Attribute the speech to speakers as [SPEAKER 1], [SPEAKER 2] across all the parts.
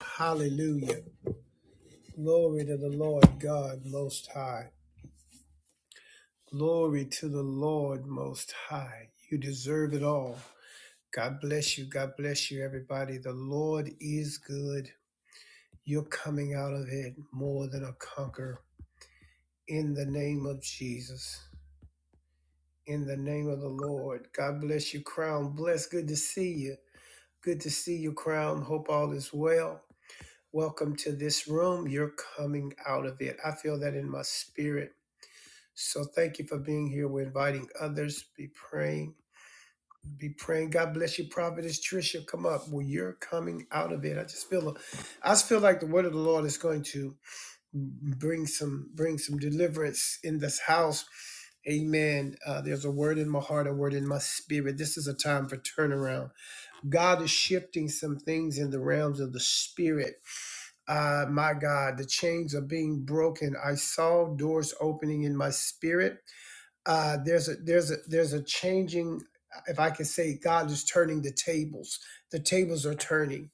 [SPEAKER 1] Hallelujah. Glory to the Lord God Most High. Glory to the Lord Most High. You deserve it all. God bless you. God bless you, everybody. The Lord is good. You're coming out of it more than a conqueror. In the name of Jesus. In the name of the Lord. God bless you, Crown. Bless. Good to see you. Good to see you, Crown. Hope all is well. Welcome to this room. You're coming out of it. I feel that in my spirit So thank you for being here. We're inviting others. Be praying. Be praying. God bless you, Prophetess Trisha. Come up. Well, you're coming out of it. I just feel, I just feel like the word of the Lord is going to bring some, bring some deliverance in this house. Amen. Uh, there's a word in my heart, a word in my spirit. This is a time for turnaround. God is shifting some things in the realms of the spirit. Uh, my God, the chains are being broken. I saw doors opening in my spirit uh, there's a there's a there's a changing if i can say god is turning the tables the tables are turning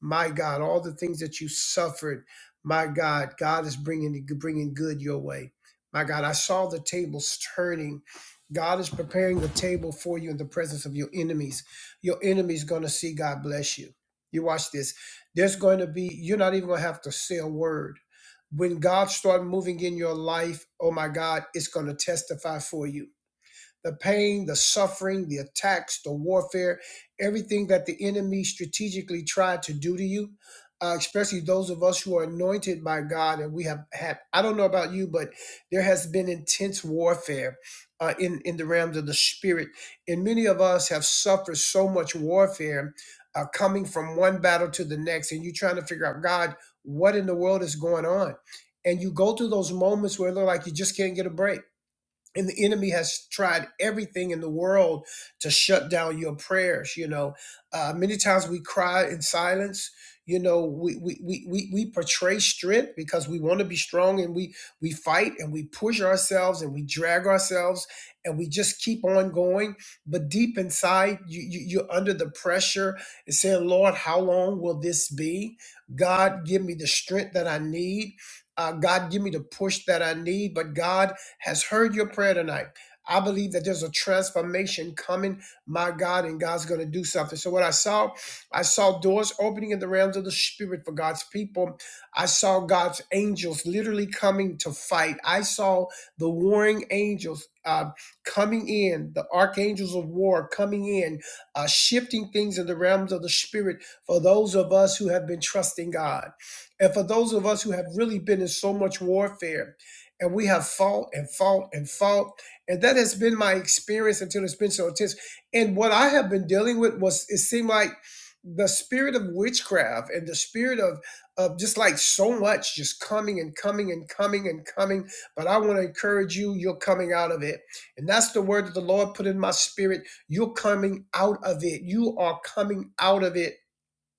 [SPEAKER 1] my god all the things that you suffered my god god is bringing bringing good your way my god i saw the tables turning god is preparing the table for you in the presence of your enemies your enemies going to see god bless you you watch this there's going to be you're not even going to have to say a word when God start moving in your life, oh my God, it's going to testify for you the pain, the suffering, the attacks, the warfare, everything that the enemy strategically tried to do to you. Uh, especially those of us who are anointed by God, and we have had, I don't know about you, but there has been intense warfare uh, in, in the realms of the spirit. And many of us have suffered so much warfare uh, coming from one battle to the next, and you're trying to figure out, God, what in the world is going on? And you go through those moments where it looks like you just can't get a break and the enemy has tried everything in the world to shut down your prayers you know uh, many times we cry in silence you know we we, we we we portray strength because we want to be strong and we we fight and we push ourselves and we drag ourselves and we just keep on going but deep inside you, you you're under the pressure and saying lord how long will this be god give me the strength that i need uh, god give me the push that i need but god has heard your prayer tonight. I believe that there's a transformation coming, my God, and God's going to do something. So, what I saw, I saw doors opening in the realms of the spirit for God's people. I saw God's angels literally coming to fight. I saw the warring angels uh, coming in, the archangels of war coming in, uh, shifting things in the realms of the spirit for those of us who have been trusting God. And for those of us who have really been in so much warfare, and we have fought and fought and fought. And that has been my experience until it's been so intense. And what I have been dealing with was it seemed like the spirit of witchcraft and the spirit of of just like so much just coming and coming and coming and coming. But I want to encourage you, you're coming out of it. And that's the word that the Lord put in my spirit. You're coming out of it. You are coming out of it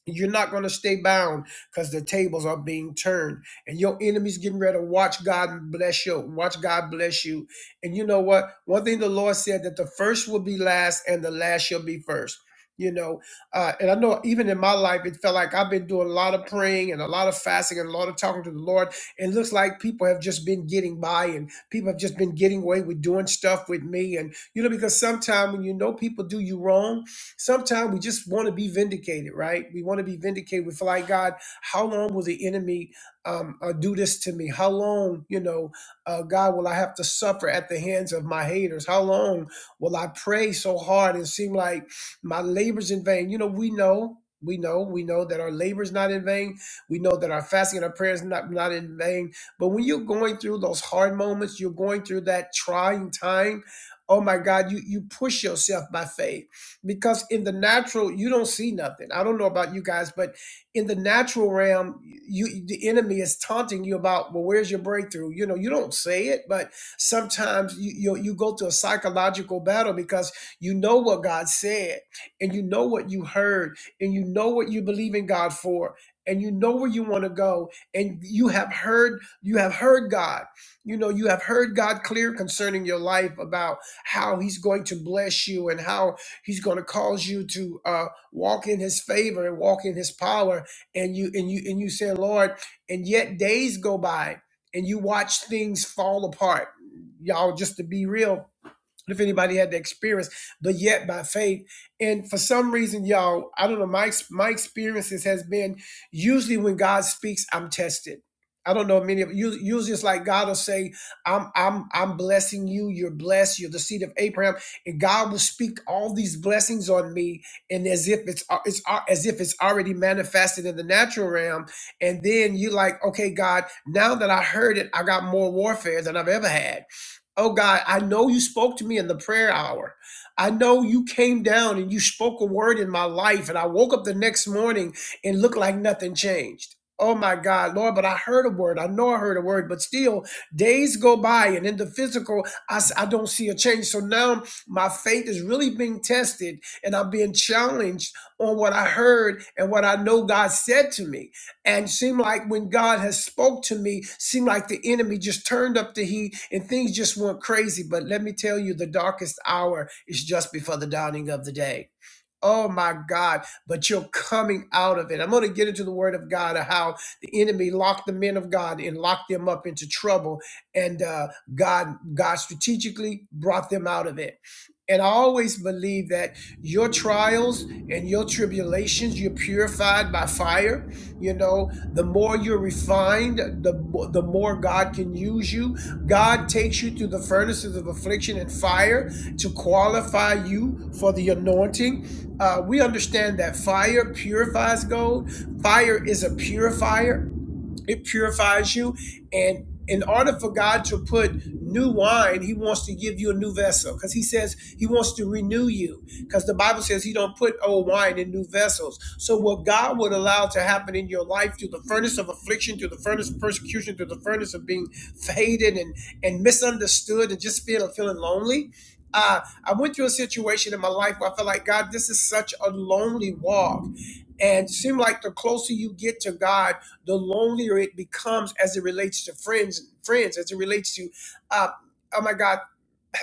[SPEAKER 1] you're not going to stay bound because the tables are being turned and your enemy's getting ready to watch God bless you. Watch God bless you. And you know what? One thing the Lord said that the first will be last and the last shall be first. You know, uh, and I know even in my life, it felt like I've been doing a lot of praying and a lot of fasting and a lot of talking to the Lord. And it looks like people have just been getting by and people have just been getting away with doing stuff with me. And, you know, because sometimes when you know people do you wrong, Sometimes we just want to be vindicated, right? We want to be vindicated. We feel like, God, how long will the enemy um, uh, do this to me? How long, you know, uh, God, will I have to suffer at the hands of my haters? How long will I pray so hard and seem like my labor's in vain? You know, we know. We know, we know that our labors not in vain. We know that our fasting and our prayers not not in vain. But when you're going through those hard moments, you're going through that trying time. Oh my God, you you push yourself by faith because in the natural you don't see nothing i don't know about you guys but in the natural realm you the enemy is taunting you about well where's your breakthrough you know you don't say it but sometimes you you, you go through a psychological battle because you know what god said and you know what you heard and you know what you believe in god for and you know where you want to go and you have heard you have heard god you know you have heard god clear concerning your life about how he's going to bless you and how He's going to cause you to uh, walk in His favor and walk in His power. And you and you and you say, Lord. And yet days go by, and you watch things fall apart. Y'all, just to be real, if anybody had the experience, but yet by faith. And for some reason, y'all, I don't know. My my experiences has been usually when God speaks, I'm tested. I don't know many of you. Usually, it's like God will say, "I'm I'm I'm blessing you. You're blessed. You're the seed of Abraham." And God will speak all these blessings on me, and as if it's it's as if it's already manifested in the natural realm. And then you like, okay, God, now that I heard it, I got more warfare than I've ever had Oh God, I know you spoke to me in the prayer hour. I know you came down and you spoke a word in my life, and I woke up the next morning and looked like nothing changed. Oh my God, Lord, but I heard a word. I know I heard a word, but still, days go by, and in the physical, I, s- I don't see a change. So now my faith is really being tested, and I'm being challenged on what I heard and what I know God said to me and seemed like when god has spoke to me seemed like the enemy just turned up the heat and things just went crazy but let me tell you the darkest hour is just before the dawning of the day Oh my God, but you're coming out of it. I'm going to get into the word of God of how the enemy locked the men of God and locked them up into trouble. And uh, God, God strategically brought them out of it. And I always believe that your trials and your tribulations, you're purified by fire. You know, the more you're refined, the, the more God can use you. God takes you through the furnaces of affliction and fire to qualify you for the anointing uh, we understand that fire purifies gold. Fire is a purifier it purifies you and in order for god to put new wine he wants to give you a new vessel because he says he wants to renew you because the bible says he don't put old wine in new vessels so what god would allow to happen in your life through the furnace of affliction through the furnace of persecution through the furnace of being faded and and misunderstood and just feeling feeling lonely uh, I went through a situation in my life where I felt like, God, this is such a lonely walk. And it seemed like the closer you get to God, the lonelier it becomes as it relates to friends friends as it relates to uh, oh my god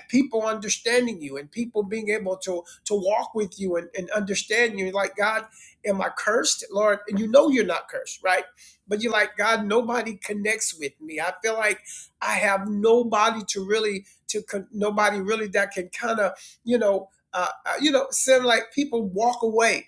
[SPEAKER 1] people understanding you and people being able to to walk with you and, and understand you like god am i cursed lord and you know you're not cursed right but you're like god nobody connects with me i feel like i have nobody to really to con- nobody really that can kind of you know uh, uh, you know, seem like people walk away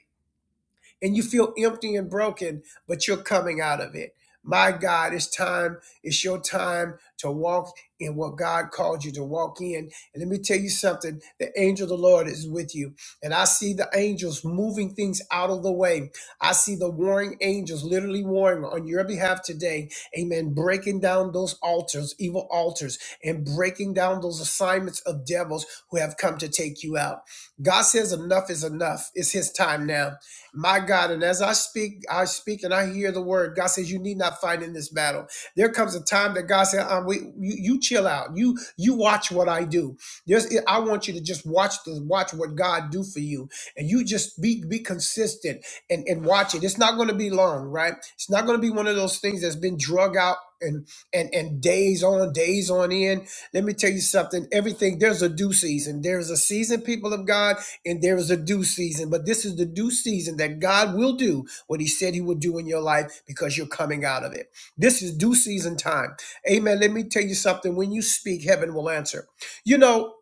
[SPEAKER 1] and you feel empty and broken, but you're coming out of it. My God, it's time, it's your time to walk in what God called you to walk in. And let me tell you something the angel of the Lord is with you. And I see the angels moving things out of the way. I see the warring angels literally warring on your behalf today. Amen. Breaking down those altars, evil altars, and breaking down those assignments of devils who have come to take you out. God says enough is enough. It's his time now. My God, and as I speak, I speak and I hear the word. God says, "You need not fight in this battle." There comes a time that God said, um, we, you, "You chill out. You you watch what I do. There's, I want you to just watch the watch what God do for you, and you just be be consistent and and watch it. It's not going to be long, right? It's not going to be one of those things that's been drug out and and and days on days on end. Let me tell you something. Everything there's a due season. There's a season, people of God and there is a due season, but this is the due season that God will do what He said He would do in your life because you're coming out of it. This is due season time. Amen. Let me tell you something. When you speak, heaven will answer. You know,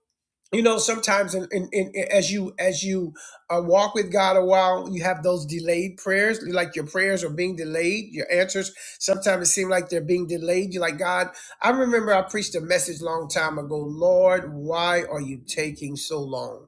[SPEAKER 1] you know. Sometimes, in, in, in, as you as you uh, walk with God a while, you have those delayed prayers. Like your prayers are being delayed. Your answers sometimes it seems like they're being delayed. You're like God. I remember I preached a message long time ago. Lord, why are you taking so long?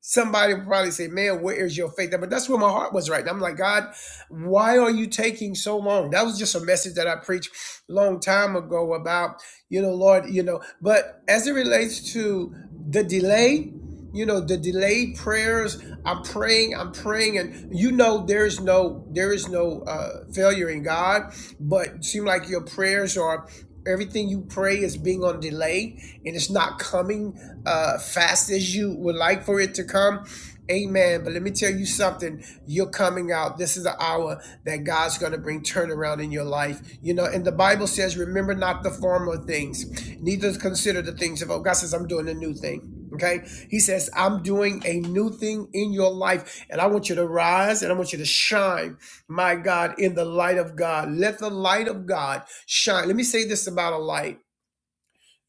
[SPEAKER 1] Somebody will probably say, Man, where is your faith? But that's where my heart was right. now. I'm like, God, why are you taking so long? That was just a message that I preached a long time ago about, you know, Lord, you know, but as it relates to the delay, you know, the delayed prayers, I'm praying, I'm praying, and you know there's no there is no uh failure in God, but seem like your prayers are Everything you pray is being on delay and it's not coming uh, fast as you would like for it to come. Amen. But let me tell you something. You're coming out. This is the hour that God's going to bring turnaround in your life. You know, and the Bible says, remember not the former things, neither consider the things of old. God says, I'm doing a new thing. Okay. He says, I'm doing a new thing in your life, and I want you to rise and I want you to shine, my God, in the light of God. Let the light of God shine. Let me say this about a light.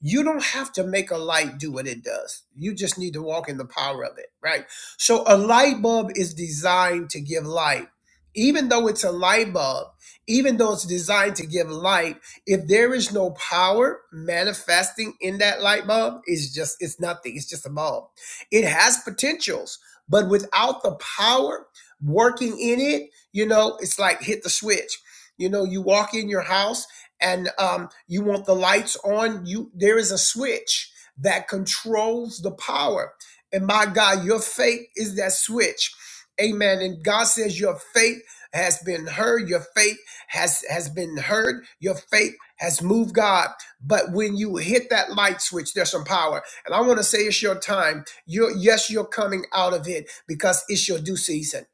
[SPEAKER 1] You don't have to make a light do what it does. You just need to walk in the power of it, right? So a light bulb is designed to give light. Even though it's a light bulb, even though it's designed to give light, if there is no power manifesting in that light bulb, it's just it's nothing. It's just a bulb. It has potentials, but without the power working in it, you know, it's like hit the switch. You know, you walk in your house and um, you want the lights on you there is a switch that controls the power and my god your faith is that switch amen and god says your faith has been heard your faith has has been heard your faith has moved god but when you hit that light switch there's some power and i want to say it's your time you're yes you're coming out of it because it's your due season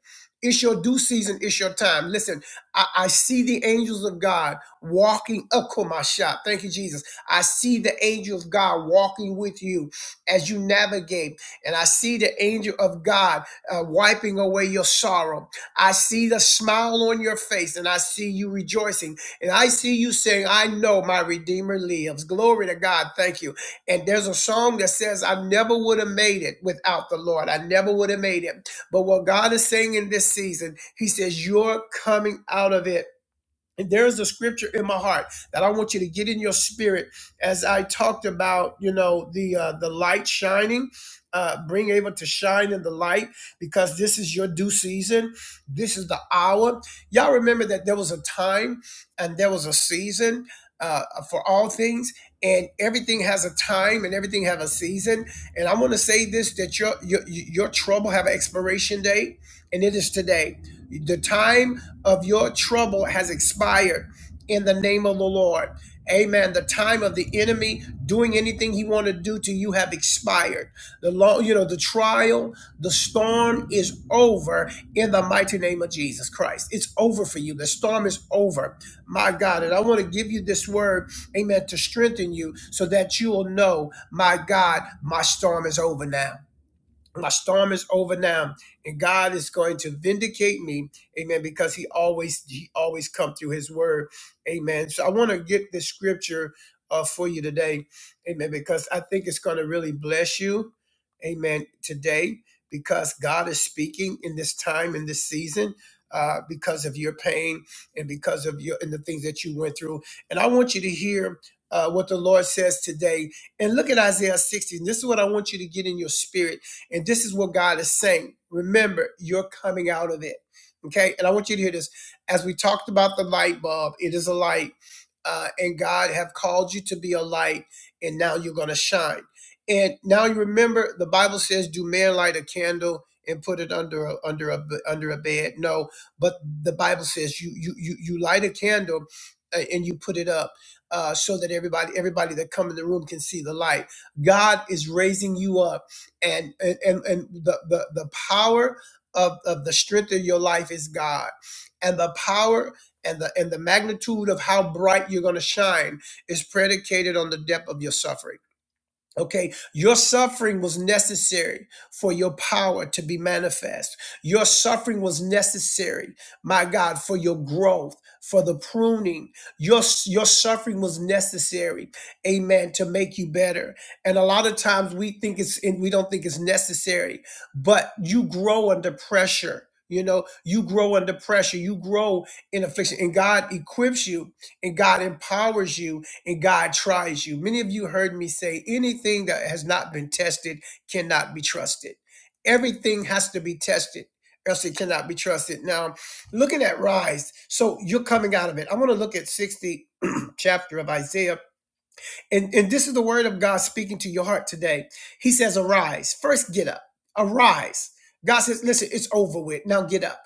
[SPEAKER 1] it's your due season it's your time listen I I see the angels of God walking up to my shop, Thank you, Jesus. I see the angel of God walking with you as you navigate, and I see the angel of God uh, wiping away your sorrow. I see the smile on your face, and I see you rejoicing, and I see you saying, "I know my Redeemer lives." Glory to God. Thank you. And there's a song that says, "I never would have made it without the Lord. I never would have made it." But what God is saying in this season, He says, "You're coming out of it." And there is a scripture in my heart that I want you to get in your spirit as I talked about, you know, the uh, the light shining, uh, being able to shine in the light because this is your due season. This is the hour. Y'all remember that there was a time and there was a season uh, for all things, and everything has a time and everything have a season. And I want to say this: that your your your trouble have an expiration date, and it is today. The time of your trouble has expired in the name of the Lord. Amen. The time of the enemy doing anything he want to do to you have expired. The long, you know, the trial, the storm is over in the mighty name of Jesus Christ. It's over for you. The storm is over. My God. And I want to give you this word, amen, to strengthen you so that you will know, my God, my storm is over now my storm is over now and god is going to vindicate me amen because he always he always come through his word amen so i want to get this scripture uh, for you today amen because i think it's going to really bless you amen today because god is speaking in this time in this season uh, because of your pain and because of your and the things that you went through and i want you to hear uh, what the lord says today and look at isaiah 60 and this is what i want you to get in your spirit and this is what God is saying. Remember, you're coming out of it. Okay. And I want you to hear this. As we talked about the light bulb, it is a light. Uh, and God have called you to be a light, and now you're going to shine. And now you remember the Bible says, "Do man light a candle and put it under a, under a under a bed?" No, but the Bible says you you you you light a candle uh, and you put it up uh, so that everybody everybody that come in the room can see the light. God is raising you up and and and the the, the power of, of the strength of your life is God, and the power and the and the magnitude of how bright you're going to shine is predicated on the depth of your suffering. Okay, your suffering was necessary for your power to be manifest. Your suffering was necessary, my God, for your growth, for the pruning. Your, your suffering was necessary, amen, to make you better. And a lot of times we think it's and we don't think it's necessary, but you grow under pressure. You know, you grow under pressure, you grow in affliction, and God equips you and God empowers you and God tries you. Many of you heard me say anything that has not been tested cannot be trusted. Everything has to be tested, else it cannot be trusted. Now, looking at rise, so you're coming out of it. I want to look at 60 chapter of Isaiah and, and this is the word of God speaking to your heart today. He says, Arise. First, get up. Arise. God says, Listen, it's over with. Now get up.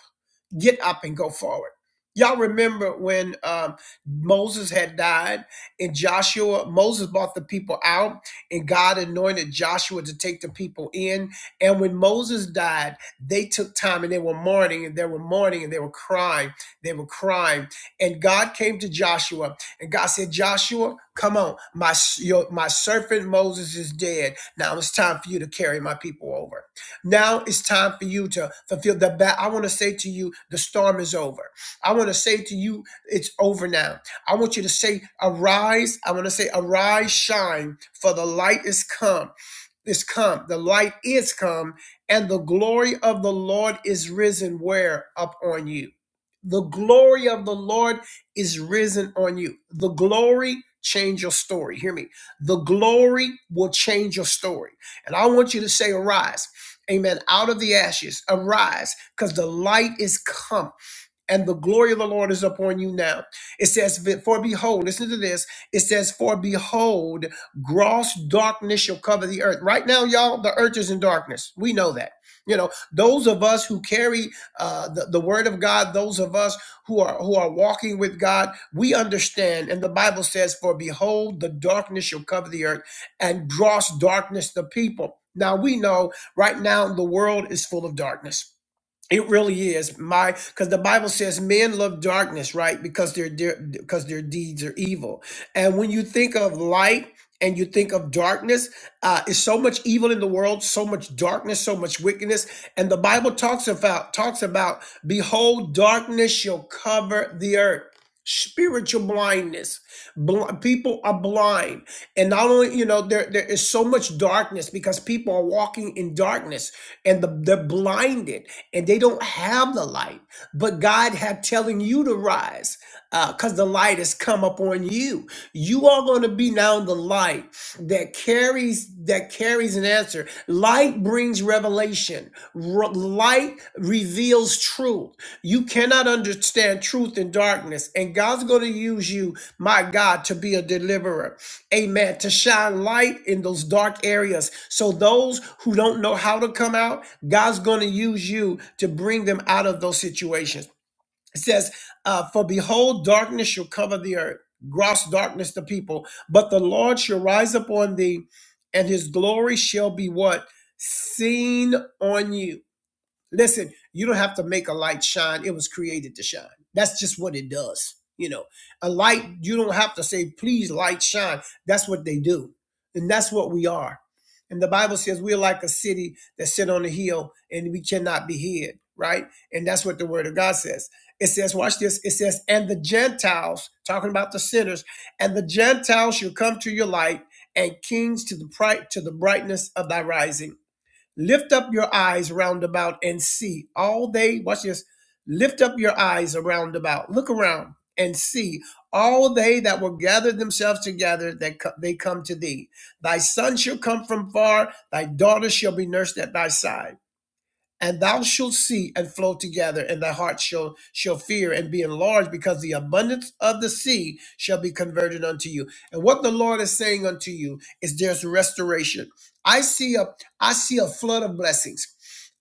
[SPEAKER 1] Get up and go forward. Y'all remember when um, Moses had died and Joshua, Moses brought the people out and God anointed Joshua to take the people in. And when Moses died, they took time and they were mourning and they were mourning and they were crying. They were crying. And God came to Joshua and God said, Joshua, come on. My, your, my servant Moses is dead. Now it's time for you to carry my people over. Now it's time for you to fulfill the bat. I want to say to you, the storm is over. I want to say to you, it's over now. I want you to say, arise. I want to say, arise, shine, for the light is come is come, the light is come, and the glory of the Lord is risen where? Upon you. The glory of the Lord is risen on you. The glory change your story. Hear me. The glory will change your story. And I want you to say, arise. Amen. Out of the ashes, arise, because the light is come and the glory of the Lord is upon you now. It says, For behold, listen to this. It says, For behold, gross darkness shall cover the earth. Right now, y'all, the earth is in darkness. We know that. You know, those of us who carry uh, the, the word of God, those of us who are who are walking with God, we understand. And the Bible says, For behold, the darkness shall cover the earth, and gross darkness the people. Now we know right now the world is full of darkness. It really is my because the Bible says men love darkness, right? Because their because their deeds are evil. And when you think of light and you think of darkness, uh, is so much evil in the world, so much darkness, so much wickedness. And the Bible talks about talks about, behold, darkness shall cover the earth. Spiritual blindness. Bl- people are blind, and not only you know there there is so much darkness because people are walking in darkness and the, they're blinded and they don't have the light. But God had telling you to rise because the light has come upon you. You are going to be now the light that carries that carries an answer. Light brings revelation. Re- light reveals truth. You cannot understand truth in darkness, and God's going to use you, my God, to be a deliverer. Amen. To shine light in those dark areas, so those who don't know how to come out God's going to use you to bring them out of those situations. It says, uh, For behold, darkness shall cover the earth, gross darkness the people, but the Lord shall rise upon thee, and his glory shall be what? Seen on you. Listen, you don't have to make a light shine. It was created to shine. That's just what it does. You know, a light, you don't have to say, please, light shine. That's what they do. And that's what we are. And the Bible says we're like a city that sit on a hill and we cannot be hid, right? And that's what the word of God says. It says, watch this. It says, and the Gentiles, talking about the sinners, and the Gentiles shall come to your light and kings to the bright to the brightness of thy rising. Lift up your eyes round about and see all they, watch this, lift up your eyes around about, look around and see all they that will gather themselves together that co- they come to thee. Thy son shall come from far, thy daughter shall be nursed at thy side and thou shalt see and flow together, and thy heart shall shall fear and be enlarged, because the abundance of the sea shall be converted unto you. And what the Lord is saying unto you is there's restoration. I see a I see a flood of blessings.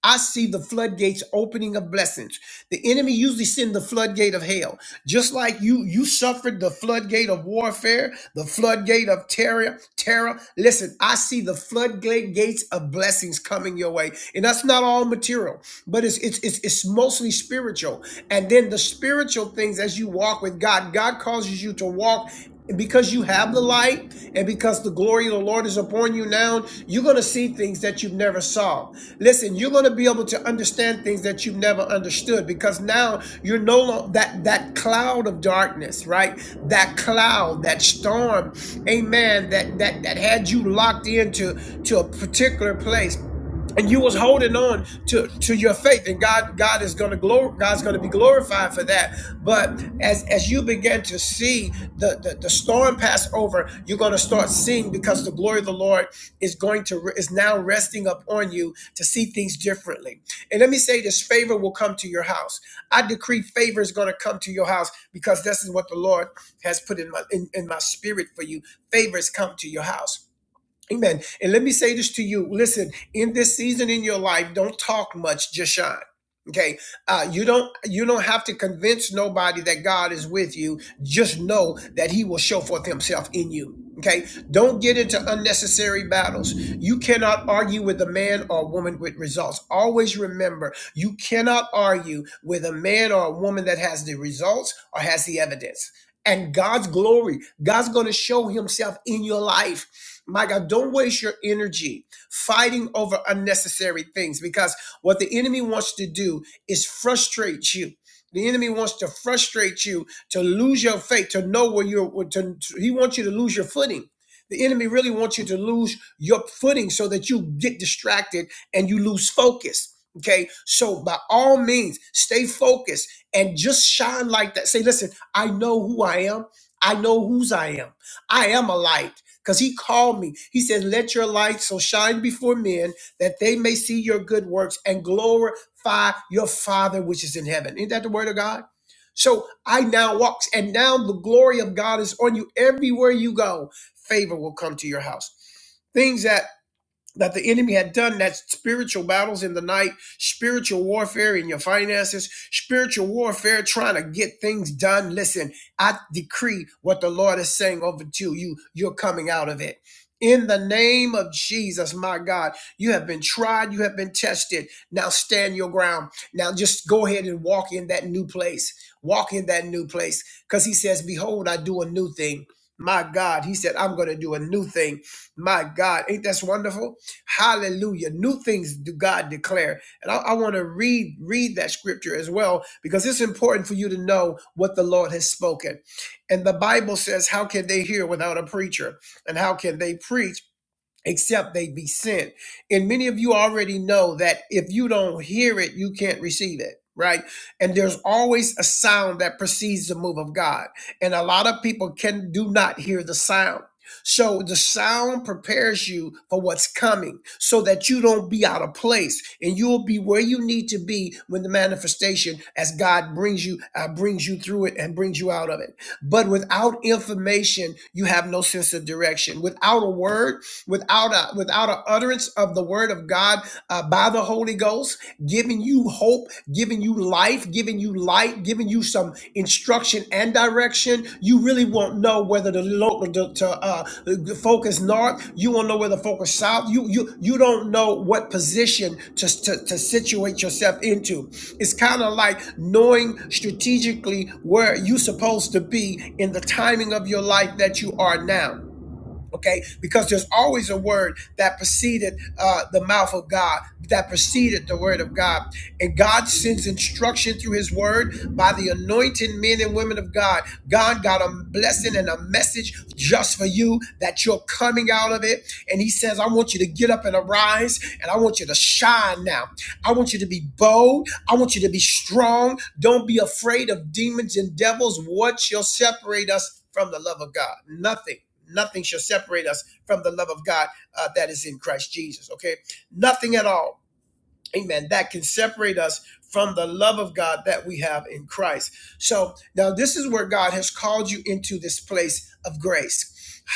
[SPEAKER 1] I see the floodgates opening of blessings. The enemy usually send the floodgate of hell. Just like you you suffered the floodgate of warfare, the floodgate of terror, terror. Listen, I see the floodgate gates of blessings coming your way. And that's not all material, but it's it's it's, it's mostly spiritual. And then the spiritual things as you walk with God, God causes you to walk and because you have the light and because the glory of the Lord is upon you now, you're going to see things that you've never saw. Listen, you're going to be able to understand things that you've never understood because now you're no longer that that cloud of darkness, right? That cloud, that storm, amen, that that that had you locked into to a particular place and you was holding on to to your faith and god god is going to glor- god's going to be glorified for that but as as you begin to see the the, the storm pass over you're going to start seeing because the glory of the lord is going to is now resting upon you to see things differently and let me say this favor will come to your house i decree favor is going to come to your house because this is what the lord has put in my in, in my spirit for you favors come to your house Amen. And let me say this to you. Listen, in this season in your life, don't talk much, just shine. Okay. Uh, you don't you don't have to convince nobody that God is with you. Just know that He will show forth Himself in you. Okay. Don't get into unnecessary battles. You cannot argue with a man or a woman with results. Always remember, you cannot argue with a man or a woman that has the results or has the evidence and God's glory. God's going to show himself in your life. My God, don't waste your energy fighting over unnecessary things because what the enemy wants to do is frustrate you. The enemy wants to frustrate you to lose your faith, to know where you're, to, to- he wants you to lose your footing. The enemy really wants you to lose your footing so that you get distracted and you lose focus. Okay, so by all means, stay focused and just shine like that. Say, listen. I know who I am. I know whose I am. I am a light because he called me. He said, Let your light so shine before men that they may see your good works and glorify your Father which is in heaven. Isn't that the word of God? So I now walk, and now the glory of God is on you everywhere you go. Favor will come to your house. Things that that the enemy had done that spiritual battles in the night, spiritual warfare in your finances, spiritual warfare trying to get things done. Listen, I decree what the Lord is saying over to you. You're coming out of it. In the name of Jesus, my God, you have been tried, you have been tested. Now stand your ground. Now just go ahead and walk in that new place. Walk in that new place. Because he says, Behold, I do a new thing. My God, he said, I'm going to do a new thing. My God, ain't that wonderful? Hallelujah. New things do God declare. And I, I want to read, read that scripture as well, because it's important for you to know what the Lord has spoken. And the Bible says, How can they hear without a preacher? And how can they preach? except they be sent. And many of you already know that if you don't hear it, you can't receive it. Right. And there's always a sound that precedes the move of God. And a lot of people can do not hear the sound. So the sound prepares you for what's coming so that you don't be out of place and you'll be where you need to be when the manifestation as God brings you, uh, brings you through it and brings you out of it. But without information, you have no sense of direction. Without a word, without a without an utterance of the word of God uh, by the Holy Ghost, giving you hope, giving you life, giving you light, giving you some instruction and direction, you really won't know where whether to local to, to uh, focus north. You won't know whether to focus south. You you you don't know what position to to, to situate yourself into. It's kind of like knowing strategically where you're supposed to be in the timing of your life that you are now okay because there's always a word that preceded uh, the mouth of god that preceded the word of god and god sends instruction through his word by the anointed men and women of god god got a blessing and a message just for you that you're coming out of it and he says i want you to get up and arise and i want you to shine now i want you to be bold i want you to be strong don't be afraid of demons and devils what shall separate us from the love of god nothing Nothing shall separate us from the love of God uh, that is in Christ Jesus. Okay, nothing at all Amen. That can separate us from the love of God that we have in Christ. So now this is where God has called you into this place of grace.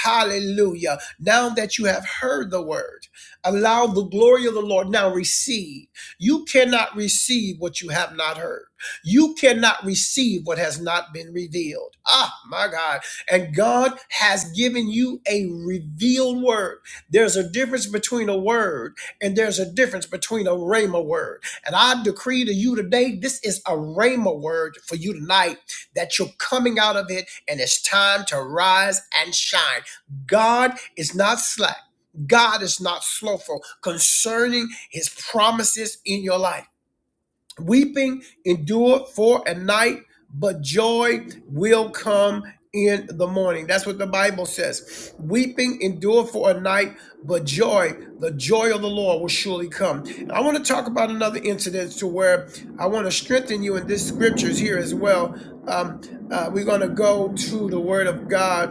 [SPEAKER 1] Hallelujah. Now that you have heard the word, allow the glory of the Lord. Now receive. You cannot receive what you have not heard. You cannot receive what has not been revealed. Ah, my God. And God has given you a revealed word. There's a difference between a word and there's a difference between a rhema word. And I decree to you today, this is a rhema word for you tonight that you're coming out of it and it's time to rise and shine. God is not slack. God is not slowful concerning his promises in your life. Weeping endure for a night, but joy will come in the morning. That's what the Bible says. Weeping endure for a night, but joy, the joy of the Lord will surely come. And I want to talk about another incident to where I want to strengthen you in this scriptures here as well. Um, uh, we're going to go to the word of God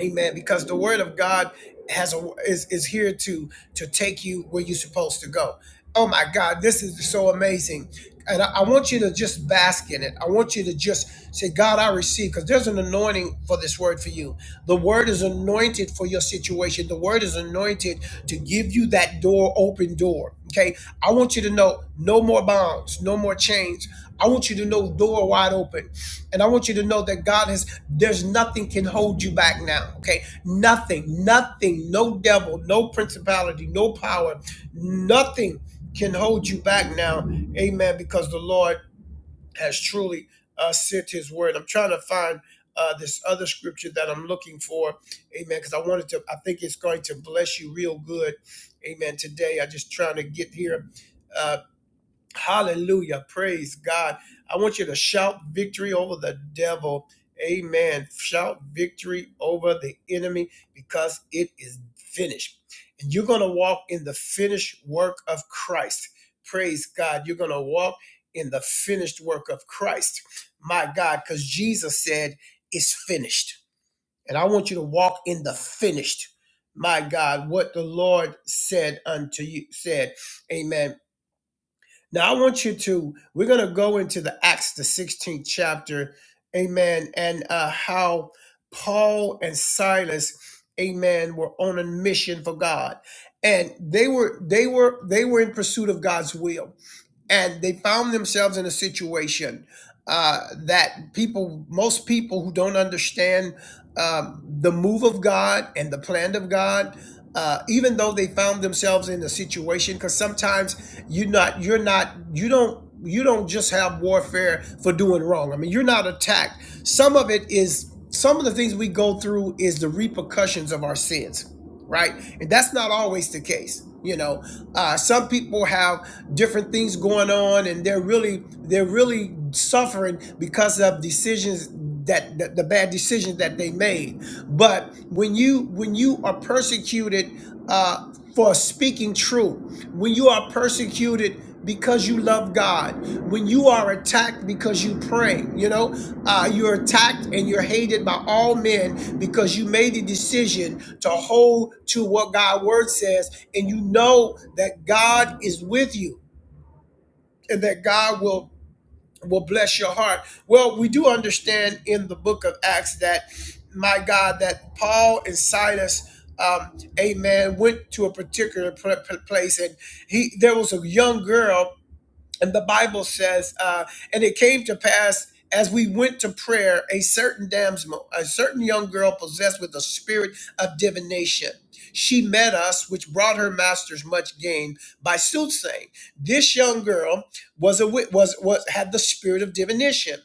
[SPEAKER 1] Amen. Because the word of God has a is, is here to to take you where you're supposed to go. Oh my God, this is so amazing. And I, I want you to just bask in it. I want you to just say, God, I receive, because there's an anointing for this word for you. The word is anointed for your situation. The word is anointed to give you that door, open door. Okay, I want you to know no more bonds, no more chains. I want you to know door wide open. And I want you to know that God has, there's nothing can hold you back now. Okay, nothing, nothing, no devil, no principality, no power, nothing can hold you back now. Amen. Because the Lord has truly uh, sent his word. I'm trying to find uh, this other scripture that I'm looking for. Amen. Because I wanted to, I think it's going to bless you real good. Amen. Today, I just trying to get here. Uh, Hallelujah. Praise God. I want you to shout victory over the devil. Amen. Shout victory over the enemy because it is finished. And you're going to walk in the finished work of Christ. Praise God. You're going to walk in the finished work of Christ. My God, because Jesus said, it's finished. And I want you to walk in the finished. My God, what the Lord said unto you, said, Amen now, I want you to, we're going to go into the Acts, the 16th chapter, amen, and uh, how Paul and Silas, amen, were on a mission for God. And they were, they were, they were in pursuit of God's will and they found themselves in a situation uh, that people, most people who don't understand um, the move of God and the plan of God, uh, even though they found themselves in a situation, because sometimes you're not, you're not, you don't. You don't just have warfare for doing wrong. I mean, you're not attacked. Some of it is, some of the things we go through is the repercussions of our sins right? And that's not always the case. You know, uh, some people have different things going on, and they're really they're really suffering because of decisions that the, the bad decisions that they made. But when you when you are persecuted uh, for speaking truth, when you are persecuted because you love God. When you are attacked because you pray, you know, uh, you're attacked and you're hated by all men because you made the decision to hold to what God's word says, and you know that God is with you and that God will will bless your heart. Well, we do understand in the book of Acts that my God, that Paul and Silas. Um, amen. Went to a particular pl- pl- place, and he there was a young girl and the Bible says, uh, and it came to pass as we went to prayer, a certain damsel, a certain young girl possessed with the spirit of divination. She met us, which brought her masters much gain by soothsaying. This young girl was a wit- was was had the spirit of divination,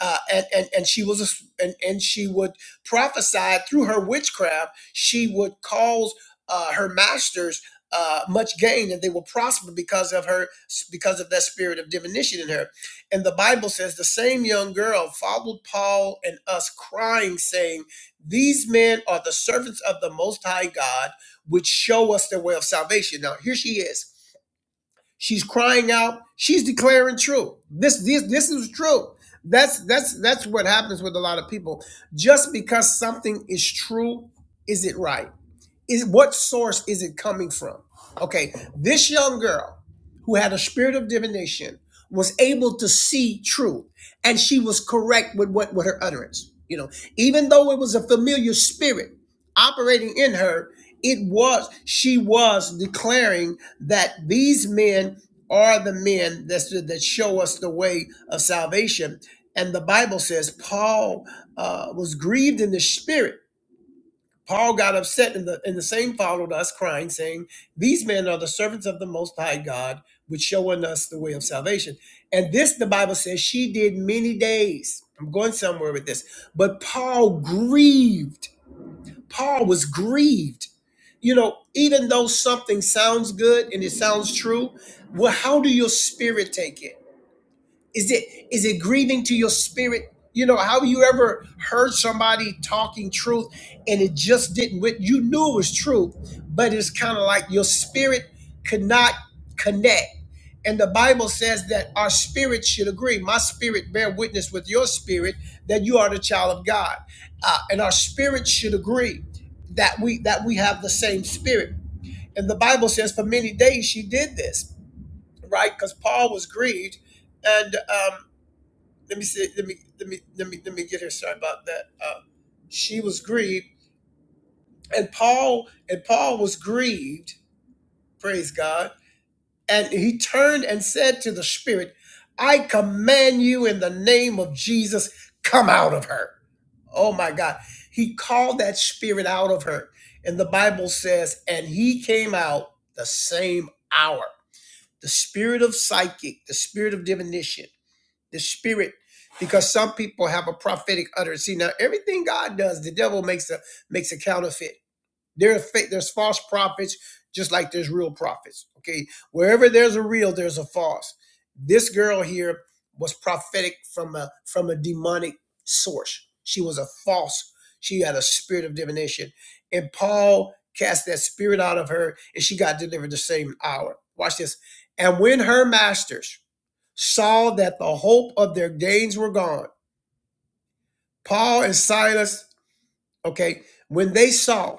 [SPEAKER 1] uh, and and and she was a, s- and and she would prophesy through her witchcraft. She would cause uh, her masters uh, much gain and they will prosper because of her because of that spirit of diminution in her and the bible says the same young girl followed paul and us crying saying these men are the servants of the most high god which show us the way of salvation now here she is she's crying out she's declaring true this this this is true that's that's that's what happens with a lot of people just because something is true is it right is what source is it coming from? Okay, this young girl who had a spirit of divination was able to see truth, and she was correct with what with her utterance. You know, even though it was a familiar spirit operating in her, it was she was declaring that these men are the men that that show us the way of salvation. And the Bible says Paul uh, was grieved in the spirit Paul got upset, and the, and the same followed us, crying, saying, These men are the servants of the Most High God, which showing us the way of salvation. And this, the Bible says, she did many days. I'm going somewhere with this. But Paul grieved. Paul was grieved. You know, even though something sounds good and it sounds true, well, how do your spirit take it? Is it is it grieving to your spirit? You know, how you ever heard somebody talking truth and it just didn't with you knew it was true, but it's kind of like your spirit could not connect. And the Bible says that our spirit should agree. My spirit bear witness with your spirit that you are the child of God. Uh, and our spirit should agree that we that we have the same spirit. And the Bible says for many days she did this, right? Because Paul was grieved and um, let me say let me let me let me let me get here sorry about that uh, she was grieved and paul and paul was grieved praise god and he turned and said to the spirit i command you in the name of jesus come out of her oh my god he called that spirit out of her and the bible says and he came out the same hour the spirit of psychic the spirit of divination the spirit because some people have a prophetic utterance. See, now everything God does, the devil makes a makes a counterfeit. There are fake, there's false prophets, just like there's real prophets. Okay, wherever there's a real, there's a false. This girl here was prophetic from a from a demonic source. She was a false. She had a spirit of divination, and Paul cast that spirit out of her, and she got delivered the same hour. Watch this. And when her masters saw that the hope of their gains were gone. Paul and Silas, okay, when they saw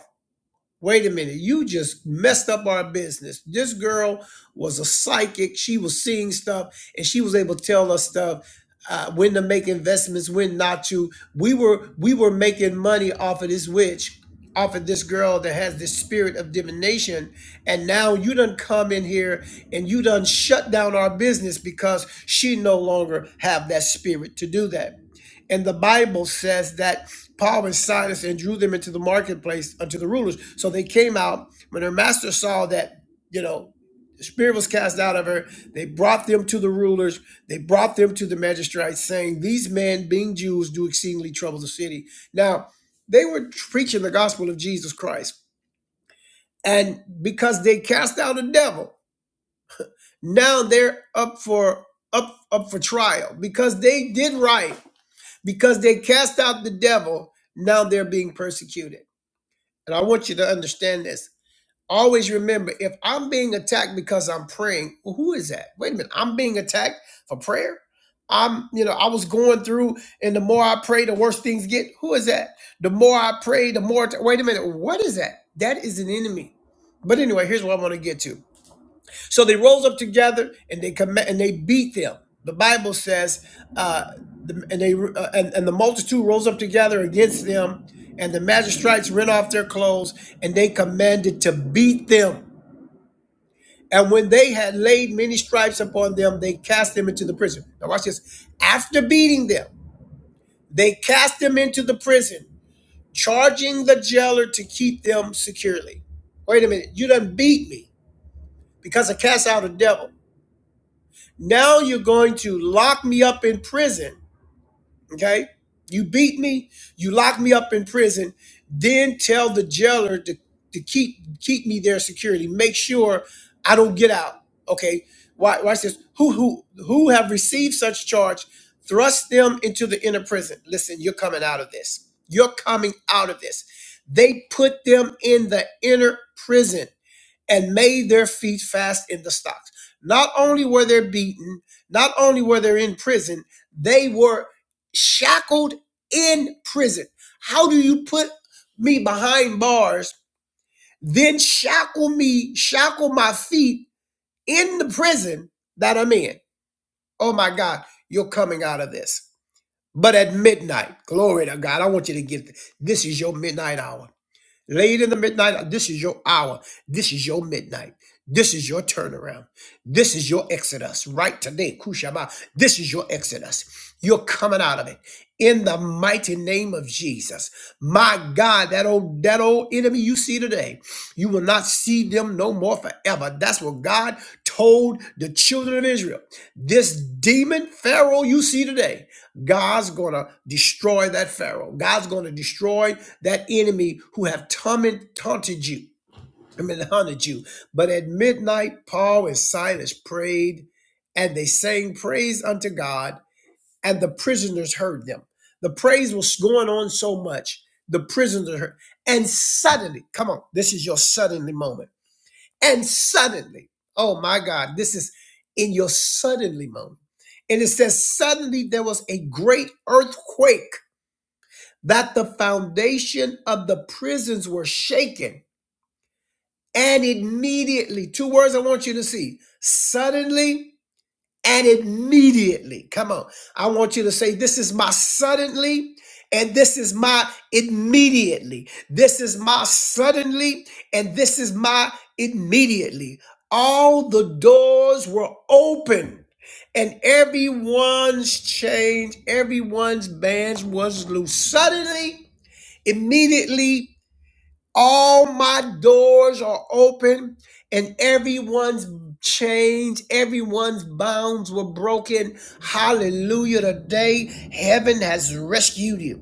[SPEAKER 1] Wait a minute, you just messed up our business. This girl was a psychic. She was seeing stuff and she was able to tell us stuff. Uh, when to make investments, when not to. We were we were making money off of this witch, off of this girl that has this spirit of divination, and now you done come in here and you done shut down our business because she no longer have that spirit to do that. And the Bible says that Paul and Silas and drew them into the marketplace unto the rulers. So they came out when her master saw that, you know, the spirit was cast out of her. They brought them to the rulers. They brought them to the magistrates, saying, These men, being Jews, do exceedingly trouble the city. Now, they were preaching the gospel of Jesus Christ. And because they cast out a devil, now they're up for up up for trial because they did right, because they cast out the devil, now they're being persecuted. And I want you to understand this. Always remember if I'm being attacked because I'm praying, well, who is that? Wait a minute. I'm being attacked for prayer? I'm, you know, I was going through, and the more I pray, the worse things get. Who is that? The more I pray, the more. t- Wait a minute. What is that? That is an enemy. But anyway, here's what I want to get to. So they rose up together and they comm- and they beat them. The Bible says, uh, the, and they uh, and, and the multitude rose up together against them, and the magistrates rent off their clothes, and they commanded to beat them. And when they had laid many stripes upon them, they cast them into the prison. Now watch this. After beating them, they cast them into the prison, charging the jailer to keep them securely. Wait a minute, you done beat me because I cast out a devil. Now you're going to lock me up in prison. Okay. You beat me, you lock me up in prison, then tell the jailer to, to keep keep me there security. Make sure I don't get out. Okay. Why watch this. Who who who have received such charge, thrust them into the inner prison. Listen, you're coming out of this. You're coming out of this. They put them in the inner prison and made their feet fast in the stocks. Not only were they beaten, not only were they in prison, they were shackled in prison. How do you put me behind bars, then shackle me, shackle my feet in the prison that I'm in? Oh my God, you're coming out of this. But at midnight, glory to God, I want you to get this This is your midnight hour Late in the midnight, this is your hour. This is your midnight. This is your turnaround. This is your exodus right today, Kushaba. This is your exodus. You're coming out of it in the mighty name of Jesus. My God, that old that old enemy you see today, you will not see them no more forever. That's what God told the children of Israel. This demon Pharaoh you see today. God's going to destroy that Pharaoh. God's going to destroy that enemy who have taunted, taunted you. I mean, hunted you. But at midnight, Paul and Silas prayed, and they sang praise unto God, and the prisoners heard them. The praise was going on so much, the prisoners heard. And suddenly, come on, this is your suddenly moment and suddenly, oh my God, this is in your suddenly moment. And it says, suddenly there was a great earthquake that the foundation of the prisons were shaken. And immediately, two words I want you to see suddenly and immediately. Come on. I want you to say, This is my suddenly, and this is my immediately. This is my suddenly, and this is my immediately. All the doors were open. And everyone's chains, everyone's bands was loose. Suddenly, immediately all my doors are open and everyone's chains, everyone's bounds were broken. Hallelujah. Today, heaven has rescued you.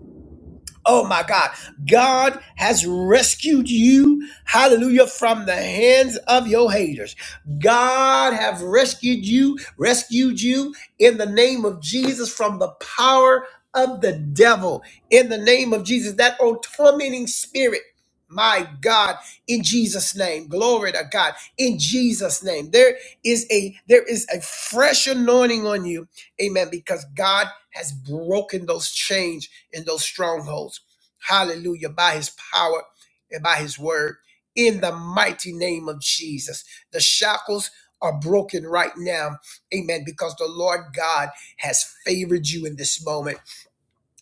[SPEAKER 1] Oh my God. God has rescued you, hallelujah, from the hands of your haters. God have rescued you, rescued you in the name of Jesus from the power of the devil. In the name of Jesus, that old tormenting spirit. My God, in Jesus' name, glory to God. In Jesus' name, there is a there is a fresh anointing on you, Amen. Because God has broken those chains in those strongholds. Hallelujah. By his power and by his word. In the mighty name of Jesus. The shackles are broken right now. Amen. Because the Lord God has favored you in this moment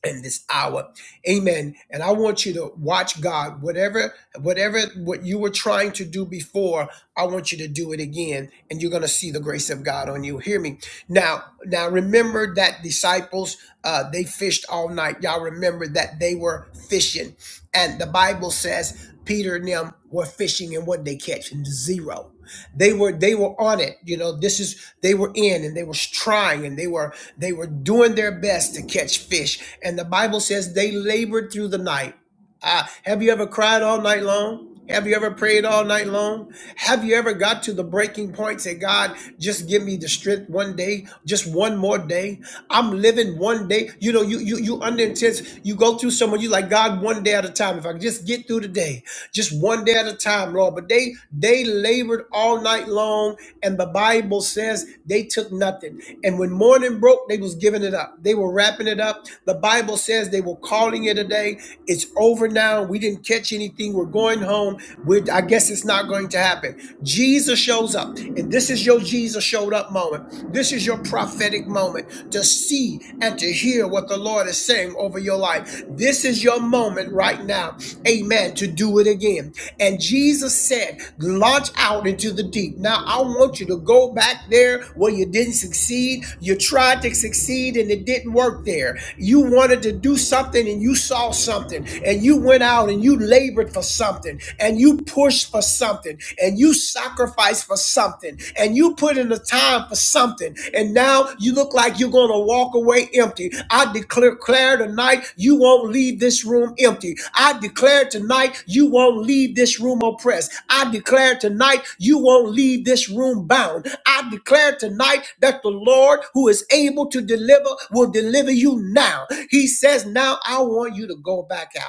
[SPEAKER 1] in this hour. Amen. And I want you to watch God. Whatever, whatever what you were trying to do before, I want you to do it again. And you're gonna see the grace of God on you. Hear me. Now, now remember that disciples uh they fished all night. Y'all remember that they were fishing. And the Bible says Peter and them were fishing and what they catch? Zero. They were they were on it. You know, this is they were in and they were trying and they were they were doing their best to catch fish. And the Bible says they labored through the night. Ah, have you ever cried all night long? Have you ever prayed all night long? Have you ever got to the breaking point? Say, God, just give me the strength one day, just one more day. I'm living one day. You know, you you you under intense. You go through someone. You like God one day at a time. If I could just get through the day, just one day at a time, Lord. But they they labored all night long, and the Bible says they took nothing. And when morning broke, they was giving it up. They were wrapping it up. The Bible says they were calling it a day. It's over now. We didn't catch anything. We're going home. We're, I guess it's not going to happen. Jesus shows up, and this is your Jesus showed up moment. This is your prophetic moment to see and to hear what the Lord is saying over your life. This is your moment right now, amen, to do it again. And Jesus said, launch out into the deep. Now, I want you to go back there where you didn't succeed. You tried to succeed and it didn't work there. You wanted to do something and you saw something and you went out and you labored for something and you pushed finished for something and you sacrificed for something and you put in the time for something and now you look like you're going to walk away empty. I declare declare tonight you won't leave this room empty. I declare tonight you won't leave this room oppressed. I declare tonight you won't leave this room bound. I declare tonight that the Lord who is able to deliver will deliver you now. He says, Now I want you to go back out.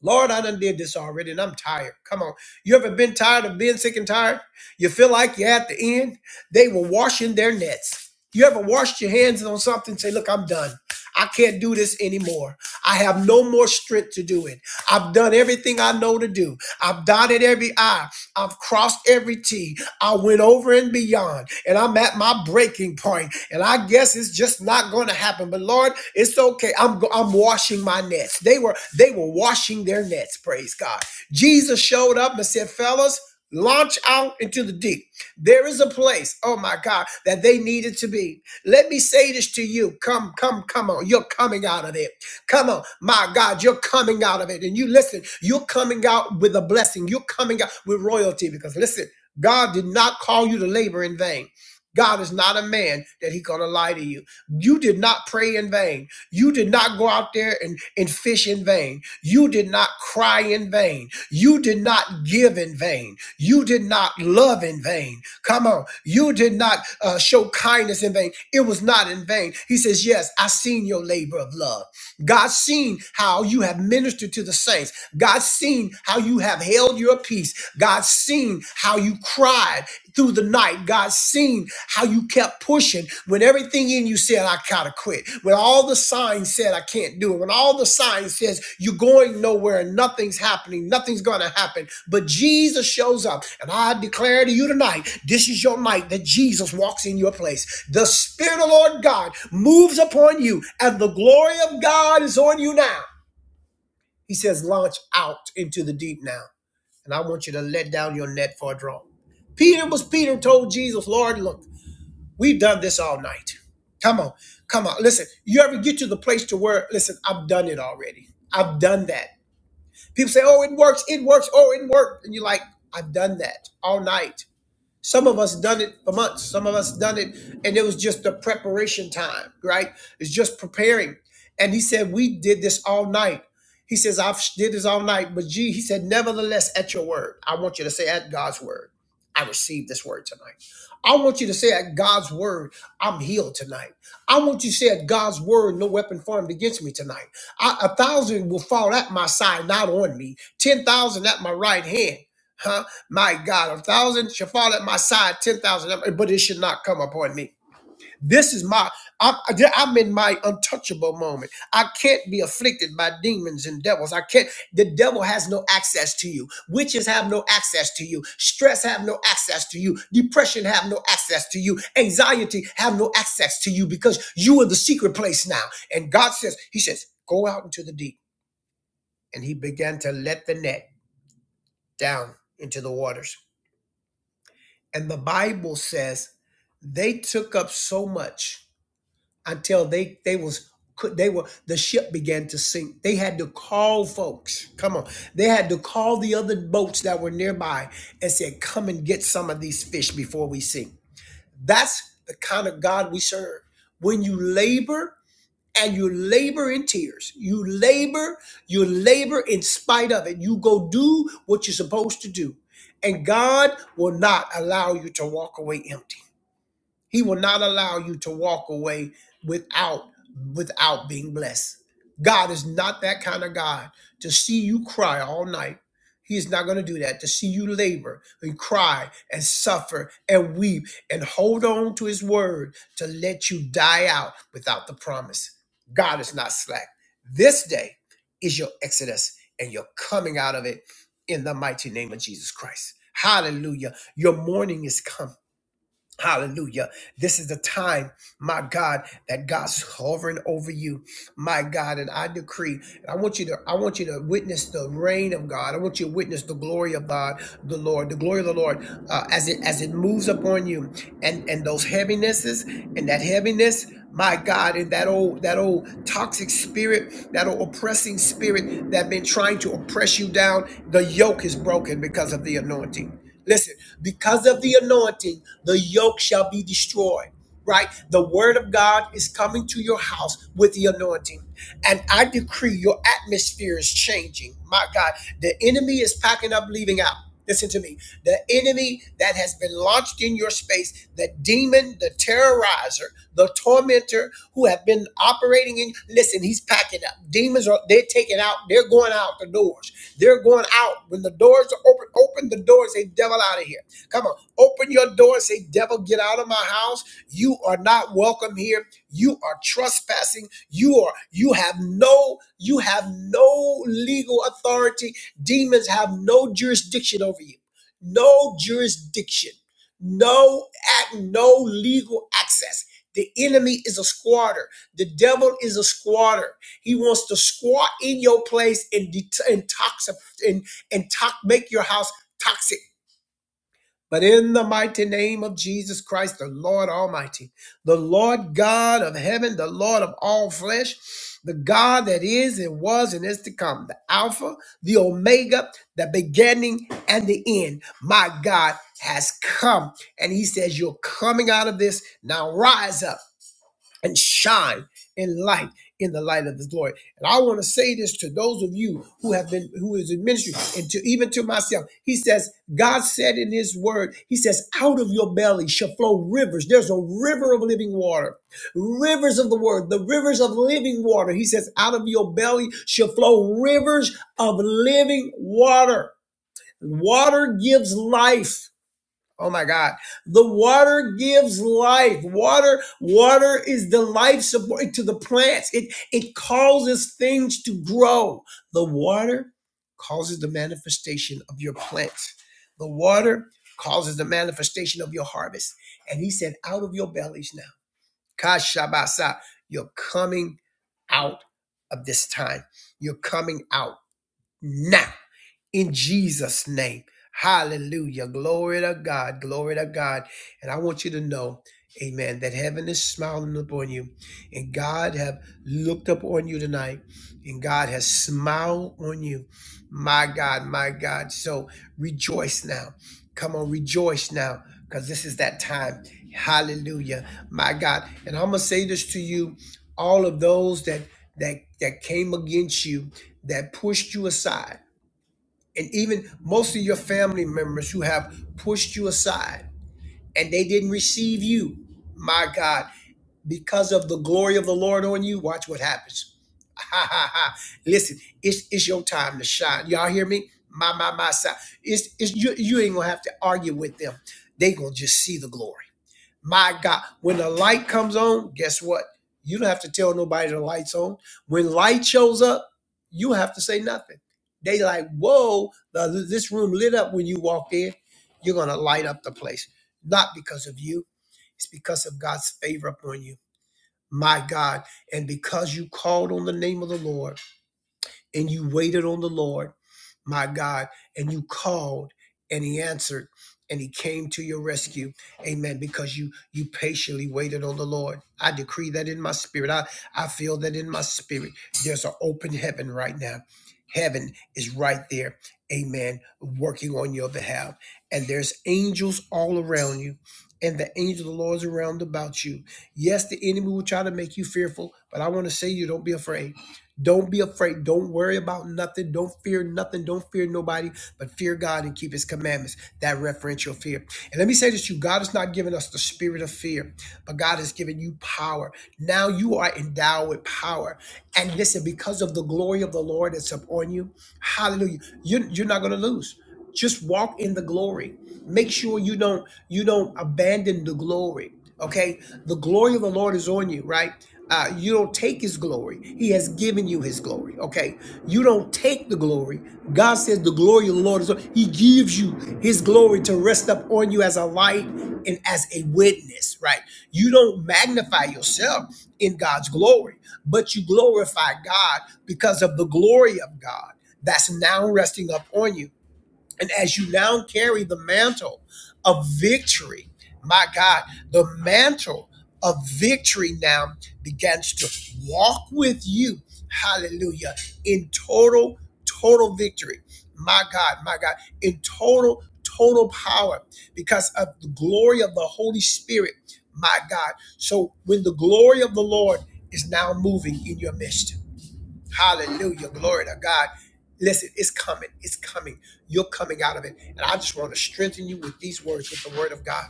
[SPEAKER 1] Lord, I done did this already and I'm tired. Come on. You ever been tired of being sick and tired? You feel like you're at the end? They were washing their nets. You ever washed your hands on something and say, Look, I'm done. I can't do this anymore. I have no more strength to do it. I've done everything I know to do. I've dotted every I. I've crossed every T. I went over and beyond, and I'm at my breaking point, and I guess it's just not going to happen. But Lord, it's okay. I'm I'm washing my nets. They were they were washing their nets. Praise God. Jesus showed up and said, "Fellas." Launch out into the deep. There is a place, oh my God, that they needed to be. Let me say this to you. Come, come, come on. You're coming out of it. Come on, my God, you're coming out of it. And you listen, you're coming out with a blessing. You're coming out with royalty because listen, God did not call you to labor in vain. God is not a man that he's going to lie to you. You did not pray in vain. You did not go out there and, and fish in vain. You did not cry in vain. You did not give in vain. You did not love in vain. Come on. You did not uh, show kindness in vain. It was not in vain. He says, Yes, I seen your labor of love. God's seen how you have ministered to the saints. God's seen how you have held your peace. God's seen how you cried through the night, God seen how you kept pushing when everything in you said, I gotta quit. When all the signs said, I can't do it. When all the signs says, you're going nowhere and nothing's happening, nothing's gonna happen. But Jesus shows up. And I declare to you tonight, this is your night that Jesus walks in your place. The Spirit of the Lord God moves upon you and the glory of God is on you now. He says, launch out into the deep now and I want you to let down your net for a draw. Peter was Peter told Jesus, Lord, look, we've done this all night. Come on, come on. Listen, you ever get to the place to where, listen, I've done it already. I've done that. People say, oh, it works, it works, oh, it worked. And you're like, I've done that all night. Some of us done it for months. Some of us done it, and it was just the preparation time, right? It's just preparing. And he said, We did this all night. He says, I've did this all night. But gee, he said, Nevertheless, at your word. I want you to say at God's word, I received this word tonight. I want you to say at God's word, I'm healed tonight. I want you to say at God's word, no weapon formed against me tonight. I, a thousand will fall at my side, not on me. Ten thousand at my right hand. Huh? My God, a thousand shall fall at my side, ten thousand, but it should not come upon me. This is my, I'm, I'm in my untouchable moment. I can't be afflicted by demons and devils. I can't, the devil has no access to you. Witches have no access to you. Stress have no access to you. Depression have no access to you. Anxiety have no access to you because you are the secret place now. And God says, He says, go out into the deep. And He began to let the net down into the waters And the Bible says they took up so much until they they was could they were the ship began to sink. They had to call folks. Come on. They had to call the other boats that were nearby and said, "Come and get some of these fish before we sink." That's the kind of God we serve. When you labor and you labor in tears. You labor, you labor in spite of it. You go do what you're supposed to do. And God will not allow you to walk away empty. He will not allow you to walk away without without being blessed. God is not that kind of God to see you cry all night. He is not going to do that. To see you labor and cry and suffer and weep and hold on to his word to let you die out without the promise. God is not slack. This day is your exodus and you're coming out of it in the mighty name of Jesus Christ. Hallelujah. Your morning is coming. Hallelujah. This is the time, my God, that God's hovering over you. My God, and I decree, and I want you to, I want you to witness the reign of God. I want you to witness the glory of God, the Lord, the glory of the Lord, uh, as it as it moves upon you. And and those heavinesses and that heaviness, my God, and that old that old toxic spirit, that old oppressing spirit that been trying to oppress you down, the yoke is broken because of the anointing. Listen, because of the anointing the yoke shall be destroyed. Right? The word of God is coming to your house with the anointing. And I decree your atmosphere is changing. My God, the enemy is packing up, leaving out. Listen to me. The enemy that has been launched in your space, the demon, the terrorizer, the tormentor who have been operating in, listen, he's packing up. Demons are, they're taking out, they're going out the doors. They're going out. When the doors are open, open the doors, say, devil out of here. Come on. Open your door and say, Devil, get out of my house. You are not welcome here. You are trespassing. You are, you have no, you have no legal authority. Demons have no jurisdiction over you. No jurisdiction. No at no legal access. The enemy is a squatter. The devil is a squatter. He wants to squat in your place and, det- and toxic and and to- make your house toxic but in the mighty name of Jesus Christ, the Lord Almighty, the Lord God of heaven, the Lord of all flesh, the God that is and was and is to come, the Alpha, the Omega, the beginning and the end, my God has come. And he says, You're coming out of this. Now rise up and shine in light in the light of his glory. And I want to say this to those of you who have been who is in ministry and to even to myself. He says, God said in his word, he says, out of your belly shall flow rivers. There's a river of living water. Rivers of the word, the rivers of living water. He says, out of your belly shall flow rivers of living water. Water gives life. Oh my God. The water gives life. Water, water is the life support to the plants. It it causes things to grow. The water causes the manifestation of your plants. The water causes the manifestation of your harvest. And he said, out of your bellies now. Kashabasa, you're coming out of this time. You're coming out now in Jesus' name. Hallelujah. Glory to God. Glory to God. And I want you to know, amen, that heaven is smiling upon you. And God have looked up on you tonight. And God has smiled on you. My God, my God. So rejoice now. Come on, rejoice now. Because this is that time. Hallelujah. My God. And I'm gonna say this to you, all of those that that that came against you, that pushed you aside and even most of your family members who have pushed you aside and they didn't receive you my god because of the glory of the lord on you watch what happens ha ha ha listen it's it's your time to shine y'all hear me my my my side. it's it's you you ain't gonna have to argue with them they gonna just see the glory my God, when the light comes on, guess what? You don't have to tell nobody the light's on. When light shows up, you have to say nothing. They like, whoa, the, this room lit up when you walk in. You're gonna light up the place, not because of you. It's because of God's favor upon you. My God, and because you called on the name of the Lord and you waited on the Lord, my God, and you called and he answered and he came to your rescue. Amen. Because you you patiently waited on the Lord. I decree that in my spirit. I, I feel that in my spirit. There's an open heaven right now. Heaven is right there. Amen. Working on your behalf. And there's angels all around you. And the angel of the Lord is around about you. Yes, the enemy will try to make you fearful, but I want to say you don't be afraid don't be afraid. Don't worry about nothing. Don't fear nothing. Don't fear nobody, but fear God and keep his commandments. That referential fear. And let me say this to you God has not given us the spirit of fear, but God has given you power. Now you are endowed with power. And listen, because of the glory of the Lord that's upon you, hallelujah, you you're not going to lose just walk in the glory make sure you don't you don't abandon the glory okay the glory of the lord is on you right uh, you don't take his glory. He has given you his glory. Okay. You don't take the glory. God says the glory of the Lord is. He gives you his glory to rest up on you as a light and as a witness, right? You don't magnify yourself in God's glory, but you glorify God because of the glory of God that's now resting up on you. And as you now carry the mantle of victory, my God, the mantle of victory now begins to walk with you. Hallelujah. In total, total victory. My God, my God, in total, total power because of the glory of the Holy Spirit. My God. So when the glory of the Lord is now moving in your midst Hallelujah. Glory to God. Listen, it's coming. It's coming. You're coming out of it. And I just want to strengthen you with these words, with the word of God.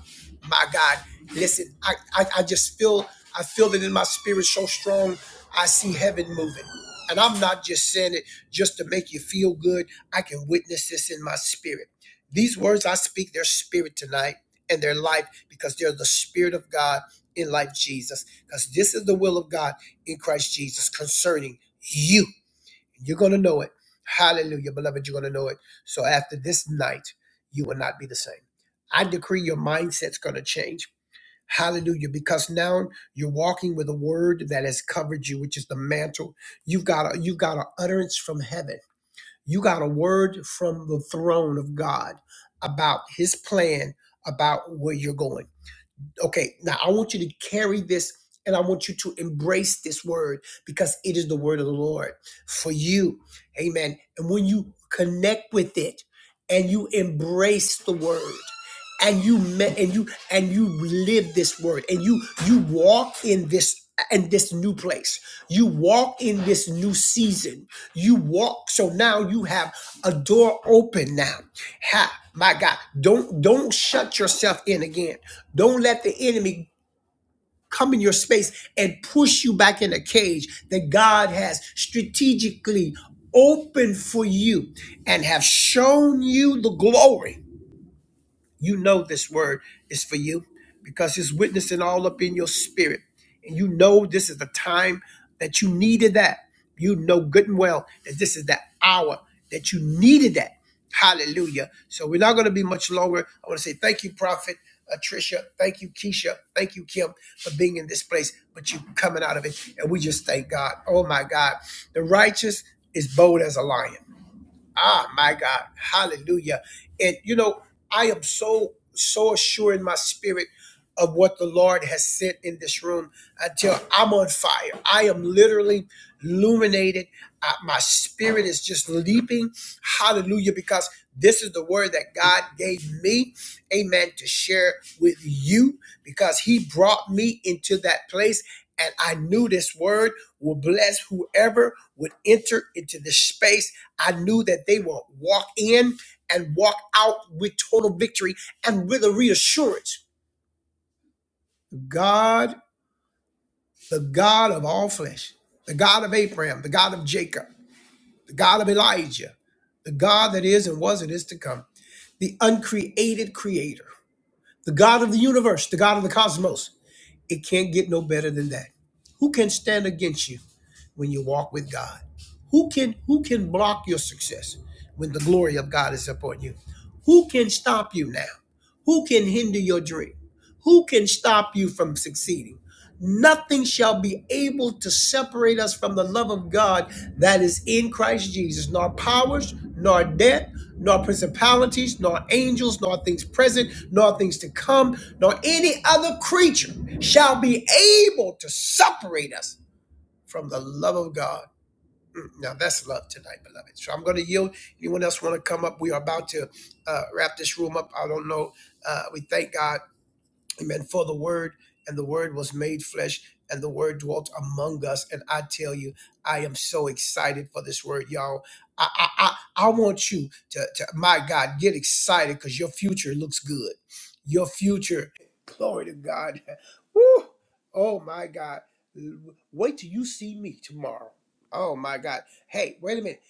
[SPEAKER 1] My God. Listen, I, I, I just feel, I feel it in my spirit so strong. I see heaven moving. And I'm not just saying it just to make you feel good. I can witness this in my spirit. These words I speak, their spirit tonight and their life because they're the spirit of God in life, Jesus. Because this is the will of God in Christ Jesus concerning you. You're going to know it. Hallelujah, beloved. You're going to know it. So after this night, you will not be the same. I decree your mindset's going to change. Hallelujah, because now you're walking with a word that has covered you, which is the mantle. You've got a, you've got an utterance from heaven. You got a word from the throne of God about His plan, about where you're going. Okay, now I want you to carry this and I want you to embrace this word because it is the word of the Lord for you. Amen. And when you connect with it and you embrace the word, and you met and you and you live this word and you you walk in this in this new place you walk in this new season you walk. So now you have a door open now. Ha, my God. Don't don't shut yourself in again. Don't let the enemy come in your space and push you back in a cage that God has strategically opened for you and have shown you the glory you know this word is for you because it's witnessing all up in your spirit. And you know this is the time that you needed that. You know good and well that this is the hour that you needed that. Hallelujah. So we're not going to be much longer. I want to say thank you, Prophet uh, Tricia. Thank you, Keisha. Thank you, Kim, for being in this place, but you coming out of it. And we just thank God. Oh, my God. The righteous is bold as a lion. Ah, my God. Hallelujah. And you know, I am so, so assured in my spirit of what the Lord has sent in this room until I'm on fire. I am literally illuminated. Uh, my spirit is just leaping. Hallelujah. Because this is the word that God gave me, amen, to share with you because He brought me into that place. And I knew this word will bless whoever would enter into this space I knew that they will walk in and walk out with total victory and with a reassurance. God, the God of all flesh, the God of Abraham, the God of Jacob, the God of Elijah, the God that is and was and is to come, the uncreated creator, the God of the universe, the God of the cosmos. It can't get no better than that. Who can stand against you when you walk with God? Who can who can block your success when the glory of God is upon you? Who can stop you now? Who can hinder your dream? Who can stop you from succeeding? Nothing shall be able to separate us from the love of God that is in Christ Jesus, nor powers, nor death, nor principalities, nor angels, nor things present, nor things to come, nor any other creature shall be able to separate us from the love of God. Mm, Now that's love tonight, beloved. So I'm going to yield. Anyone else want to come up? We are about to uh, wrap this room up. I don't know. Uh, we thank God. Amen. For the word, and the word was made flesh, and the word dwelt among us. And I tell you, I am so excited for this word, y'all. I I I, I want you to, to my God, get excited because your future looks good. Your future, glory to God. Woo! Oh my God. Wait till you see me tomorrow. Oh my God. Hey, wait a minute.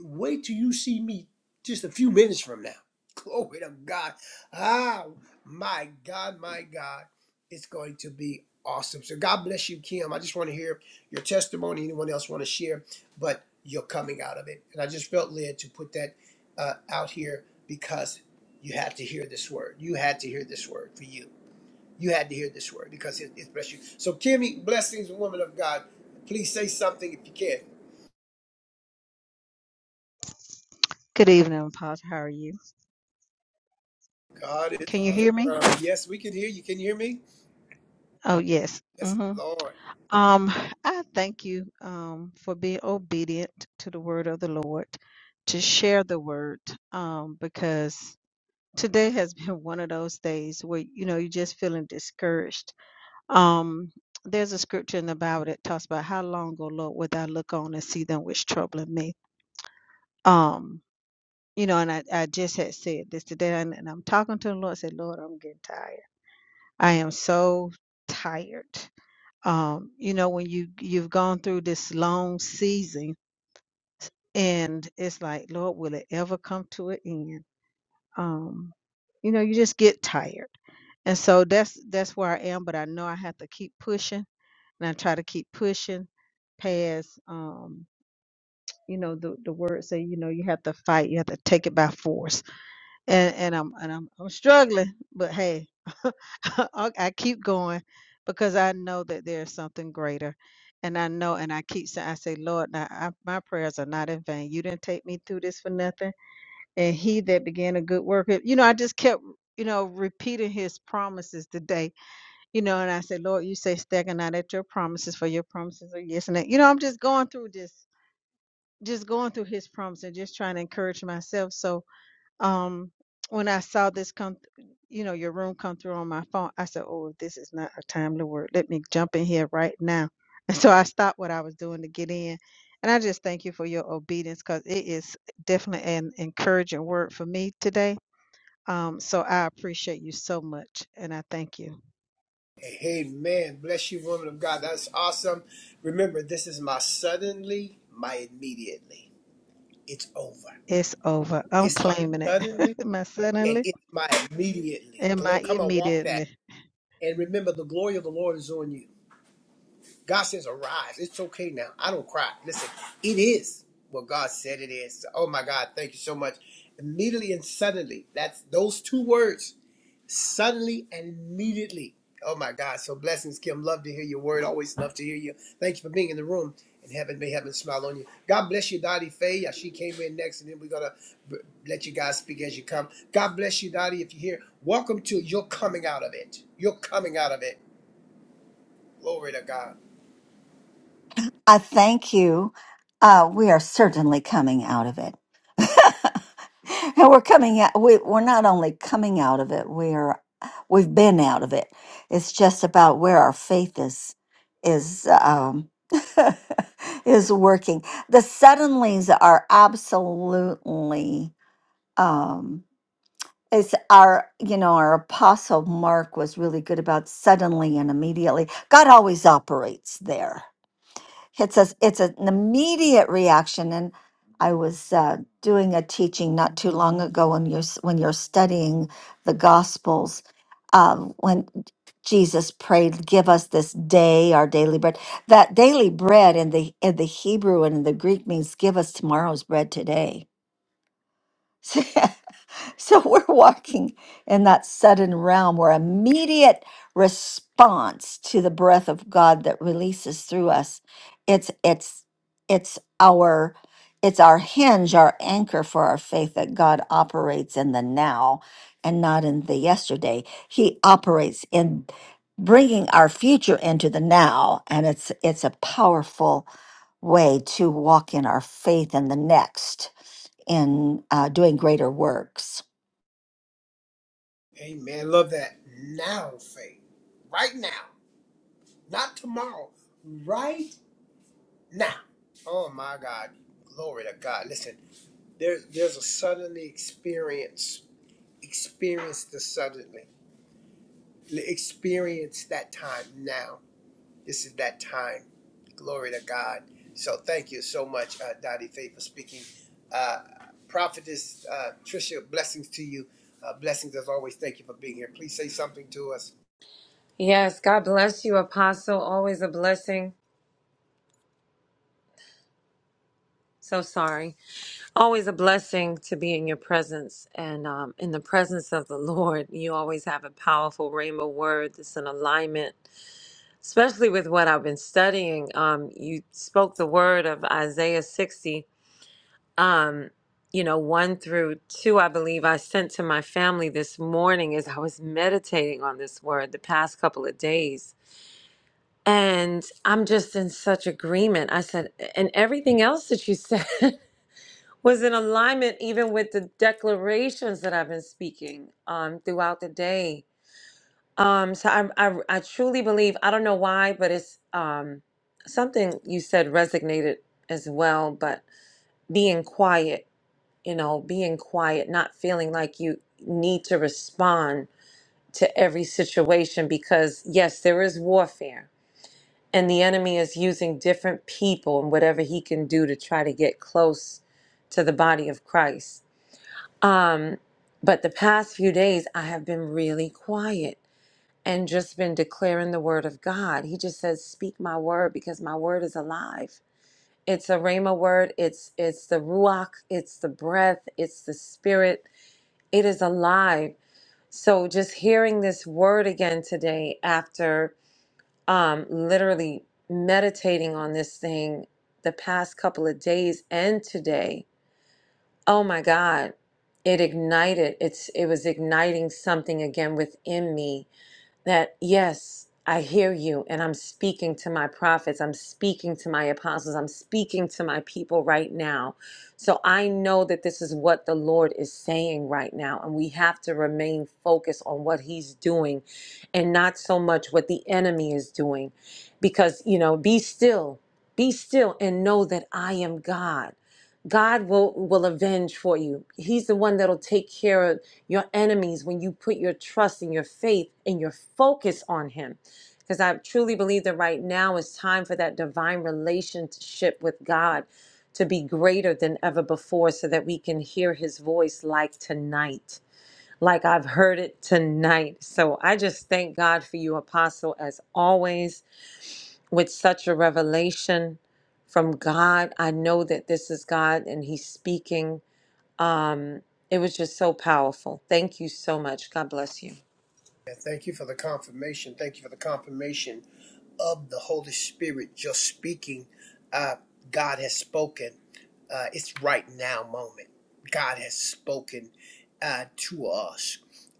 [SPEAKER 1] Wait till you see me just a few minutes from now. Glory to God. Ah, my God, my God, it's going to be awesome. So God bless you, Kim. I just want to hear your testimony. Anyone else want to share? But you're coming out of it, and I just felt led to put that uh, out here because you had to hear this word. You had to hear this word for you. You had to hear this word because it, it blessed you. So, Kimmy, blessings, woman of God. Please say something if you can.
[SPEAKER 2] Good evening, Apostle. How are you?
[SPEAKER 1] God is
[SPEAKER 2] Can you hear me?
[SPEAKER 1] awesome. Yes, we can hear you. Can you hear me?
[SPEAKER 2] Oh, yes.
[SPEAKER 1] Yes,
[SPEAKER 2] hmm
[SPEAKER 1] Lord.
[SPEAKER 2] Um, I thank you um, for being obedient to the word of the Lord, to share the word, um, because today has been one of those days where you know you're just feeling discouraged. Um, there's a scripture in the Bible that talks about how long, O Lord, would thou look on and see them which troubling me? Um, you know, and I, I just had said this today, and, and I'm talking to the Lord. I said, Lord, I'm getting tired. I am so tired. Um, you know, when you you've gone through this long season and it's like, Lord, will it ever come to an end? Um, you know, you just get tired. And so that's that's where I am, but I know I have to keep pushing and I try to keep pushing past um, you know, the, the word say, you know, you have to fight, you have to take it by force. and and I'm and I'm I'm struggling, but hey, I I keep going because I know that there's something greater, and I know, and I keep saying, I say, Lord, now I, my prayers are not in vain. You didn't take me through this for nothing, and He that began a good work, you know, I just kept. You know, repeating his promises today, you know, and I said, Lord, you say, stagger not at your promises, for your promises are yes and that. You know, I'm just going through this, just going through his promise and just trying to encourage myself. So, um when I saw this come, th- you know, your room come through on my phone, I said, "Oh, this is not a timely word. Let me jump in here right now." And so I stopped what I was doing to get in, and I just thank you for your obedience because it is definitely an encouraging word for me today. Um, so I appreciate you so much, and I thank you.
[SPEAKER 1] Amen. Bless you, woman of God. That's awesome. Remember, this is my suddenly, my immediately. It's over.
[SPEAKER 2] It's over. I'm
[SPEAKER 1] It's my
[SPEAKER 2] claiming it.
[SPEAKER 1] suddenly
[SPEAKER 2] my
[SPEAKER 1] and
[SPEAKER 2] suddenly
[SPEAKER 1] it's my immediately.
[SPEAKER 2] and my
[SPEAKER 1] Glory, come on, walk that.
[SPEAKER 2] immediately.
[SPEAKER 1] And remember, the glory of the Lord is on you. God says, arise. It's okay now. I don't cry. Listen, it is what God said it is. Oh my God, thank you so much. Immediately and suddenly. That's those two words suddenly and immediately. Oh my God. So blessings, Kim. Love to hear your word. Always love to hear you. Thank you for being in the room. And heaven may heaven smile on you. God bless you, Dottie Faye. Yeah, She came in next, and then we're gonna let you guys speak as you come. God bless you, Dottie. If you're here, welcome to You're Coming Out of It. You're coming out of it. Glory to God.
[SPEAKER 3] I thank you. Uh, we are certainly coming out of it. and we're coming out, we, we're not only coming out of it, we are, we've been out of it. It's just about where our faith is, is, um, is working. The suddenlies are absolutely, um, it's our, you know, our apostle Mark was really good about suddenly and immediately. God always operates there it's a it's an immediate reaction, and I was uh, doing a teaching not too long ago when you're s- when you're studying the Gospels, um, when Jesus prayed, "Give us this day our daily bread." That daily bread in the in the Hebrew and in the Greek means "Give us tomorrow's bread today." So we're walking in that sudden realm where immediate response to the breath of God that releases through us. It's it's it's our it's our hinge, our anchor for our faith that God operates in the now and not in the yesterday. He operates in bringing our future into the now and it's it's a powerful way to walk in our faith in the next in uh, doing greater works
[SPEAKER 1] Amen. Love that. Now, Faye. Right now. Not tomorrow. Right now. Oh my God. Glory to God. Listen. There, there's a suddenly experience. Experience the suddenly. Experience that time now. This is that time. Glory to God. So thank you so much, uh, Dottie Faith, for speaking. Uh, Prophetess uh, Tricia, blessings to you. Uh, blessings as always. Thank you for being here. Please say something to us.
[SPEAKER 4] Yes, God bless you, Apostle. Always a blessing. So sorry. Always a blessing to be in your presence and um, in the presence of the Lord. You always have a powerful rhema word that's in alignment, especially with what I've been studying. Um, you spoke the word of Isaiah 60, um, you know, 1 through 2, I believe I sent to my family this morning as I was meditating on this word the past couple of days And I'm just in such agreement. I said, and everything else that you said was in alignment, even with the declarations that I've been speaking um, throughout the day. Um, so I, I, I truly believe, I don't know why, but it's um, something you said resonated as well, but being quiet, you know, being quiet, not feeling like you need to respond to every situation because, yes, there is warfare and the enemy is using different people and whatever he can do to try to get close to the body of Christ. Um, but the past few days, I have been really quiet and just been declaring the word of God. He just says, "Speak my word, because my word is alive." It's a rhema word. It's it's the ruach. It's the breath. It's the spirit. It is alive. So just hearing this word again today after um, literally meditating on this thing the past couple of days and today. Oh my God, it ignited. It's it was igniting something again within me that yes, I hear you, and I'm speaking to my prophets, I'm speaking to my apostles, I'm speaking to my people right now. So I know that this is what the Lord is saying right now, and we have to remain focused on what He's doing and not so much what the enemy is doing. Because, you know, be still, be still, and know that I am God. God will will avenge for you. He's the one that'll take care of your enemies when you put your trust and your faith and your focus on him because i truly believe that right now is time for that divine relationship with god to be greater than ever before so that we can hear his voice like tonight like i've heard it tonight so i just thank god for you apostle as always with such a revelation from god i know that this is god and he's speaking um, it was just so powerful. Thank you so much. God bless you.
[SPEAKER 1] Yeah, thank you for the confirmation. Thank you for the confirmation of the Holy Spirit just speaking. Uh, God has spoken. Uh, it's right now moment. God has spoken uh, to us.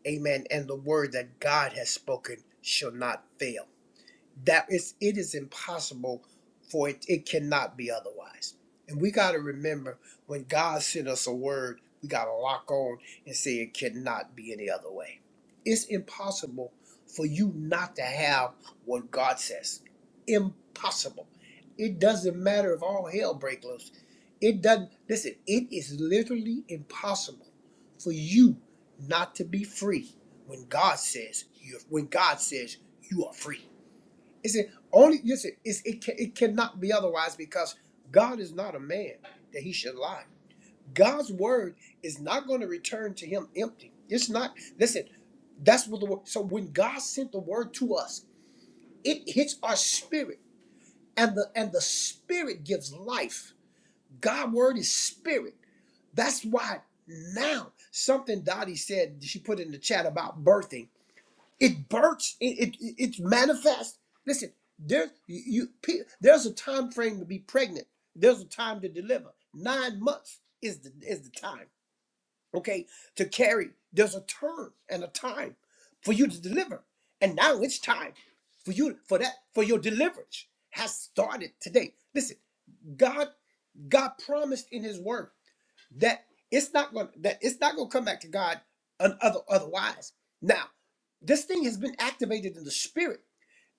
[SPEAKER 1] Amen. And the word that God has spoken shall not fail that is it is impossible for it it cannot be otherwise and we got to remember when god sent us a word we got to lock on and say it cannot be any other way it's impossible for you not to have what god says impossible it doesn't matter if all hell break loose it doesn't listen it is literally impossible for you not to be free when god says you when god says you are free it's the only you see, it's, it ca- it cannot be otherwise because God is not a man that he should lie. God's word is not going to return to him empty. It's not. Listen, that's what the word. So when God sent the word to us, it hits our spirit, and the and the spirit gives life. God's word is spirit. That's why now something Dottie said she put in the chat about birthing. It bursts. It, it it's manifest. Listen, there's you, pe- there's a time frame to be pregnant. There's a time to deliver. Nine months is the is the time. Okay, to carry. There's a term and a time for you to deliver. And now it's time for you for that for your deliverance has started today. Listen, God God promised in His Word that it's not going that it's not going to come back to God un, other, otherwise. Now, this thing has been activated in the spirit.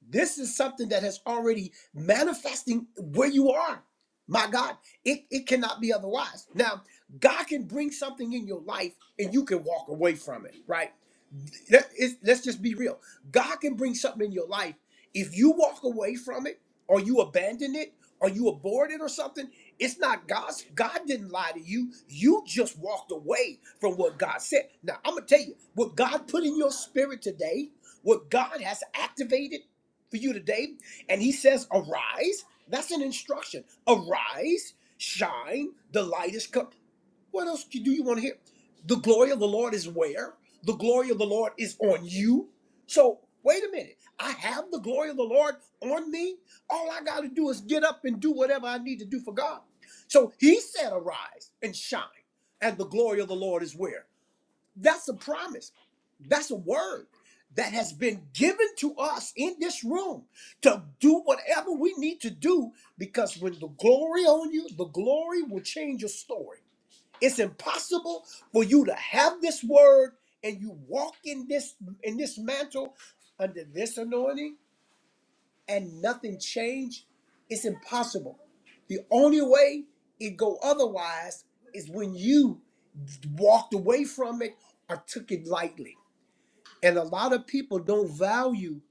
[SPEAKER 1] This is something that has already manifesting where you are. My God, it, it cannot be otherwise. Now, God can bring something in your life and you can walk away from it, right? Let, it's, let's just be real. God can bring something in your life. If you walk away from it or you abandon it or you abort it or something, it's not God's. God didn't lie to you. You just walked away from what God said. Now, I'm going to tell you what God put in your spirit today, what God has activated for you today. And he says, Arise. That's an instruction. Arise, shine, the light is come. What else do you want to hear? The glory of the Lord is where? The glory of the Lord is on you. So, wait a minute. I have the glory of the Lord on me. All I got to do is get up and do whatever I need to do for God. So, he said, Arise and shine, and the glory of the Lord is where? That's a promise. That's a word that has been given to us in this room to do whatever we need to do because when the glory on you, the glory will change your story. It's impossible for you to have this word and you walk in this in this mantle under this anointing and nothing change, it's impossible. The only way it go otherwise is when you walked away from it or took it lightly. And a lot of people don't value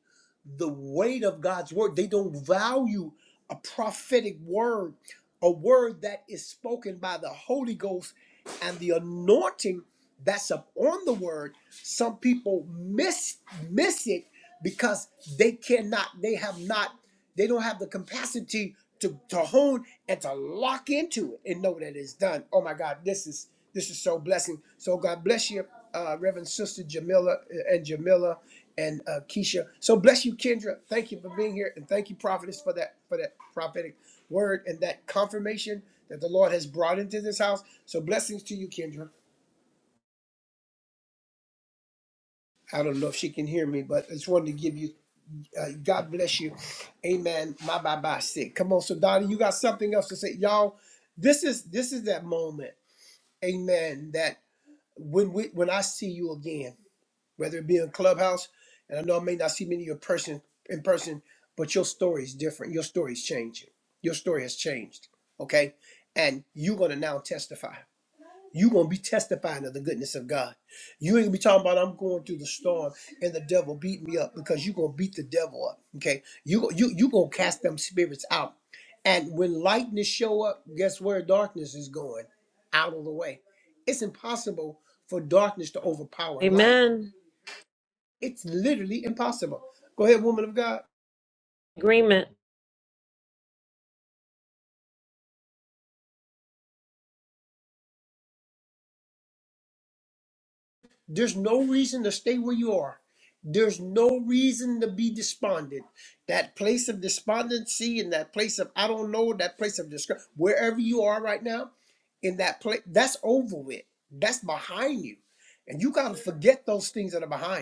[SPEAKER 1] the weight of God's word. They don't value a prophetic word, a word that is spoken by the Holy Ghost and the anointing that's upon the word some people miss miss it because they cannot, they have not, they don't have the capacity to, to hone and to lock into it and know that it's done. Oh my God, this is this is so blessing. So God bless you, uh, Reverend Sister Jamila uh, and Jamila and uh, Keisha. So bless you, Kendra. Thank you for being here, and thank you, Prophetess, for that for that prophetic word and that confirmation that the Lord has brought into this house. So blessings to you, Kendra. I don't know if she can hear me, but I just wanted to give you, uh, God bless you. Amen. My bye bye sick. Come on. So Donnie, you got something else to say. Y'all, this is, this is that moment. Amen. That when we, when I see you again, whether it be in clubhouse, and I know I may not see many of your person in person, but your story is different. Your story is changing. Your story has changed. Okay. And you're going to now testify you gonna be testifying of the goodness of God. You ain't gonna be talking about I'm going through the storm and the devil beat me up because you gonna beat the devil up. Okay, you you you gonna cast them spirits out, and when lightness show up, guess where darkness is going? Out of the way. It's impossible for darkness to overpower light.
[SPEAKER 4] Amen.
[SPEAKER 1] It's literally impossible. Go ahead, woman of God.
[SPEAKER 4] Agreement.
[SPEAKER 1] There's no reason to stay where you are. There's no reason to be despondent. That place of despondency and that place of I don't know, that place of discouragement, wherever you are right now, in that place, that's over with. That's behind you. And you got to forget those things that are behind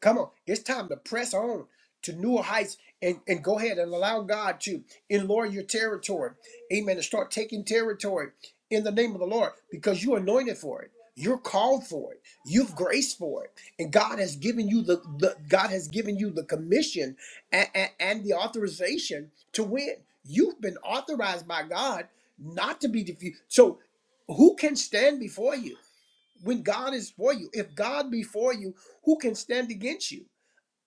[SPEAKER 1] Come on, it's time to press on to newer heights and, and go ahead and allow God to enlarge your territory. Amen. And start taking territory in the name of the Lord because you're anointed for it. You're called for it. You've graced for it. And God has given you the, the God has given you the commission and, and and the authorization to win. You've been authorized by God not to be defeated. So who can stand before you? when God is for you. If God be for you, who can stand against you?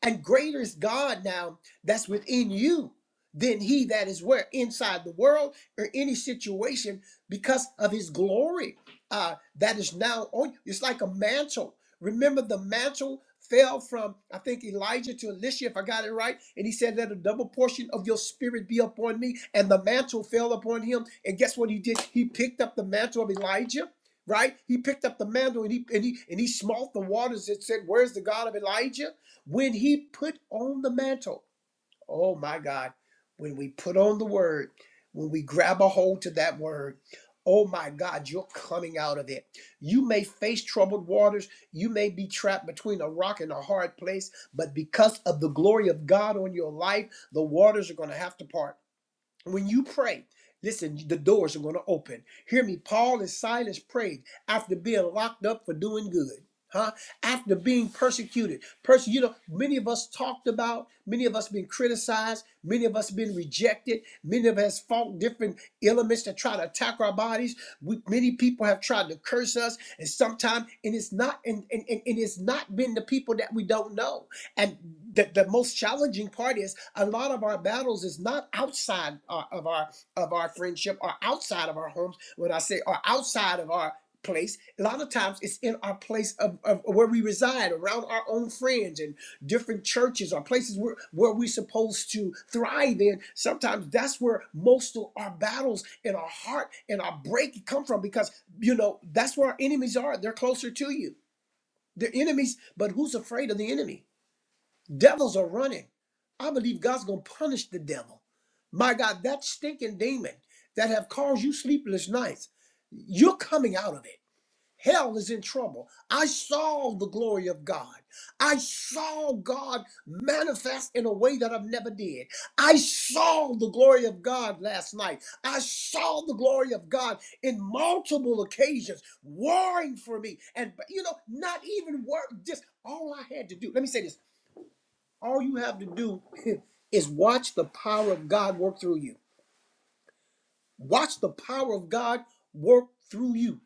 [SPEAKER 1] And greater is God now that's within you than he that is where? Inside the world or any situation because of his glory uh, that is now on you. It's like a mantle. Remember, the mantle fell from, I think, Elijah to Elisha, if I got it right. And he said, Let a double portion of your spirit be upon me. And the mantle fell upon him. And guess what he did? He picked up the mantle of Elijah. Right, he picked up the mantle and he and he and he smote the waters. and said, "Where's the God of Elijah?" when he put on the mantle oh my god when we put on the word when we grab a hold to that word oh my god you're coming out of it you may face troubled waters you may be trapped between a rock and a hard place but because of the glory of god on your life the waters are going to have to part when you pray, listen, the doors are going to open. Hear me. Paul and Silas prayed after being locked up for doing good. Huh? After being persecuted, Perse- you know, many of us talked about, many of us been criticized, many of us been rejected, many of us fought different elements that try to attack our bodies. We, many people have tried to curse us, and sometimes, and it's not, and, and, and and it's not been the people that we don't know. And the, the most challenging part is a lot of our battles is not outside our, of our of our friendship or outside of our homes. When I say or outside of our place, a lot of times it's in our place of, of where we reside, around our own friends and different churches or places where, where we're supposed to thrive in. Sometimes that's where most of our battles in our heart and our break come from because you know that's where our enemies are. They're closer to you. They're enemies, but who's afraid of the enemy? Devils are running. I believe God's going to punish the devil. My God, that stinking demon that have caused you sleepless nights, you're coming out of it. Hell is in trouble. I saw the glory of God. I saw God manifest in a way that I've never did. I saw the glory of God last night. I saw the glory of God in multiple occasions, warring for me. And you know, not even work, just all I had to do. Let me say this. All you have to do is watch the power of God work through you. Watch the power of God work through you.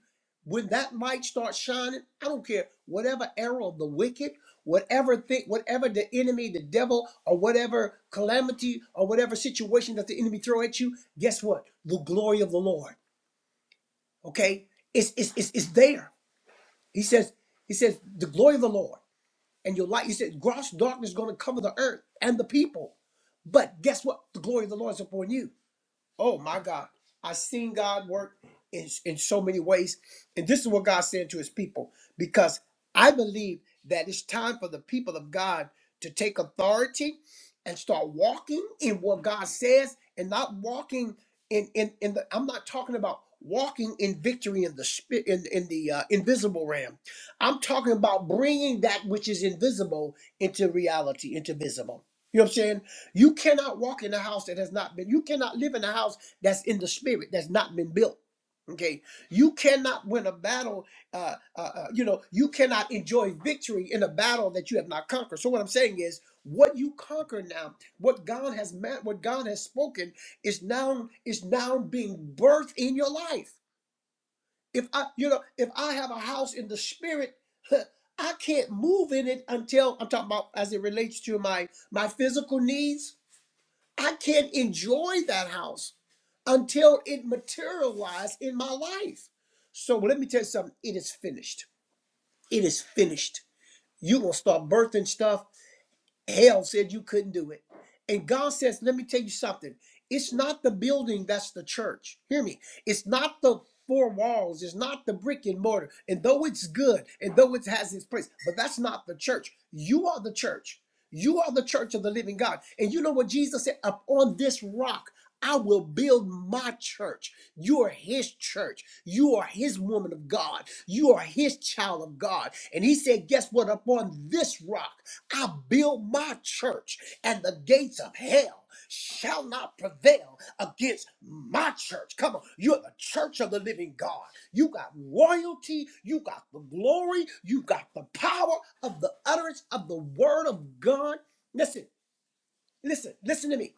[SPEAKER 1] When that light starts shining, I don't care whatever error of the wicked, whatever thing, whatever the enemy, the devil, or whatever calamity or whatever situation that the enemy throw at you. Guess what? The glory of the Lord. Okay, it's it's it's, it's there. He says he says the glory of the Lord. and your light. He said, gross darkness is going to cover the earth and the people. But guess what? The glory of the Lord is upon you. Oh my God. I've seen God work in, in so many ways. And this is what God said to his people, because I believe that it's time for the people of God to take authority and start walking in what God says and not walking in in, in the I'm not talking about walking in victory in the spirit in, in the uh, invisible realm. I'm talking about bringing that which is invisible into reality, into visible. You know what I'm saying? You cannot walk in a house that has not been, you cannot live in a house that's in the spirit, that's not been built. Okay. You cannot win a battle, uh, uh, uh, you know, you cannot enjoy victory in a battle that you have not conquered. So what I'm saying is, what you conquer now, what God has meant, what God has spoken is now is now being birthed in your life. If I, you know, if I have a house in the spirit, I can't move in it until I'm talking about as it relates to my my physical needs I can't enjoy that house until it materialized in my life. So well, let me tell you something. It is finished. It is finished. You gonna start birthing stuff Hell said you couldn't do it. And God says, let me tell you something. It's not the building that's the church. Hear me. It's not the four walls. It's not the brick and mortar. And though it's good and though it has its place, but that's not the church. You are the church. You are the church of the living God. And you know what Jesus said? Upon this rock, I will build my church. You are his church. You are his woman of God. You are his child of God. And he said, guess what? Upon this rock, I build my church, and the gates of hell shall not prevail against my church. Come on, you're the church of the living God. You got royalty, you got the glory, you got the power of the utterance of the word of God. Listen listen, listen to me.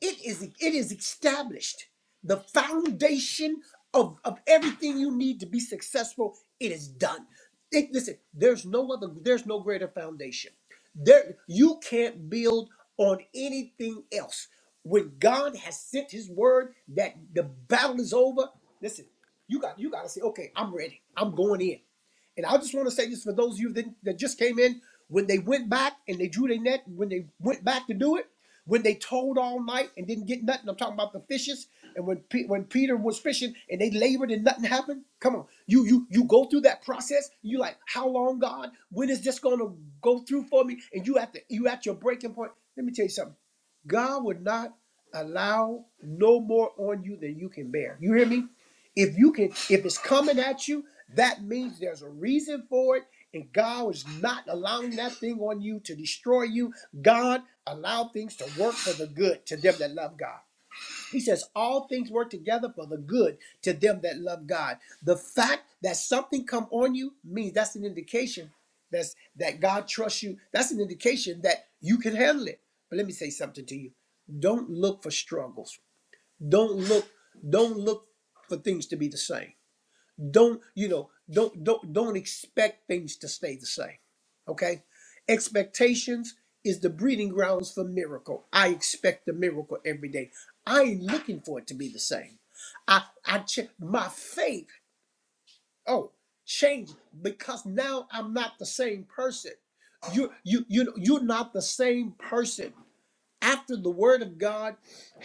[SPEAKER 1] It is it is established. The foundation of, of everything you need to be successful, it is done. It- listen, there's no other, there's no greater foundation. There you can't build on anything else. When God has sent his word that the battle is over, listen, you got you gotta say, okay, I'm ready. I'm going in. And I just want to say this for those of you that, that just came in, when they went back and they drew their net, when they went back to do it, when they told all night and didn't get nothing, I'm talking about the fishes, and when Pe- when Peter was fishing and they labored and nothing happened. Come on, you you you go through that process. You like, how long, God? When is this gonna go through for me? And you at the you at your breaking point. Let me tell you something. God would not allow no more on you than you can bear. You hear me? If you can, if it's coming at you, that means there's a reason for it, and God is not allowing that thing on you to destroy you. God allow things to work for the good to them that love God. He says all things work together for the good to them that love God. The fact that something come on you means that's an indication that's that God trusts you. That's an indication that you can handle it. But let me say something to you. Don't look for struggles. Don't look, don't look for things to be the same don't you know don't don't don't expect things to stay the same okay expectations is the breeding grounds for miracle i expect a miracle every day i ain't looking for it to be the same i i ch- my faith oh change because now i'm not the same person you you you you're not the same person after the word of God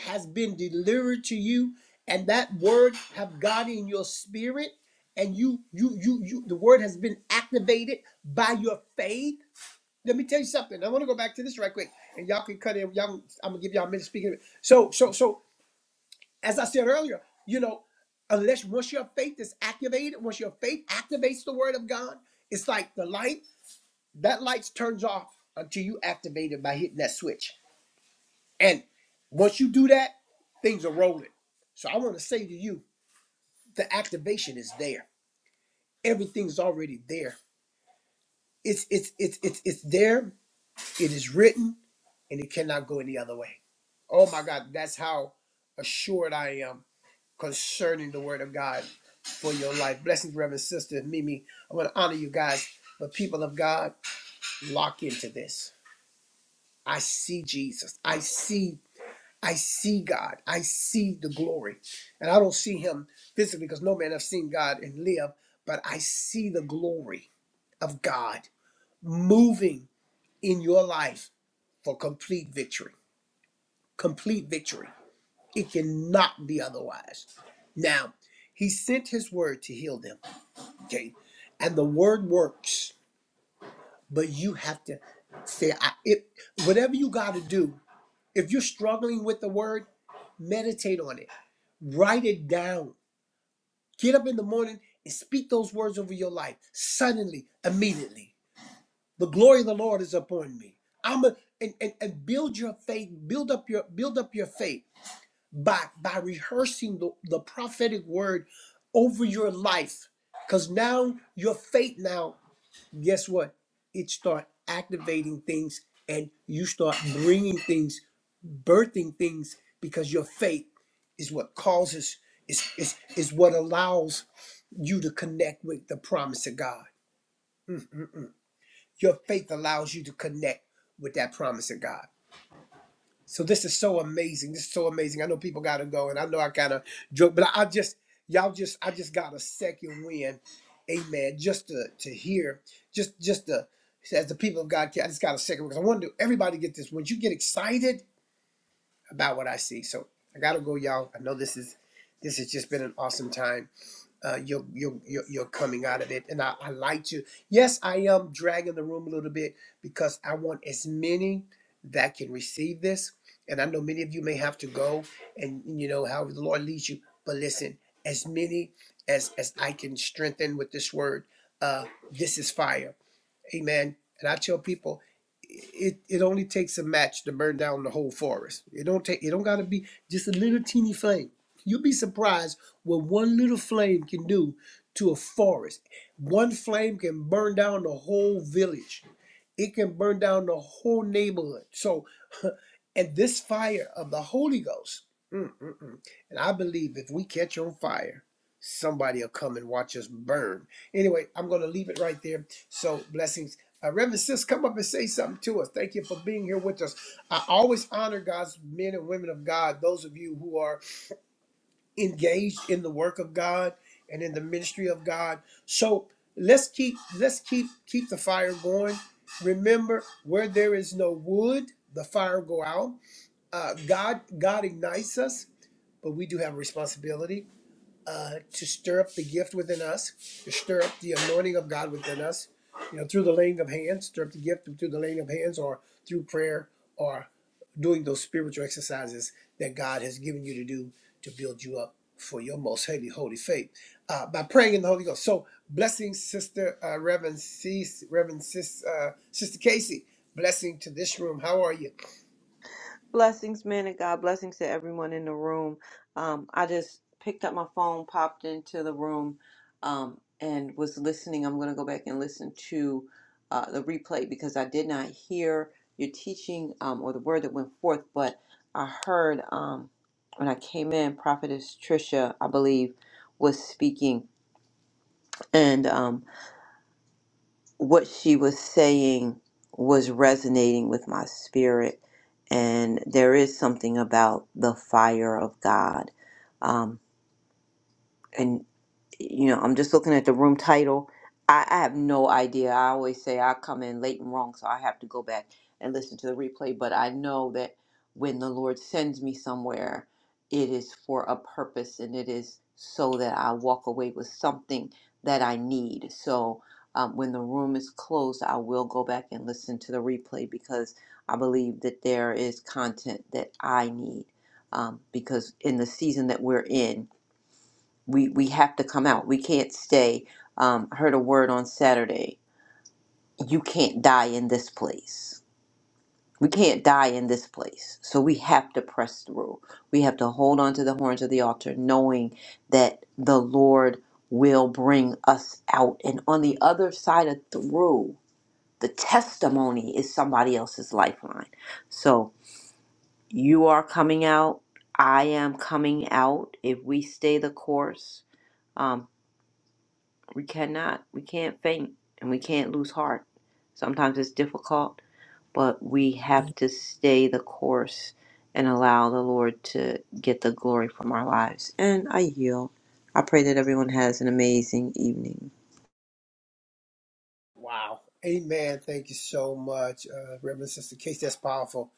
[SPEAKER 1] has been delivered to you and that word have got in your spirit and you you you you the word has been activated by your faith let me tell you something i want to go back to this right quick and y'all can cut in y'all can- i'm gonna give y'all a minute speaking so so so as i said earlier you know unless once your faith is activated once your faith activates the word of god it's like the light that light turns off until you activate it by hitting that switch and once you do that, things are rolling. So I want to say to you, the activation is there. Everything's already there. It's it's it's it's it's there. It is written, and it cannot go any other way. Oh my God, that's how assured I am concerning the Word of God for your life. Blessings, Reverend Sister Mimi. I want to honor you guys, but people of God, lock into this. I see Jesus. I see I see God. I see the glory. And I don't see him physically because no man has seen God and live, but I see the glory of God moving in your life for complete victory. Complete victory. It cannot be otherwise. Now, he sent his word to heal them. Okay. And the word works, but you have to say, I, it, whatever you got to do, if you're struggling with the word, meditate on it, write it down Get up in the morning and speak those words over your life suddenly, immediately. The glory of the Lord is upon me. I'm a, and, and, and build your faith, build up your build up your faith by by rehearsing the, the prophetic word over your life. Because now your faith now guess what? It start activating things and you start bringing things, birthing things because your faith is what causes is is is what allows you to connect with the promise of God. Mm, mm, mm. Your faith allows you to connect with that promise of God. So this is so amazing. This is so amazing. I know people gotta go, and I know I kind of joke, but I, I just y'all just I just got a second win, amen. Just to to hear, just just to as the people of God, I just got a second because I want to everybody get this. When you get excited about what I see, so I gotta go, y'all. I know this is this has just been an awesome time uh, you're, you're, you're coming out of it. And I, I like to. Yes, I am dragging the room a little bit because I want as many that can receive this. And I know many of you may have to go and, you know, however the Lord leads you. But listen, as many as, as I can strengthen with this word, uh, this is fire Amen. And I tell people, it it only takes a match to burn down the whole forest. It don't take. It don't gotta be just a little teeny flame. You'll be surprised what one little flame can do to a forest. One flame can burn down the whole village. It can burn down the whole neighborhood. So and this fire of the Holy Ghost, mm-mm-mm. and I believe if we catch on fire, somebody will come and watch us burn. Anyway, I'm going to leave it right there. So, blessings. Uh, Reverend Sis, come up and say something to us. Thank you for being here with us. I always honor God's men and women of God, those of you who are engaged in the work of God and in the ministry of God. So let's keep let's keep keep the fire going. Remember, where there is no wood, the fire go out uh, God God ignites us, but we do have a responsibility uh, to stir up the gift within us, to stir up the anointing of God within us, you know, through the laying of hands, stir up the gift through the laying of hands, or through prayer, or doing those spiritual exercises that God has given you to do to build you up for your most holy holy faith uh, by praying in the Holy Ghost. So blessing, Sister uh, Reverend C, Reverend Sis, uh, Sister Casey. Blessing to this room. How are you?
[SPEAKER 5] Blessings, man and God. Blessings to everyone in the room. Um, I just picked up my phone, popped into the room, um, and was listening. I'm going to go back and listen to uh, the replay because I did not hear your teaching um, or the word that went forth, but I heard um, when I came in, Prophetess Trisha, I believe, was speaking. And um, what she was saying was resonating with my spirit. And there is something about the fire of God. Um, and you know, I'm just looking at the room title. I, I have no idea. I always say I come in late and wrong, so I have to go back and listen to the replay. But I know that when the Lord sends me somewhere, it is for a purpose and it is so that I walk away with something that I need. So um, when the room is closed, I will go back and listen to the replay because I believe that there is content that I need. Um, because in the season that we're in, we we have to come out. We can't stay. Um, I heard a word on Saturday. You can't die in this place. We can't die in this place. So we have to press through. We have to hold on to the horns of the altar, knowing that the Lord will bring us out. And on the other side of through, the testimony is somebody else's lifeline. So you are coming out. I am coming out. If we stay the course, um, We cannot, we can't faint and we can't lose heart. Sometimes it's difficult, but we have to stay the course and allow the Lord to get the glory from our lives. And I yield. I pray that everyone has an amazing evening.
[SPEAKER 1] Wow. Amen. Thank you so much, uh, Reverend Sister Case. That's powerful.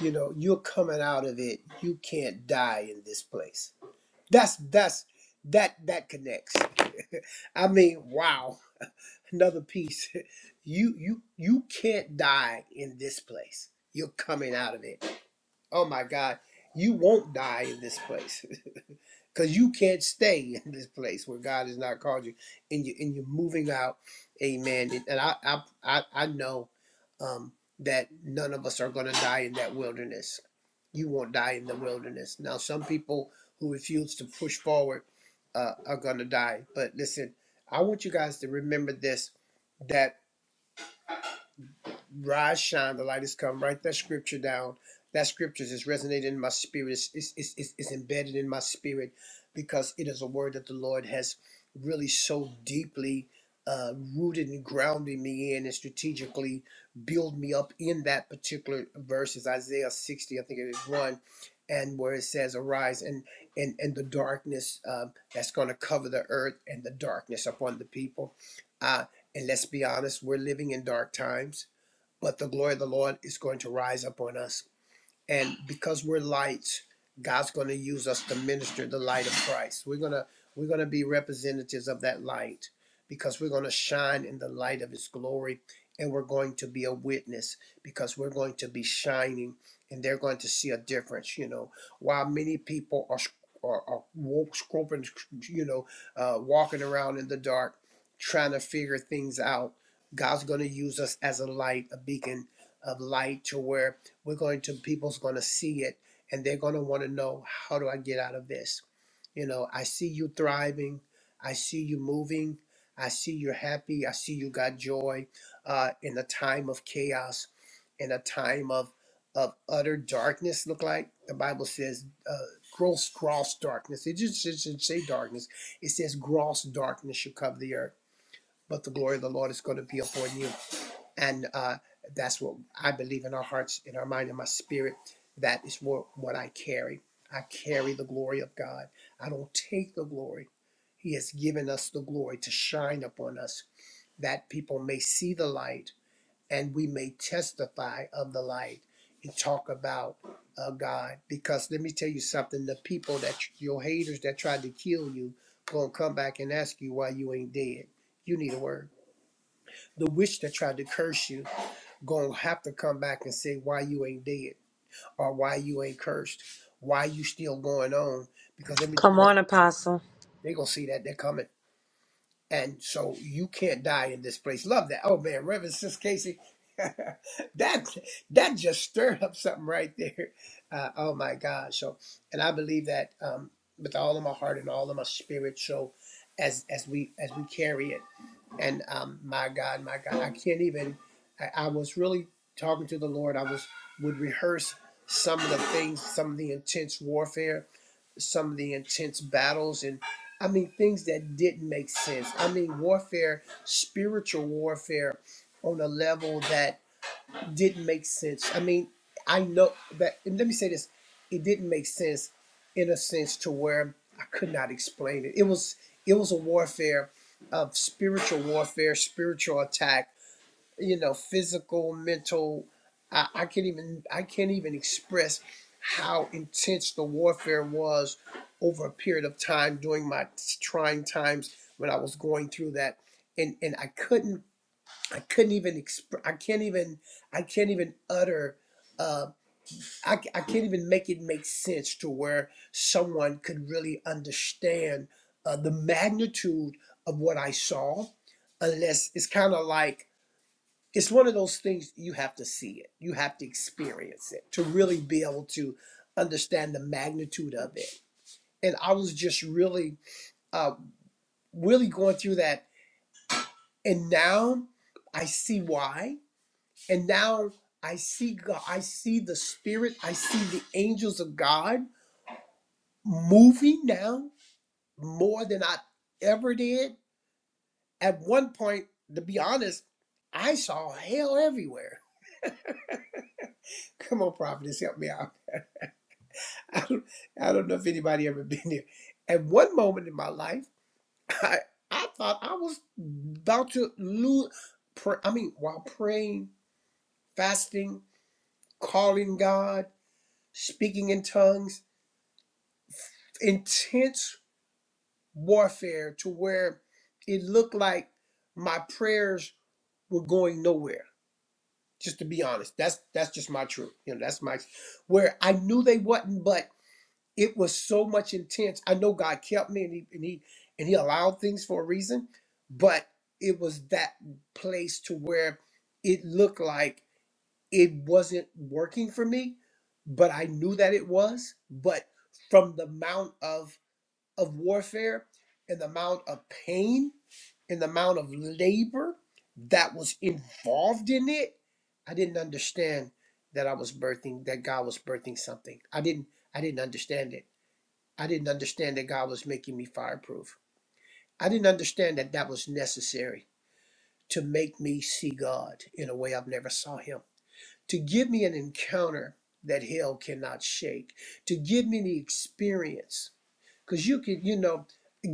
[SPEAKER 1] You know, you're coming out of it. You can't die in this place. That's that's that that connects. I mean, wow. Another piece. You you you can't die in this place. You're coming out of it. Oh my God. You won't die in this place. because you can't stay in this place where God has not called you, and you and you're moving out, Amen. And, and I, I I I know um, that none of us are going to die in that wilderness. You won't die in the wilderness. Now, some people who refuse to push forward uh, are going to die. But listen, I want you guys to remember this: that rise, shine, the light has come. Write that scripture down. That scripture is resonating in my spirit. It's, it's, it's, it's embedded in my spirit because it is a word that the Lord has really so deeply uh, rooted and grounded me in and strategically build me up in that particular verse is Isaiah 60, I think it is one, and where it says, Arise and and, and the darkness um, that's going to cover the earth and the darkness upon the people. Uh, and let's be honest, we're living in dark times but the glory of the Lord is going to rise up on us and because we're lights god's going to use us to minister the light of christ we're going to we're going to be representatives of that light because we're going to shine in the light of his glory and we're going to be a witness because we're going to be shining and they're going to see a difference you know while many people are are, are walk, you know uh, walking around in the dark trying to figure things out god's going to use us as a light a beacon of light to where we're going to people's going to see it and they're going to want to know how do i get out of this you know i see you thriving i see you moving i see you're happy i see you got joy uh, in a time of chaos in a time of of utter darkness look like the bible says uh, gross gross darkness it just it should say darkness it says gross darkness should cover the earth but the glory of the lord is going to be upon you and uh, that's what I believe in our hearts, in our mind, in my spirit. That is what what I carry. I carry the glory of God. I don't take the glory. He has given us the glory to shine upon us, that people may see the light, and we may testify of the light and talk about uh, God. Because let me tell you something: the people that your haters that tried to kill you gonna come back and ask you why you ain't dead. You need a word. The witch that tried to curse you gonna have to come back and say why you ain't dead or why you ain't cursed, why you still going on. Because let me,
[SPEAKER 4] Come on, Apostle.
[SPEAKER 1] they gonna see that they're coming, and so you can't die in this place. Love that. Oh man, Reverend Sis Casey, that that just stirred up something right there. Uh, oh my God. So, and I believe that um, with all of my heart and all of my spirit. So, as as we as we carry it. And um, my God, my God, I can't even. I, I was really talking to the Lord. I was would rehearse some of the things, some of the intense warfare, some of the intense battles, and I mean things that didn't make sense. I mean warfare, spiritual warfare, on a level that didn't make sense. I mean, I know that, and let me say this, it didn't make sense in a sense to where I could not explain it. It was it was a warfare of spiritual warfare, spiritual attack, you know, physical, mental. I, I can't even I can't even express how intense the warfare was over a period of time during my trying times when I was going through that. And and I couldn't I couldn't even exp- I can't even I can't even utter uh, I, c- I can't even make it make sense to where someone could really understand uh, the magnitude of what I saw unless it's kind of like it's one of those things you have to see it you have to experience it to really be able to understand the magnitude of it and I was just really uh, really going through that and now I see why And now I see God, I see the Spirit, I see the angels of God moving now more than I ever did. At one point, to be honest, I saw hell everywhere. Come on, prophetess, help me out. I don't, I don't know if anybody ever been there. At one moment in my life, I, I thought I was about to lose. Pray, I mean, while praying, fasting, calling God, speaking in tongues, intense warfare to where it looked like my prayers were going nowhere. Just to be honest, that's that's just my truth. You know, that's my where I knew they wasn't, but it was so much intense. I know God kept me, and he and he and he allowed things for a reason, but it was that place to where it looked like it wasn't working for me, but I knew that it was. But from the amount of of warfare and the amount of pain and the amount of labor that was involved in it, I didn't understand that I was birthing that God was birthing something. I didn't I didn't understand it. I didn't understand that God was making me fireproof. I didn't understand that that was necessary to make me see God in a way I've never saw him. To give me an encounter that hell cannot shake, to give me the experience because you could, you know,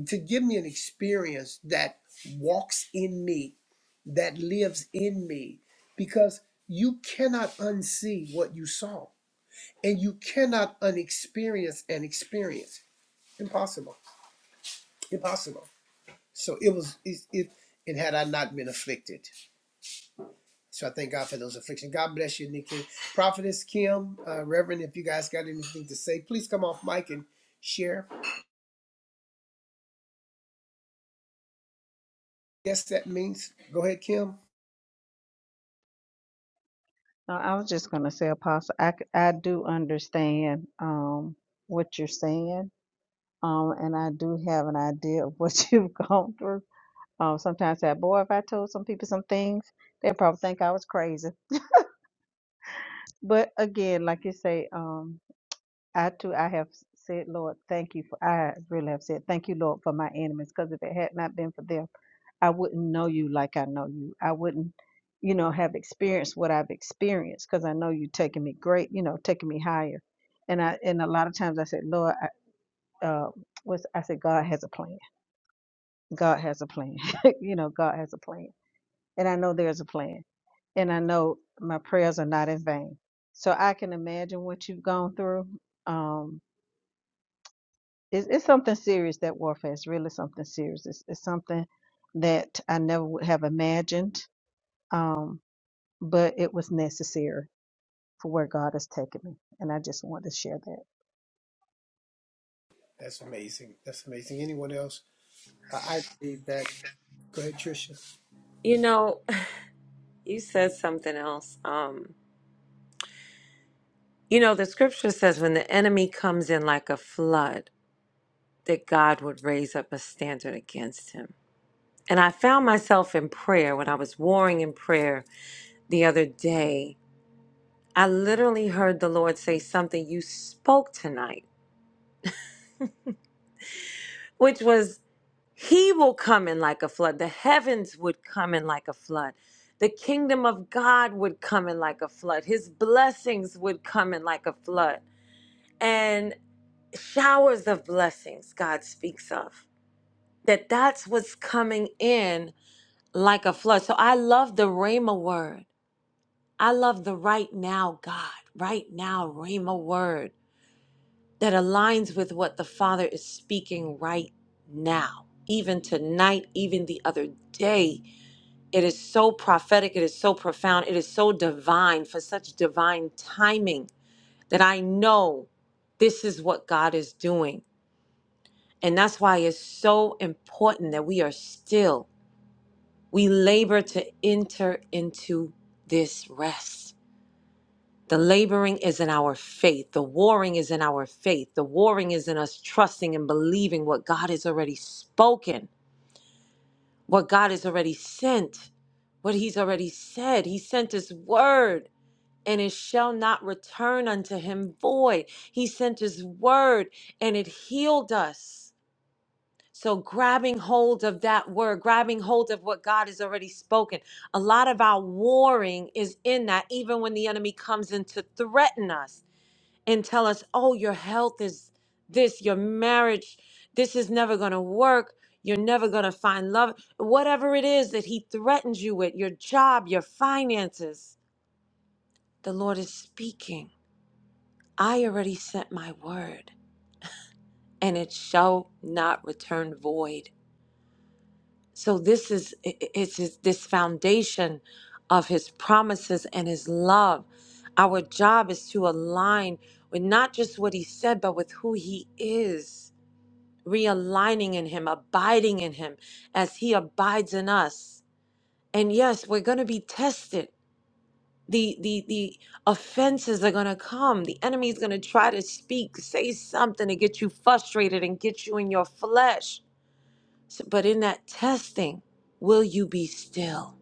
[SPEAKER 1] to give me an experience that walks in me, that lives in me, because you cannot unsee what you saw and you cannot unexperience an experience. Impossible. Impossible. So it was, it, it and had I not been afflicted. So I thank God for those afflictions. God bless you, Nikki. Prophetess Kim, uh, Reverend, if you guys got anything to say, please come off mic and share. Yes, that means. Go ahead, Kim.
[SPEAKER 2] No, I was just going to say, Apostle, I, c- I do understand um, what you're saying, um, and I do have an idea of what you've gone through. Um, sometimes that boy, if I told some people some things, they probably think I was crazy. But again, like you say, um, I too, I have said, Lord, thank you for. I really have said, thank you, Lord, for my enemies, because if it had not been for them. I wouldn't know you like I know you. I wouldn't, you know, have experienced what I've experienced because I know you are taking me great, you know, taking me higher. And I and a lot of times I said, Lord, I, uh, what's I said, God has a plan. God has a plan. you know, God has a plan, and I know there's a plan, and I know my prayers are not in vain. So I can imagine what you've gone through. Um, it's, it's something serious that warfare is really something serious. It's, it's something that I never would have imagined. Um, but it was necessary for where God has taken me. And I just wanted to share that.
[SPEAKER 1] That's amazing. That's amazing. Anyone else? I I believe that. Go ahead, Tricia.
[SPEAKER 4] You know, you said something else. Um, you know, the scripture says when the enemy comes in like a flood, that God would raise up a standard against him. And I found myself in prayer when I was warring in prayer the other day. I literally heard the Lord say something you spoke tonight, which was He will come in like a flood. The heavens would come in like a flood. The kingdom of God would come in like a flood. His blessings would come in like a flood. And showers of blessings God speaks of. That that's what's coming in like a flood. So I love the Rhema word. I love the right now God, right now Rhema word that aligns with what the Father is speaking right now, even tonight, even the other day It is so prophetic, it is so profound, it is so divine for such divine timing that I know this is what God is doing. And that's why it's so important that we are still, we labor to enter into this rest. The laboring is in our faith. The warring is in our faith. The warring is in us trusting and believing what God has already spoken, what God has already sent, what He's already said. He sent His word. and it shall not return unto him void. He sent his word and it healed us. So, grabbing hold of that word, grabbing hold of what God has already spoken. A lot of our warring is in that, even when the enemy comes in to threaten us and tell us, oh, your health is this, your marriage, this is never going to work. You're never going to find love. Whatever it is that he threatens you with, your job, your finances, the Lord is speaking I already sent my word, and it shall not return void. So this is i- i- it's this foundation of his promises and his love. Our job is to align with not just what he said, but with who he is, realigning in him, abiding in him as he abides in us. And yes, we're going to be tested. the the the offenses are going to come the enemy is going to try to speak say something to get you frustrated and get you in your flesh So- but in that testing will you be still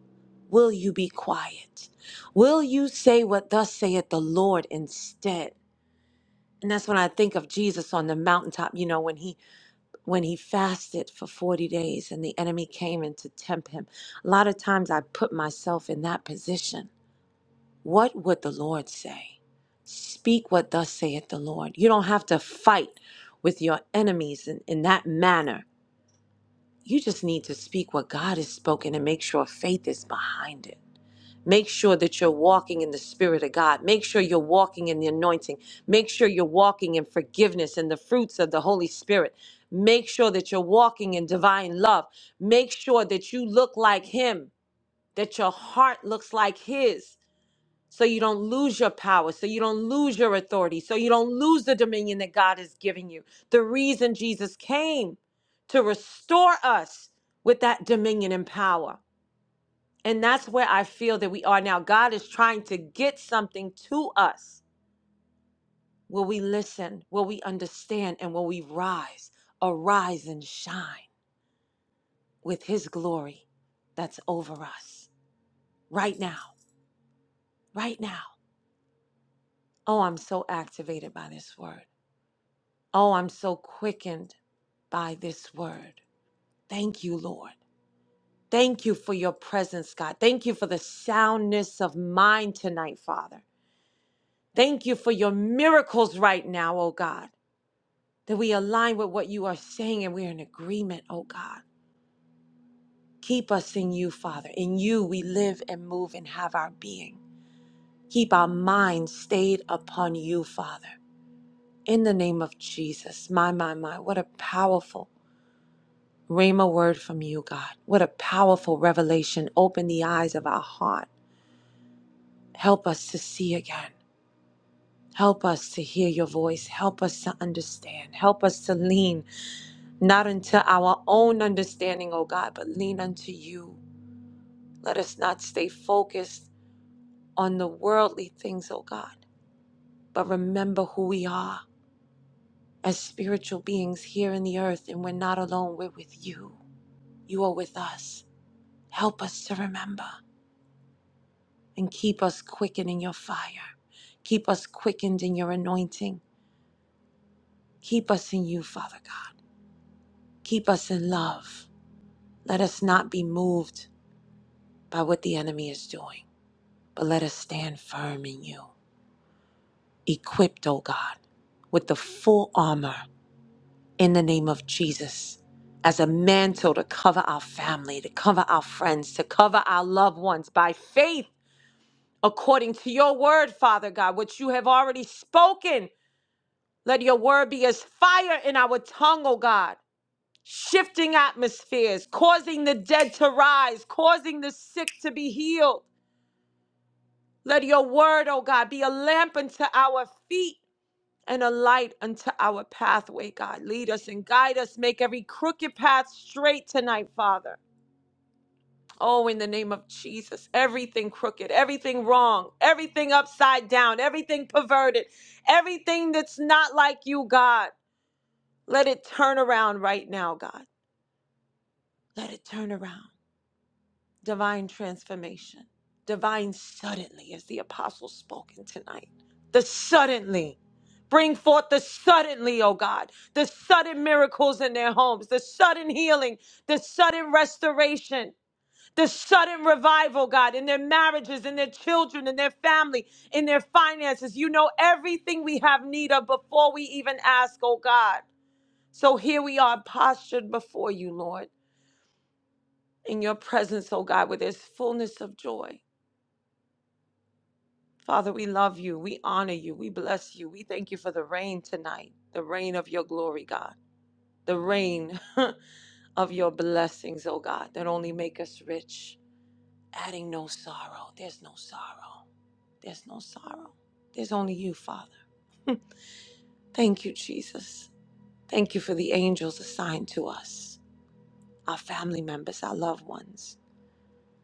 [SPEAKER 4] will you be quiet will you say what thus saith the lord instead and that's when i think of jesus on the mountaintop you know when he when he fasted for 40 days and the enemy came in to tempt him a lot of times i put myself in that position what would the Lord say? Speak what thus saith the Lord. You don't have to fight with your enemies in, in that manner. You just need to speak what God has spoken and make sure faith is behind it. Make sure that you're walking in the Spirit of God. Make sure you're walking in the anointing. Make sure you're walking in forgiveness and the fruits of the Holy Spirit. Make sure that you're walking in divine love. Make sure that you look like Him, that your heart looks like His so you don't lose your power, so you don't lose your authority, so you don't lose the dominion that God is giving you. The reason Jesus came to restore us with that dominion and power. And that's where I feel that we are now. God is trying to get something to us. Will we listen? Will we understand? And will we rise? Arise and shine with His glory that's over us right now, right now. Oh, I'm so activated by this word. Oh, I'm so quickened by this word. Thank you, Lord. Thank you for your presence, God. Thank you for the soundness of mind tonight, Father. Thank you for your miracles right now, oh God, that we align with what you are saying and we're in agreement, oh God. Keep us in you, Father. In you we live and move and have our being. Keep our minds stayed upon you, Father. In the name of Jesus. My, my, my. What a powerful Rhema word from you, God. What a powerful revelation. Open the eyes of our heart. Help us to see again. Help us to hear your voice. Help us to understand. Help us to lean not unto our own understanding, O God, but lean unto you. Let us not stay focused on the worldly things, O God, but remember who we are as spiritual beings here in the earth, and we're not alone. We're with you. You are with us. Help us to remember. and keep us quickened in your fire. Keep us quickened in your anointing. Keep us in you, Father God. Keep us in love. Let us not be moved by what the enemy is doing, but let us stand firm in you, equipped, O God, with the full armor in the name of Jesus. As a mantle to cover our family, to cover our friends, to cover our loved ones by faith, according to your word, Father God, which you have already spoken Let your word be as fire in our tongue, O God, shifting atmospheres, causing the dead to rise, causing the sick to be healed. Let your word, O God, be a lamp unto our feet and a light unto our pathway, God. Lead us and guide us. Make every crooked path straight tonight, Father. Oh, in the name of Jesus, everything crooked, everything wrong, everything upside down, everything perverted, everything that's not like you, God. Let it turn around right now, God. Let it turn around. Divine transformation. Divine suddenly, as the apostle spoke in tonight. The suddenly. Bring forth the suddenly, oh God, the sudden miracles in their homes, the sudden healing, the sudden restoration, the sudden revival, God, in their marriages, in their children, in their family, in their finances. You know everything we have need of before we even ask, oh God. So here we are postured before you, Lord, in your presence, oh God, where there's fullness of joy. Father, we love you. We honor you. We bless you. We thank you for the rain tonight, the rain of your glory, God, the rain of your blessings, oh God, that only make us rich, adding no sorrow. There's no sorrow. There's no sorrow. There's only you, Father. Thank you, Jesus. Thank you for the angels assigned to us, our family members, our loved ones.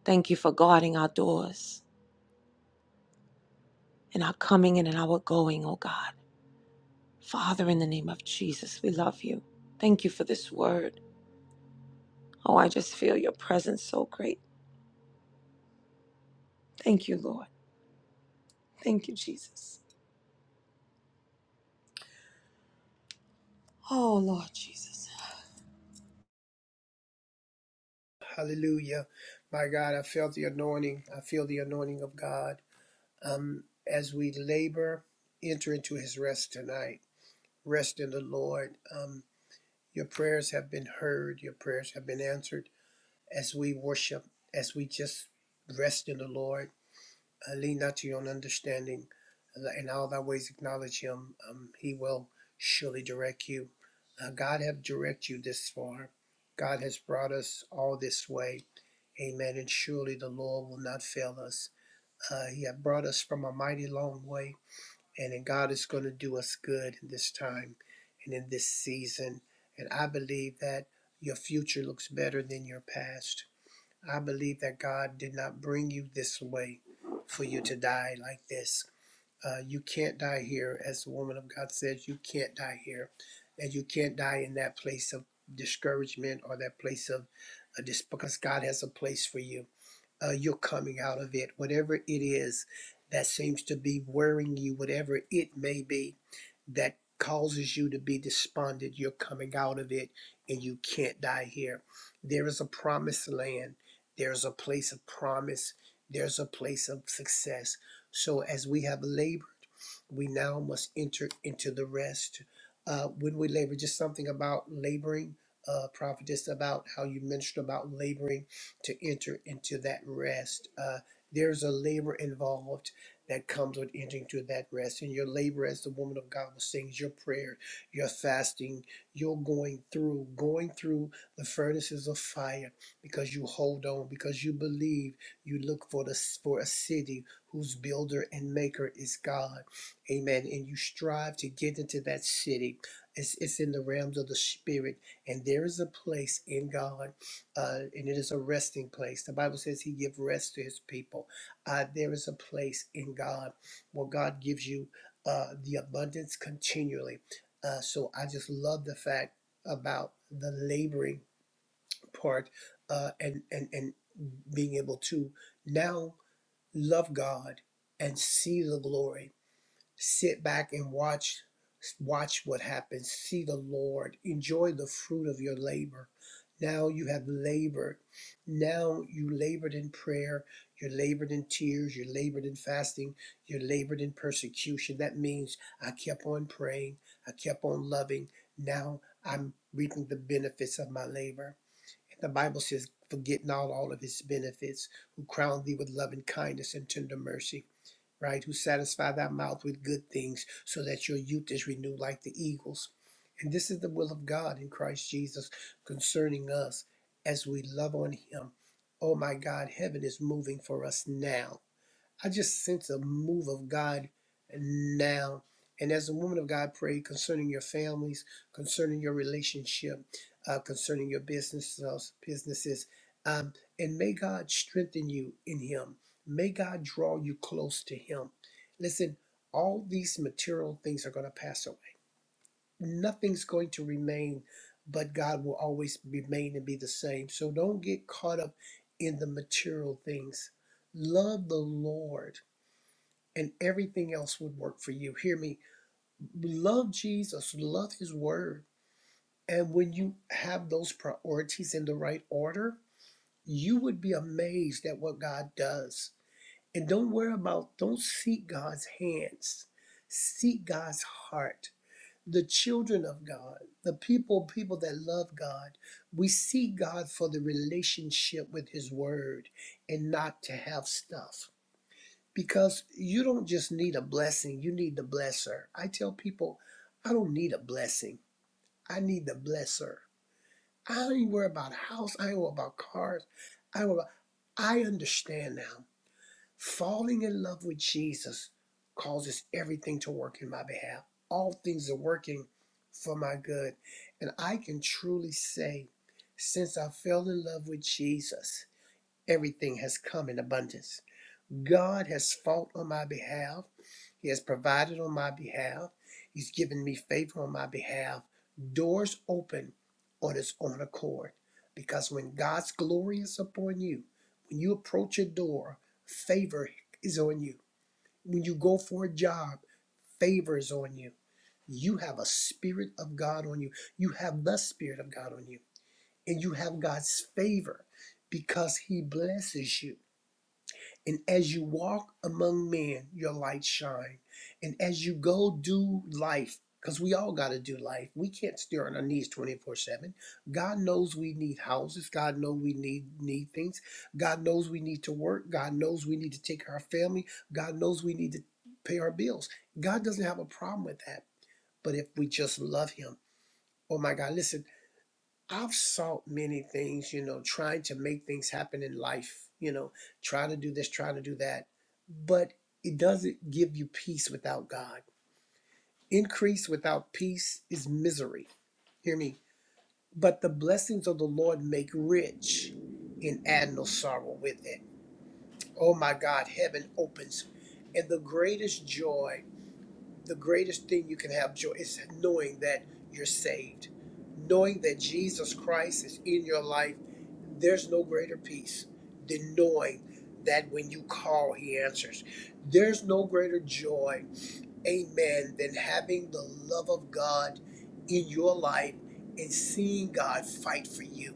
[SPEAKER 4] Thank you for guarding our doors. in our coming in and our going, oh God. Father, in the name of Jesus, we love you. Thank you for this word. Oh, I just feel your presence so great. Thank you, Lord. Thank you, Jesus. Oh, Lord Jesus.
[SPEAKER 1] Hallelujah. My God, I felt the anointing. I feel the anointing of God. Um, as we labor, enter into his rest tonight. Rest in the Lord. Um, your prayers have been heard, your prayers have been answered. As we worship, as we just rest in the Lord Uh, lean not to your own understanding. Let- In all thy ways acknowledge him. Um, he will surely direct you. Uh, God have direct you this far. God has brought us all this way. Amen. And surely the Lord will not fail us. Uh, he have brought us from a mighty long way. And then God is going to do us good in this time and in this season. And I believe that your future looks better than your past I believe that God did not bring you this way for you to die like this. Uh, you can't die here, as the woman of God says, you can't die here. And you can't die in that place of discouragement or that place of uh, dis- because God has a place for you uh, you're coming out of it, whatever it is that seems to be worrying you, whatever it may be that causes you to be despondent, you're coming out of it and you can't die here. There is a promised land, there's a place of promise, there's a place of success. So, as we have labored we now must enter into the rest. Uh, when we labor, just something about laboring, uh, prophetess, about how you mentioned about laboring to enter into that rest. Uh, there's a labor involved that comes with entering to that rest. And your labor, as the woman of God was saying, is your prayer, your fasting, your going through, going through the furnaces of fire because you hold on, because you believe, you look for the for a city whose builder and maker is God. Amen. And you strive to get into that city. It's, it's in the realms of the spirit. And there is a place in God, uh, and it is a resting place. The Bible says He gives rest to His people. Uh, there is a place in God where God gives you uh, the abundance continually. Uh, so I just love the fact about the laboring part uh, and, and, and being able to now love God and see the glory sit back and watch watch what happens see the lord enjoy the fruit of your labor now you have labored now you labored in prayer you labored in tears you labored in fasting you labored in persecution that means i kept on praying i kept on loving now i'm reaping the benefits of my labor the bible says forget not all of his benefits who crowned thee with love and kindness and tender mercy right? Who satisfy thy mouth with good things, so that your youth is renewed like the eagles. And this is the will of God in Christ Jesus concerning us as we love on him. Oh my God, heaven is moving for us now. I just sense a move of God now. And as the woman of God prayed concerning your families, concerning your relationship, uh, concerning your businesses, businesses, um, and may God strengthen you in Him. May God draw you close to Him. Listen, all these material things are going to pass away. Nothing's going to remain, but God will always remain and be the same. So don't get caught up in the material things. Love the Lord and everything else would work for you. Hear me. Love Jesus, love his word. And when you have those priorities in the right order, you would be amazed at what God does. And don't worry about, don't seek God's hands, seek God's heart. The children of God, the people, people that love God, we seek God for the relationship with His Word and not to have stuff because you don't just need a blessing, you need the blesser. I tell people, I don't need a blessing, I need the blesser. I don't even worry about a house, I ain't worry about cars. I worry about, I understand now. Falling in love with Jesus causes everything to work in my behalf. All things are working for my good. And I can truly say, since I fell in love with Jesus, everything has come in abundance God has fought on my behalf. He has provided on my behalf. He's given me favor on my behalf. Doors open on his own accord. Because when God's glory is upon you, when you approach a door, favor is on you. When you go for a job, favor is on you. You have a spirit of God on you. You have the spirit of God on you. And you have God's favor because he blesses you. And as you walk among men, your light shine. And as you go do life, because we all got to do life. We can't stay on our knees 24-7. God knows we need houses. God knows we need need things. God knows we need to work. God knows we need to take care of our family. God knows we need to pay our bills. God doesn't have a problem with that. But if we just love him, oh my God, listen, I've sought many things, you know, trying to make things happen in life, you know, trying to do this, trying to do that. But it doesn't give you peace without God. Increase without peace is misery. Hear me. But the blessings of the Lord make rich and add no sorrow with it. Oh my God, heaven opens. And the greatest joy the greatest thing you can have joy is knowing that you're saved, knowing that Jesus Christ is in your life. There's no greater peace than knowing that when you call, He answers. There's no greater joy, amen, than having the love of God in your life and seeing God fight for you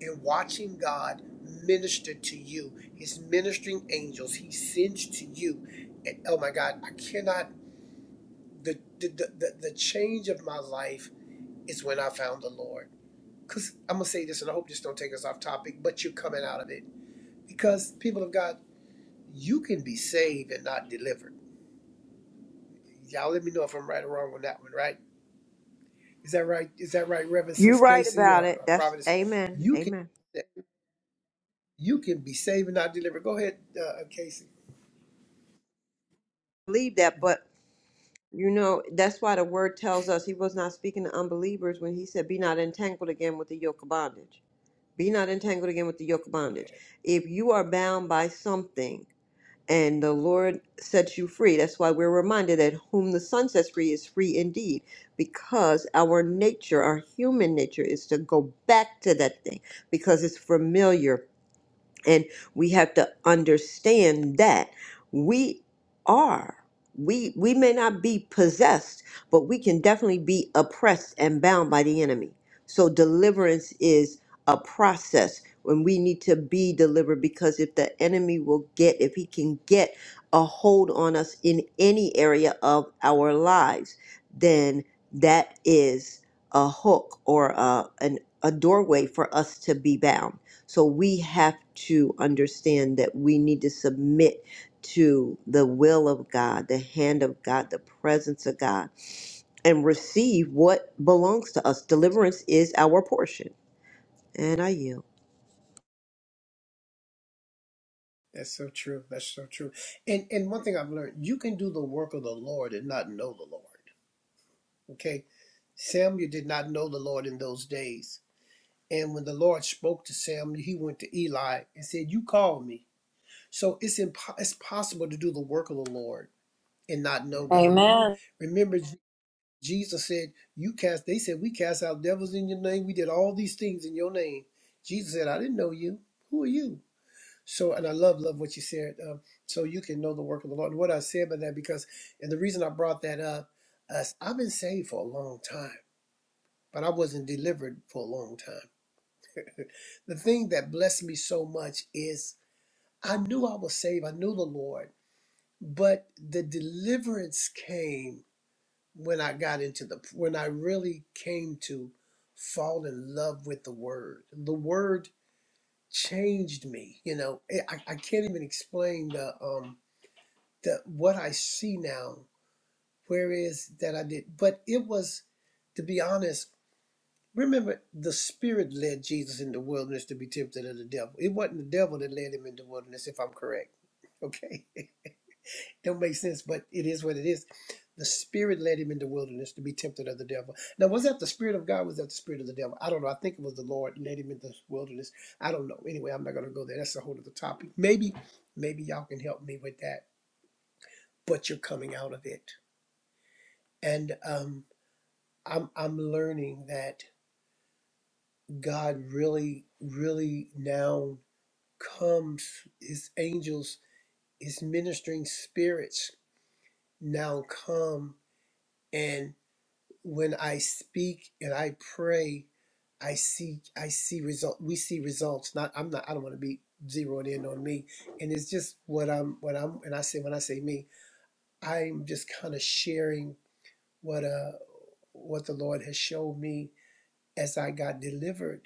[SPEAKER 1] and watching God minister to you, His ministering angels He sends to you. And oh my God, I cannot the the, the, the change of my life is when I found the Lord. Cause I'm gonna say this, and I hope this don't take us off topic, but you're coming out of it because people of God, you can be saved and not delivered. Y'all, let me know if I'm right or wrong on that one. Right? Is that right? Is that right, Reverend
[SPEAKER 5] You're
[SPEAKER 1] Sis
[SPEAKER 5] right
[SPEAKER 1] Casey or,
[SPEAKER 5] about it.
[SPEAKER 1] or
[SPEAKER 5] That's
[SPEAKER 1] Providence?
[SPEAKER 5] amen.
[SPEAKER 1] You can
[SPEAKER 5] Amen.
[SPEAKER 1] you can be saved and not delivered. Go ahead, uh, uh, Casey.
[SPEAKER 5] Believe that,
[SPEAKER 1] Mhm.
[SPEAKER 5] but you know, that's why the word tells us he was not speaking to unbelievers when he said, Be not entangled again with the yoke of bondage. Be not entangled again with the yoke of
[SPEAKER 1] Amen.
[SPEAKER 5] bondage. If you are bound by something, and the Lord sets you free. That's why we're reminded that whom the Son sets free is free indeed, because our nature, our human nature, is to go back to that thing because it's familiar and we have to understand that we are. We we may not be possessed, but we can definitely be oppressed and bound by the enemy. So deliverance is a process when we need to be delivered because if the enemy will get if he can get a hold on us in any area of our lives, then that is a hook or a, an, a doorway for us to be bound so we have to understand that we need to submit to the will of God, the hand of God, the presence of God, and receive what belongs to us. Deliverance is our portion. And I yield.
[SPEAKER 1] That's so true. That's so true. And and one thing I've learned, you can do the work of the Lord and not know the Lord. Okay. Samuel did not know the Lord in those days. And when the Lord spoke to Samuel, he went to Eli and said, You call me. So it's, impo- it's possible to do the work of the Lord and not know God.
[SPEAKER 4] Amen.
[SPEAKER 1] Remember, Je- Jesus said, You cast, they said, We cast out devils in your name. We did all these things in your name. Jesus said, I didn't know you. Who are you? So, and I love, love what you said. Um, so you can know the work of the Lord. And what I said by that, because, and the reason I brought that up, is I've been saved for a long time but I wasn't delivered for a long time. the thing that blessed me so much is I knew I was saved, I knew the Lord, but the deliverance came when I got into the when I really came to fall in love with the word. The word changed me, you know. I, I can't even explain the um the what I see now where is that I did, but it was to be honest Remember, the Spirit led Jesus in the wilderness to be tempted of the devil. It wasn't the devil that led him in the wilderness, if I'm correct. Okay? Don't make sense, but it is what it is. The Spirit led him in the wilderness to be tempted of the devil. Now, was that the Spirit of God? Was that the Spirit of the devil? I don't know. I think it was the Lord led him in the wilderness. I don't know. Anyway, I'm not going to go there. That's a whole other topic. Maybe, maybe y'all can help me with that. But you're coming out of it, and um, I'm I'm learning that God really, really now Come, his angels, his ministering spirits now come. And when I speak and I pray, I see I see result we see results. Not I'm not I don't want to be zeroed in on me. And it's just what I'm what I'm and I say when I say me, I'm just kind of sharing what uh what the Lord has showed me as I got delivered.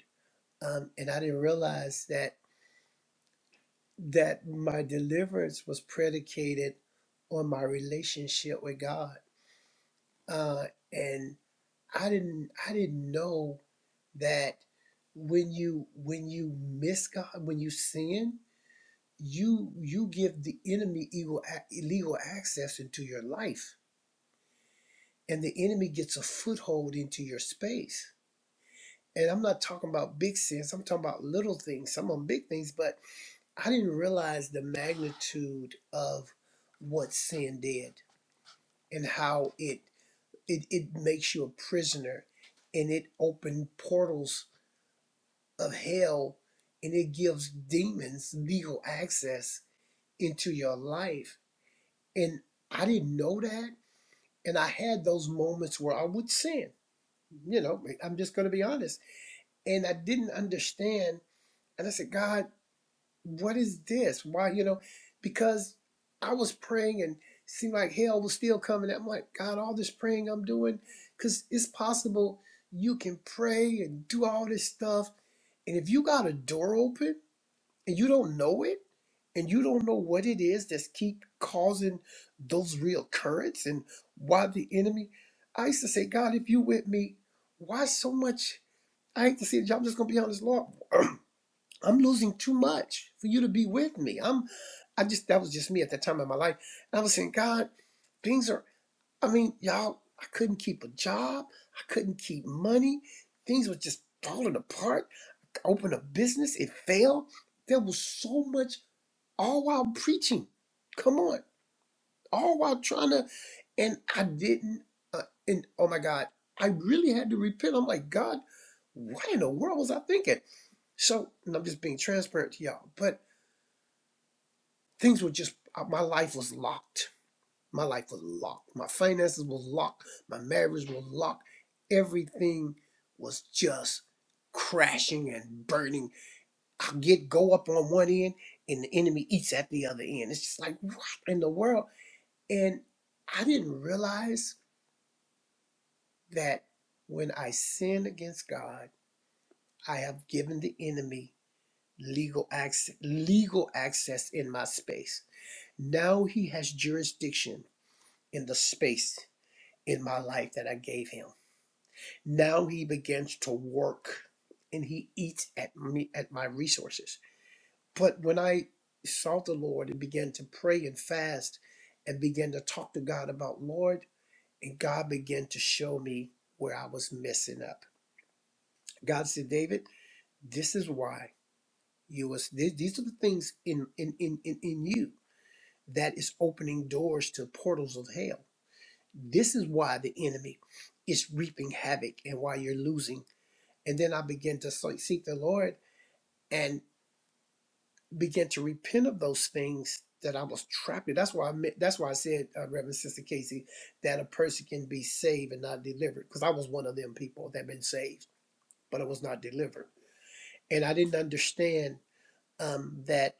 [SPEAKER 1] Um, and I didn't realize that that my deliverance was predicated on my relationship with God. Uh, and I didn't I didn't know that when you when you miss God, when you sin, you you give the enemy illegal, illegal access into your life, and the enemy gets a foothold into your space. And I'm not talking about big sins. I'm talking about little things. Some of them big things, but I didn't realize the magnitude of what sin did and how it it, it makes you a prisoner and it opened portals of hell and it gives demons legal access into your life. And I didn't know that. And I had those moments where I would sin. You know, I'm just gonna be honest. And I didn't understand. And I said, God, what is this? Why, you know, because I was praying and it seemed like hell was still coming. I'm like, God, all this praying I'm doing, because it's possible you can pray and do all this stuff. And if you got a door open and you don't know it, and you don't know what it is that's keep causing those real currents and why the enemy. I used to say, God, if you with me, why so much? I hate to say it, I'm just gonna be honest, Lord. I'm losing too much for you to be with me. I'm I just that was just me at that time in my life. And I was saying, God, things are I mean, y'all, I couldn't keep a job, I couldn't keep money, things were just falling apart. I opened a business, it failed. There was so much all while preaching. Come on all while trying to, and I didn't. Uh, and oh my God, I really had to repent. I'm like, God, what in the world was I thinking? So, and I'm just being transparent to y'all, but things were just, uh, my life was locked. My life was locked. My finances was locked. My marriage was locked. Everything was just crashing and burning. I get go up on one end and the enemy eats at the other end. It's just like, what in the world? And I didn't realize that when I sin against God, I have given the enemy legal access, legal access in my space. Now he has jurisdiction in the space in my life that I gave him. Now he begins to work and he eats at me at my resources. But when I sought the Lord and began to pray and fast and began to talk to God about Lord, and God began to show me where I was messing up. God said, David, This is why you was th- these are the things in in in in, in you that is opening doors to portals of hell. This is why the enemy is reaping havoc and why you're losing. And then I began to se- seek the Lord and began to repent of those things that I was trapped in. That's why I meant, that's why I said, uh, Reverend Sister Casey, that a person can be saved and not delivered. Because I was one of them people that been saved, but I was not delivered, and I didn't understand um, that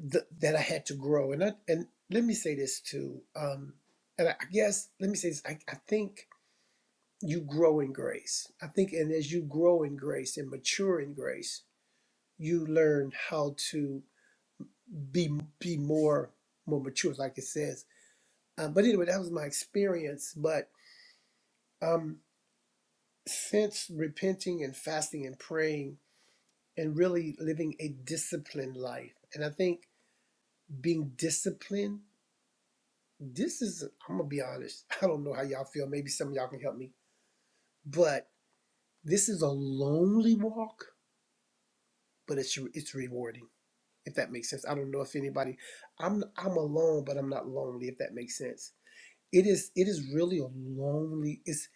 [SPEAKER 1] th- that I had to grow. And I, and let me say this too. Um, and I guess let me say this. I, I think you grow in grace. I think, and as you grow in grace and mature in grace, you learn how to be be more more mature, like it says. Um, but anyway, that was my experience. But um, since repenting and fasting and praying and really living a disciplined life, and I think being disciplined this is i'm gonna be honest i don't know how y'all feel maybe some of y'all can help me but this is a lonely walk but it's it's rewarding if that makes sense i don't know if anybody i'm i'm alone but i'm not lonely if that makes sense it is it is really a lonely it's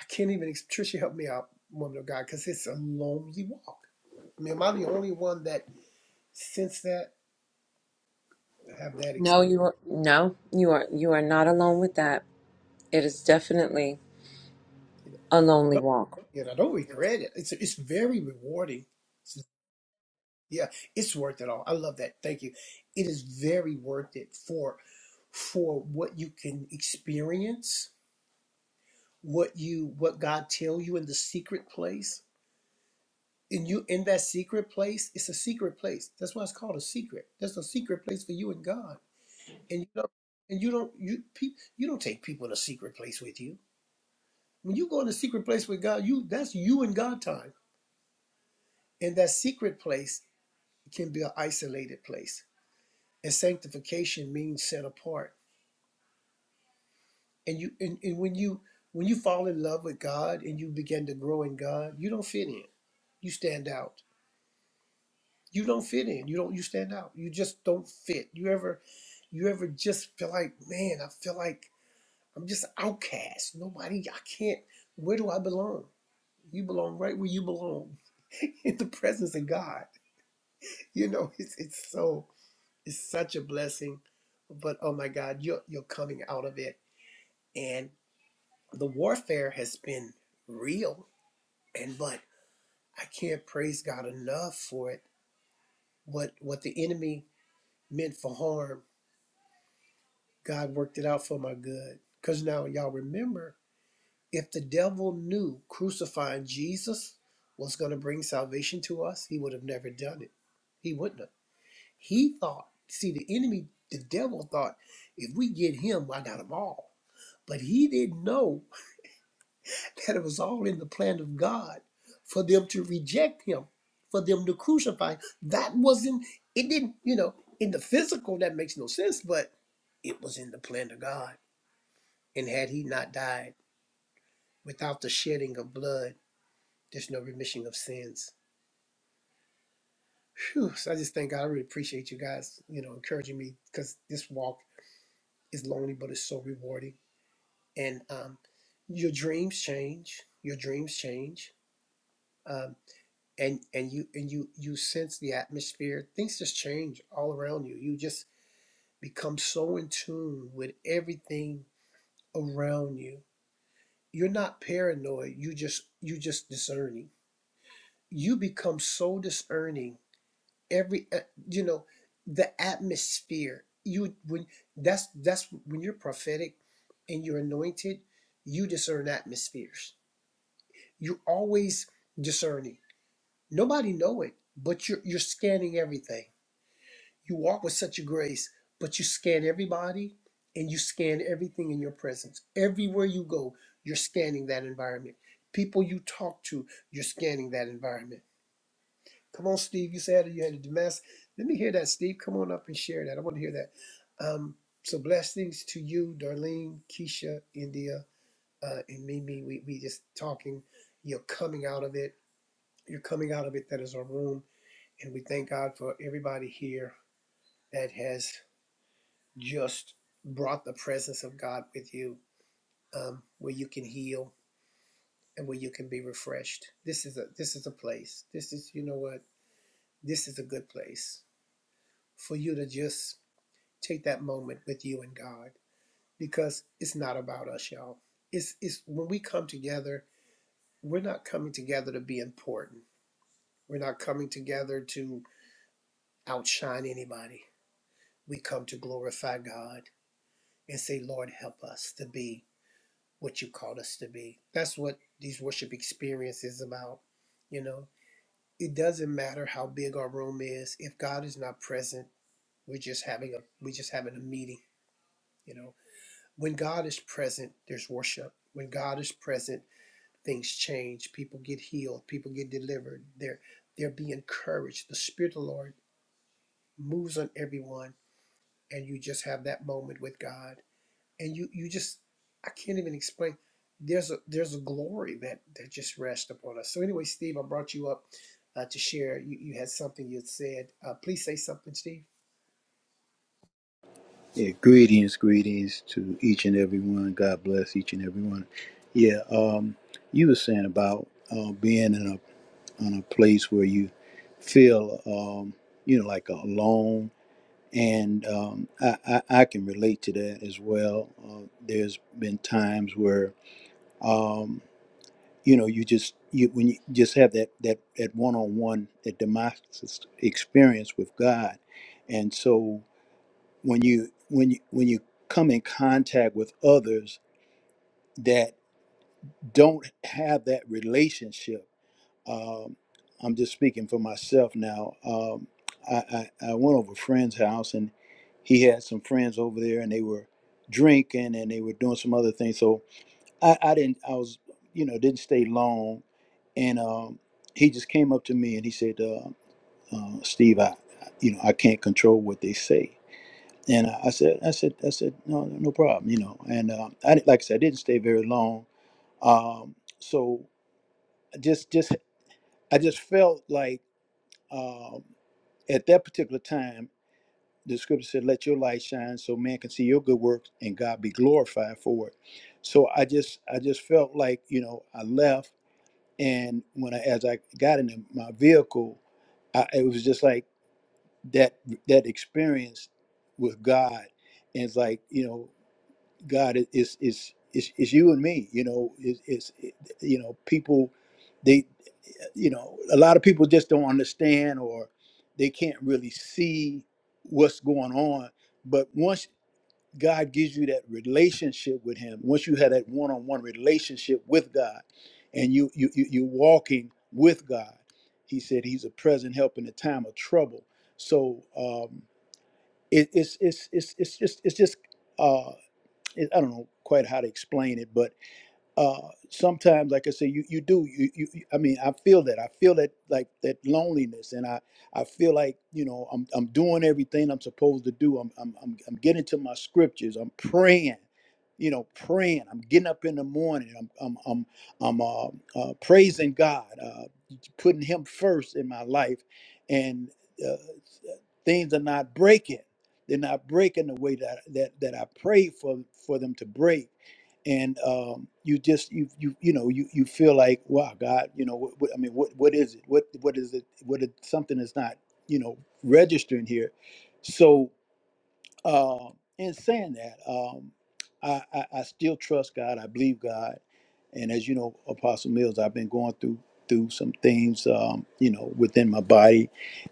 [SPEAKER 1] i can't even ex- trisha help me out woman of god because it's a lonely walk i mean am i the only one that sense that have that experience?
[SPEAKER 4] No, you are no, you are you are not alone with that. It is definitely a
[SPEAKER 1] I
[SPEAKER 4] lonely
[SPEAKER 1] don't,
[SPEAKER 4] walk.
[SPEAKER 1] and i don't regret it it's it's very rewarding Yeah, it's worth it all. I love that. Thank you. It is very worth it for for what you can experience, what you what God tell you in the secret place. And you in that secret place, it's a secret place. That's why it's called a secret. That's a secret place for you and God. And you don't and you don't you pe- you don't take people in a secret place with you. When you go in a secret place with God, you that's you and God time. And that secret place can be an isolated place. And sanctification means set apart and you and, and when you when you fall in love with God and you begin to grow in God, you don't fit in. You stand out. You don't fit in. You don't you stand out. You just don't fit. You ever you ever just feel like, man, I feel like I'm just outcast. Nobody I can't where do I belong? You belong right where you belong. in the presence of God. You know, it's it's so it's such a blessing. But oh my God, you're you're coming out of it. And the warfare has been real and but I can't praise God enough for it. What what the enemy meant for harm, God worked it out for my good. Cause now y'all remember, if the devil knew crucifying Jesus was going to bring salvation to us, he would have never done it. He wouldn't have. He thought, see, the enemy, the devil thought, if we get him, I got them all. But he didn't know. that it was all in the plan of God for them to reject him, for them to crucify. him. That wasn't, it didn't, you know, in the physical, that makes no sense, but it was in the plan of God. And had he not died without the shedding of blood, there's no remission of sins. Whew, so I just thank God. I really appreciate you guys, you know, encouraging me because this walk is lonely, but it's so rewarding. And um, your dreams change. Your dreams change. Um, and and you and you you sense the atmosphere things just change all around you you just become so in tune with everything around you you're not paranoid you just you just discerning you become so discerning every uh, you know the atmosphere you when that's that's when you're prophetic and you're anointed you discern atmospheres you're always discerning nobody know it but you're you're scanning everything You walk with such a grace, but you scan everybody and you scan everything in your presence. Everywhere you go, you're scanning that environment. People you talk to, you're scanning that environment. Come on, Steve. You said you had a Damascus. Let me hear that, Steve. Come on up and share that. I want to hear that. Um, so blessings to you, Darlene, Keisha, India, uh, and Mimi. We we just talking. You're coming out of it. You're coming out of it. That is our room, and we thank God for everybody here that has. just brought the presence of God with you, um, where you can heal and where you can be refreshed. This is a this is a place. This is you know what. This is a good place for you to just take that moment with you and God, because it's not about us, y'all. It's it's when we come together, we're not coming together to be important. We're not coming together to outshine anybody. We come to glorify God and say, Lord, help us to be what you called us to be. That's what these worship experiences is about. You know, it doesn't matter how big our room is. If God is not present, we're just having a we're just having a meeting. You know, when God is present, there's worship. When God is present, things change. People get healed. People get delivered. They're they're being encouraged. The Spirit of the Lord moves on everyone, and you just have that moment with God. and you you just I can't even explain. There's a there's a glory that that just rests upon us. So anyway, Steve, I brought you up uh, to share. You you had something you had said. Uh, please say something, Steve.
[SPEAKER 6] Yeah, greetings, greetings to each and every one. God bless each and every one. Yeah, um, you were saying about uh, being in a on a place where you feel, um, you know, like alone, and um, I, I I can relate to that as well. Uh, there's been times where, um, you know, you just you when you just have that that that one on one that Damascus experience with God, and so when you when you when you come in contact with others that don't have that relationship um, i'm just speaking for myself now um, I, I i went over a friend's house and he had some friends over there and they were drinking and they were doing some other things so i i didn't i was you know didn't stay long and um, he just came up to me and he said uh, uh, steve i you know i can't control what they say and I said, I said, I said, no, no no problem, you know. And um, I, didn't- like I said, I didn't stay very long. Um, so I just, just, I just felt like um, at that particular time, the scripture said, "Let your light shine, so man can see your good works, and God be glorified for it." So I just, I just felt like, you know, I left, and when I, as I got into my vehicle, I, it was just like that that experience with God. And it's like you know God is is is is you and me. You know, Is it's you know people they you know a lot of people just don't understand or they can't really see what's going on. But once God gives you that relationship with Him, once you have that one-on-one relationship with God, and you you you you're walking with God, He said He's a present help in the time of trouble. So um, it, it's it's it's it's just it's just uh, it- I don't know quite how to explain it, but uh, sometimes, like I say, you you do you, you you- I mean, I feel that I feel that like that loneliness, and I I feel like you know I'm I'm doing everything I'm supposed to do. I'm I'm I'm, I'm getting to my scriptures. I'm praying. You know, praying. I'm getting up in the morning. I'm I'm I'm I'm uh, uh, praising God, uh, putting Him first in my life, and uh, things are not breaking. They're not breaking the way that that that I prayed for for them to break and um, you just you you you know you you feel like wow God you know what, what I mean what what is it what what is it what is, something is not you know registering here, so um, in saying that, um, I, I, I still trust God. I believe God. And as you know, Apostle Mills, I've been going through through some things, um, you know, within my body,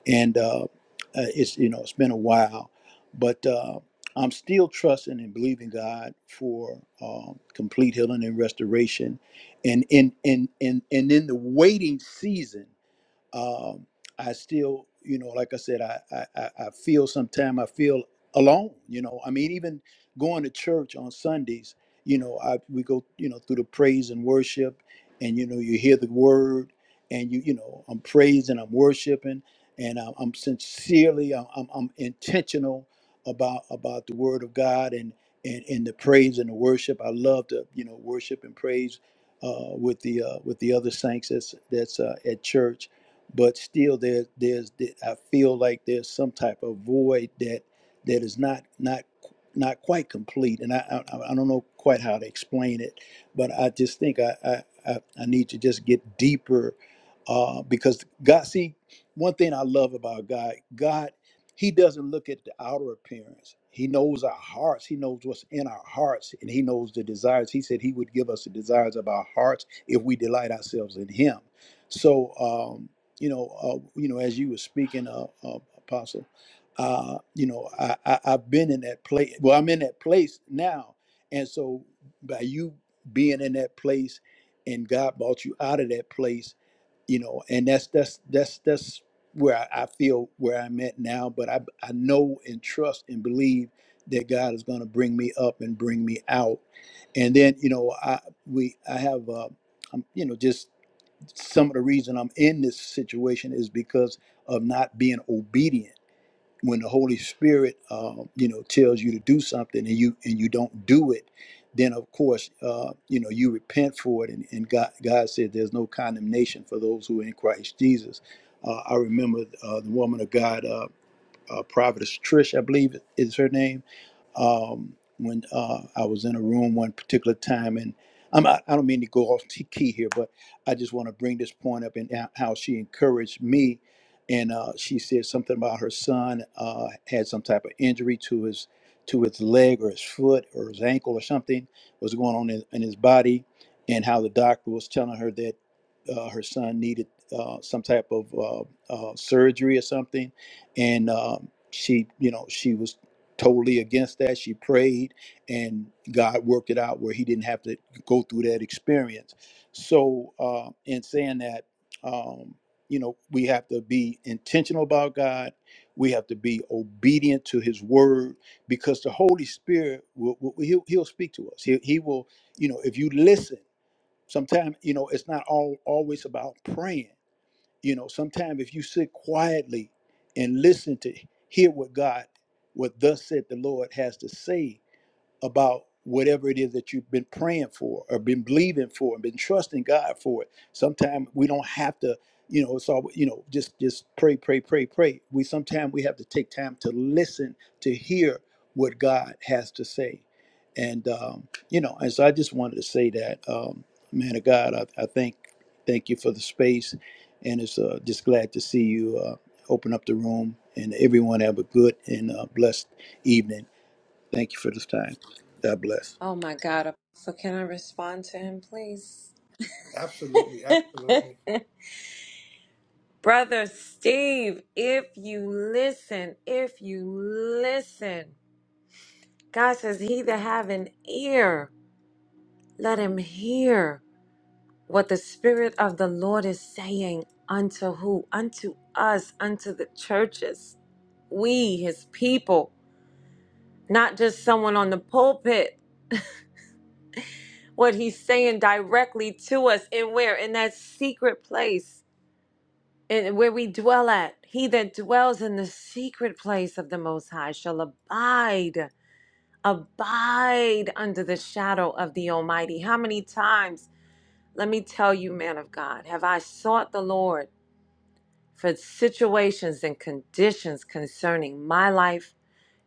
[SPEAKER 6] and uh, uh, it's you know it's been a while, but uh, I'm still trusting and believing God for um, complete healing and restoration, and in in in and in the waiting season um, I still, you know, like I said, I, I, I I feel sometimes I feel alone, you know. I mean, even going to church on Sundays, you know, I, we go, you know, through the praise and worship and, you know, you hear the word and you, you know, I'm praising, I'm worshiping and I'm, I'm sincerely, I'm, I'm, I'm intentional about, about the word of God and, and, and the praise and the worship. I love to, you know, worship and praise uh, with the, uh, with the other saints that's, that's uh, at church but still there there's the- I feel like there's some type of void that that is not not not quite complete and I I, I don't know quite how to explain it but I just think I I, I, I need to just get deeper uh, because God see one thing I love about God God he doesn't look at the outer appearance he knows our hearts he knows what's in our hearts and he knows the desires he said he would give us the desires of our hearts if we delight ourselves in him so um, you know, uh, you know, as you were speaking, uh, uh, Apostle, uh, you know, I, I I've been in that place. Well, I'm in that place now, and so by you being in that place, and God brought you out of that place, you know, and that's that's that's that's where I, I feel where I'm at now. But I I know and trust and believe that God is going to bring me up and bring me out, and then you know I we I have uh, i you know just some of the reason I'm in this situation is because of not being obedient. When the Holy Spirit, uh, you know, tells you to do something and you and you don't do it, then of course, uh, you know, you repent for it. And, and God, God said, "There's no condemnation for those who are in Christ Jesus." Uh, I remember uh, the woman of God, uh, uh, Providence Trish, I believe is her name um, when uh, I was in a room one particular time, and I'm, I I don't mean to go off t- key here, but I just want to bring this point up and how how she encouraged me. And uh, she said something about her son uh, had some type of injury to his to his leg or his foot or his ankle or something was going on in, in his body, and how the doctor was telling her that uh, her son needed uh, some type of uh, uh, surgery or something, and um, she, you know, she was totally against that. She prayed, and God worked it out where he didn't have to go through that experience. So, uh, in saying that, um, you know, we have to be intentional about God. We have to be obedient to His word because the Holy Spirit will, will he'll, he'll speak to us. He, he will, you know, if you listen. Sometimes, you know, it's not all always about praying. You know, sometimes if you sit quietly and listen to hear what God, what thus said the Lord has to say about whatever it is that you've been praying for or been believing for and been trusting God for it. Sometimes we don't have to, you know, it's all you know, just just pray, pray, pray, pray. We sometimes we have to take time to listen to hear what God has to say and um, you know, and so I just wanted to say that, um, man of God, I, I thank thank you for the space, and it's uh, just glad to see you uh, open up the room, and everyone have a good and uh, blessed evening. Thank you for this time. God bless.
[SPEAKER 4] Oh my God! So can I respond to him, please,
[SPEAKER 1] Absolutely, absolutely.
[SPEAKER 4] brother Steve? If you listen, if you listen. God says, He that have an ear, let him hear what the Spirit of the Lord is saying unto who? Unto us, unto the churches, we, his people, not just someone on the pulpit. What he's saying directly to us, and where? In that secret place, and where we dwell at. He that dwells in the secret place of the Most High shall abide, abide under the shadow of the Almighty. How many times? Let me tell you, man of God, have I sought the Lord for situations and conditions concerning my life,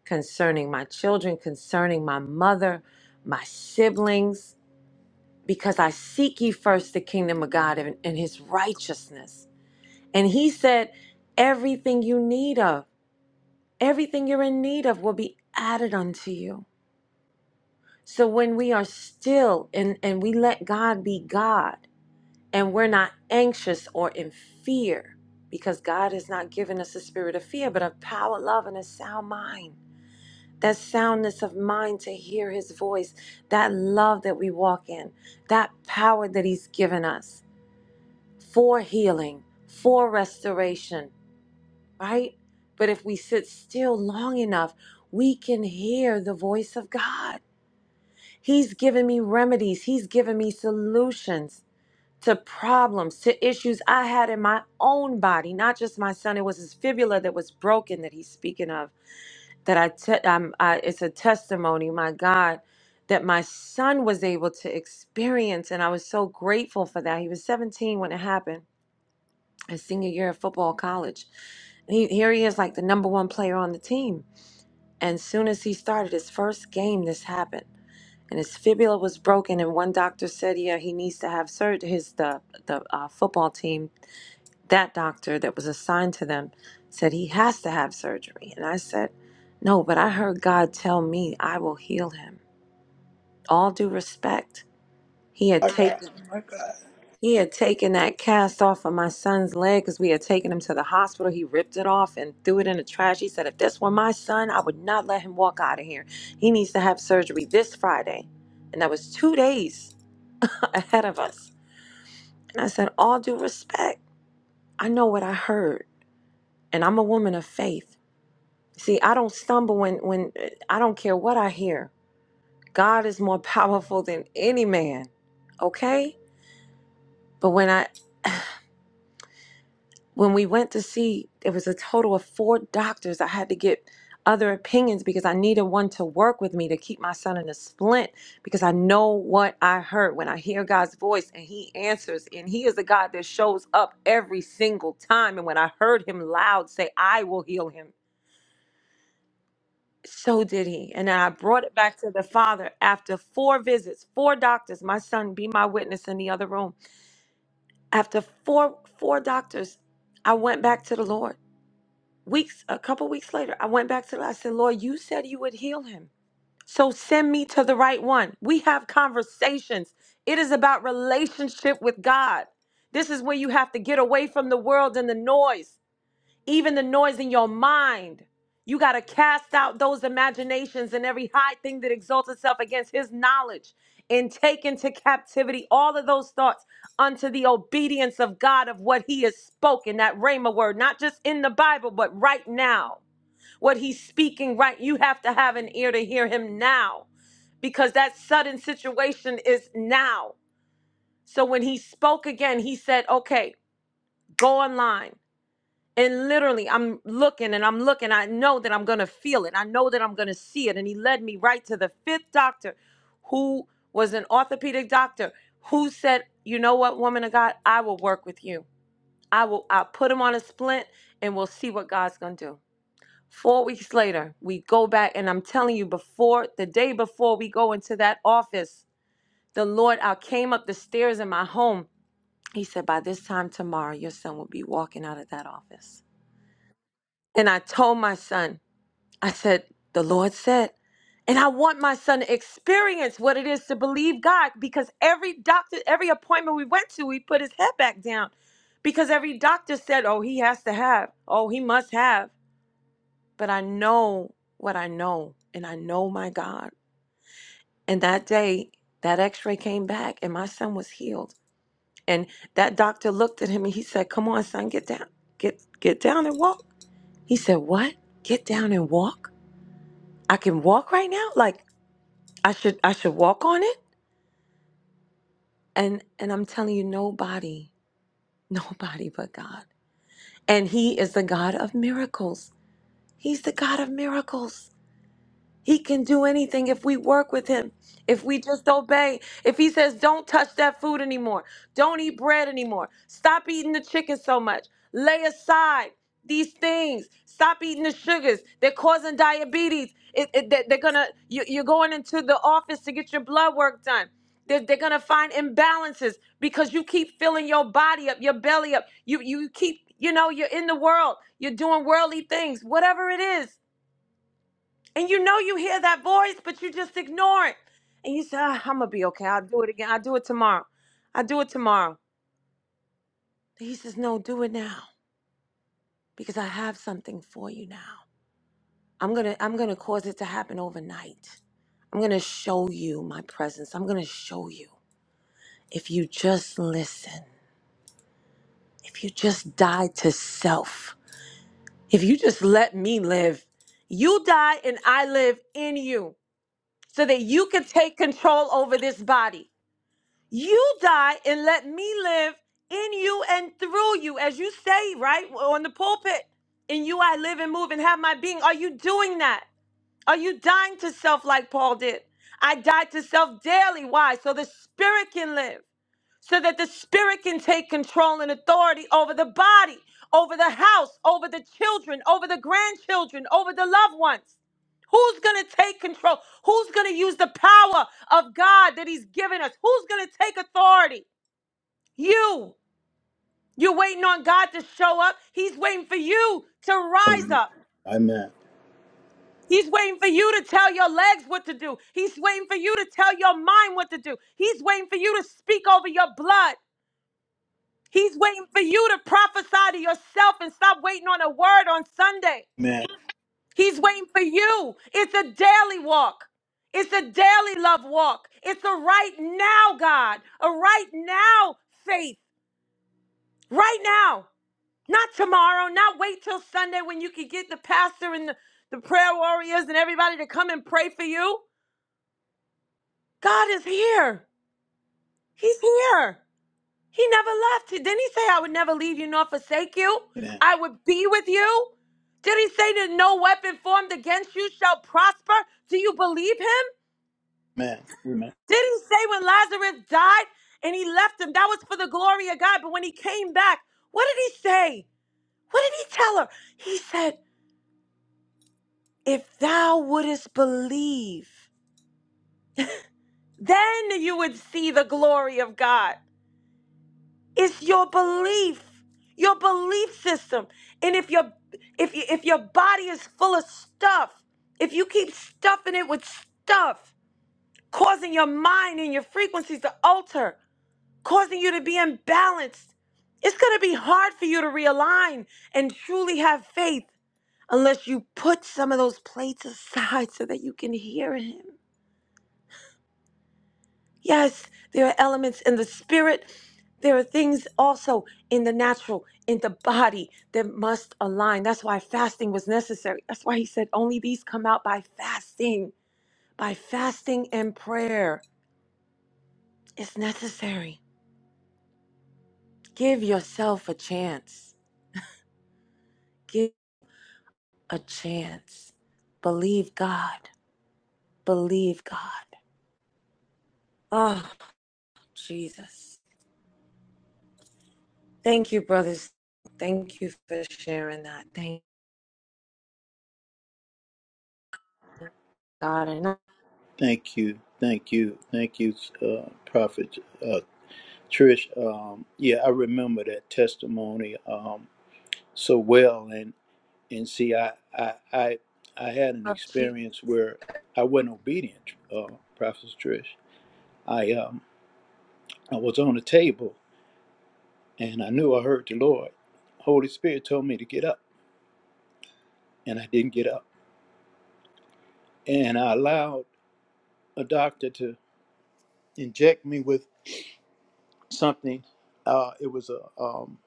[SPEAKER 4] concerning my children, concerning my mother, my siblings? Because I seek ye first the kingdom of God and, and his righteousness. And he said, everything you need of, everything you're in need of will be added unto you. So when we are still and, and we let God be God, and we're not anxious or in fear because God has not given us a spirit of fear, but of power, love, and a sound mind. That soundness of mind to hear his voice, that love that we walk in, that power that he's given us for healing, for restoration, right? But if we sit still long enough, we can hear the voice of God. He's given me remedies, he's given me solutions to problems, to issues I had in my own body, not just my son. It was his fibula that was broken that he's speaking of. That I, te- I'm, I it's a testimony, my God, that my son was able to experience, and I was so grateful for that. He was 17 when it happened, his senior year of football college. And he, here he is, like the number one player on the team. And soon as he started his first game, this happened. And his fibula was broken, and one doctor said, "Yeah, he needs to have surgery." His the the uh, football team that doctor that was assigned to them said he has to have surgery. And I said, No, but I heard God tell me I will heal him. All due respect. He had
[SPEAKER 6] Amen.
[SPEAKER 4] taken he had taken that cast off of my son's leg because we had taken him to the hospital. He ripped it off and threw it in the trash. He said, If this were my son, I would not let him walk out of here. He needs to have surgery this Friday. And that was two days ahead of us. And I said, All due respect. I know what I heard. And I'm a woman of faith. See, I don't stumble when when I don't care what I hear. God is more powerful than any man. Okay? But when I when we went to see it was a total of four doctors, I had to get other opinions because I needed one to work with me to keep my son in a splint because I know what I heard when I hear God's voice and he answers and he is a God that shows up every single time and when I heard him loud say I will heal him So did he. And then I brought it back to the father after four visits, four doctors. My son be my witness in the other room. After four four doctors, I went back to the Lord. Weeks, a couple weeks later, I went back to the Lord. I said, Lord, you said you would heal him. So send me to the right one. We have conversations. It is about relationship with God. This is where you have to get away from the world and the noise even the noise in your mind. You got to cast out those imaginations and every high thing that exalts itself against his knowledge and take into captivity all of those thoughts unto the obedience of God of what he has spoken, that Rhema word, not just in the Bible, but right now. What he's speaking right, you have to have an ear to hear him now because that sudden situation is now. So when he spoke again, he said, okay, go online and literally, I'm looking and I'm looking. I know that I'm going to feel it. I know that I'm going to see it. And he led me right to the fifth doctor, who was an orthopedic doctor, who said, You know what, woman of God, I will work with you. I will I'll put him on a splint and we'll see what God's going to do. Four weeks later, we go back. And I'm telling you, before the day before we go into that office, the Lord, I came up the stairs in my home. He said, By this time tomorrow, your son will be walking out of that office. And I told my son, I said, the Lord said, and I want my son to experience what it is to believe God because every doctor, every appointment we went to, he put his head back down because every doctor said, oh, he has to have, oh, he must have. But I know what I know, and I know my God. And that day, that x ray came back, and my son was healed. And that doctor looked at him and he said, Come on, son, get down, get, get down and walk. He said, What? Get down and walk? I can walk right now. Like I should I should walk on it. And and I'm telling you, nobody, nobody but God. And He is the God of miracles. He's the God of miracles. He can do anything if we work with him, if we just obey. If he says, don't touch that food anymore, don't eat bread anymore, stop eating the chicken so much, lay aside these things, stop eating the sugars. They're causing diabetes. It, it- they- they're gonna, you, you're going into the office to get your blood work done. They're, they're gonna find imbalances because you keep filling your body up, your belly up. You you keep, you know, you're in the world, you're doing worldly things, whatever it is and you know you hear that voice, but you just ignore it. And you say, "Ah, I'm going to be okay. I'll do it again. I'll do it tomorrow. I'll do it tomorrow. he says, No, do it now because I have something for you now. I'm going to I'm going to cause it to happen overnight. I'm going to show you my presence. I'm going to show you. If you just listen, if you just die to self, if you just let me live, you die and I live in you so that you can take control over this body. you die and let me live in you and through you, as you say, right? On the pulpit, in you I live and move and have my being. Are you doing that? Are you dying to self like Paul did? I died to self daily. Why? So the spirit can live so that the spirit can take control and authority over the body, over the house, over the children, over the grandchildren, over the loved ones. Who's going to take control? Who's going to use the power of God that He's given us? Who's going to take authority? You. You're waiting on God to show up. He's waiting for you to rise
[SPEAKER 6] Amen.
[SPEAKER 4] up.
[SPEAKER 6] Amen.
[SPEAKER 4] He's waiting for you to tell your legs what to do. He's waiting for you to tell your mind what to do. He's waiting for you to speak over your blood. He's waiting for you to prophesy to yourself and stop waiting on a word on Sunday. He's waiting for you. It's a daily walk. It's a daily love walk. It's a right now, God, a right now faith, right now, not tomorrow, not wait till Sunday when you can get the pastor and the, the prayer warriors and everybody to come and pray for you. God is here. He's here. He never left. Didn't he say, I would never leave you nor forsake you?
[SPEAKER 6] Amen.
[SPEAKER 4] I would be with you? Did he say that no weapon formed against you shall prosper? Do you believe him?
[SPEAKER 6] Amen. Amen.
[SPEAKER 4] Did he say when Lazarus died and he left him, that was for the glory of God? But when he came back, what did he say? What did he tell her? He said, If thou wouldest believe, then you would see the glory of God. It's your belief, your belief system. And if your if you, if your body is full of stuff, if you keep stuffing it with stuff, causing your mind and your frequencies to alter, causing you to be imbalanced, it's going to be hard for you to realign and truly have faith unless you put some of those plates aside so that you can hear him. Yes, there are elements in the spirit. There are things also in the natural, in the body that must align. That's why fasting was necessary. That's why he said only these come out by fasting, by fasting and prayer. It's necessary. Give yourself a chance. Give a chance. Believe God. Believe God. Oh, Jesus. Thank you, brothers. Thank you for sharing that. Thank God.
[SPEAKER 6] Thank you. Thank you. Thank you, uh, Prophet uh, Trish. Um, yeah, I remember that testimony um, so well, and see i i i, I had an
[SPEAKER 4] And
[SPEAKER 6] experience where i wasn't obedient uh prophet trish i um i was on the table and i knew i heard the lord holy spirit told me to get up and i didn't get up and i allowed a doctor to inject me with something uh it was a um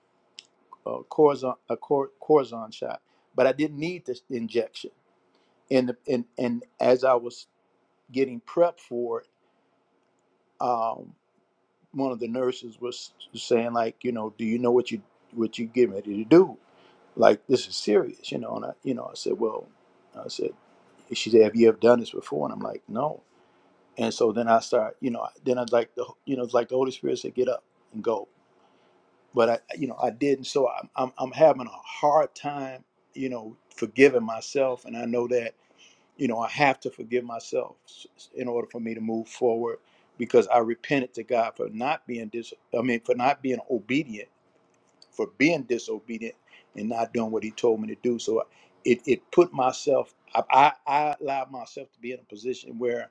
[SPEAKER 6] a corazon a cor- corazon shot but i didn't need this injection and the- and and as i was getting prepped for it um, one of the nurses was saying like you know do you know what you what you getting ready to do like this is serious you know and i you know i said well i said she said have you ever done this before and i'm like no and so then i start you know then i was like the you know it's like the holy spirit said get up and go but i you know i didn't so i'm i'm, I'm having a hard time you know forgiving myself and i know that you know, I have to forgive myself in order for me to move forward because I repented to God for not being dis I mean for not being obedient, for being disobedient and not doing what he told me to do. So it it put myself I I, I allowed myself to be in a position where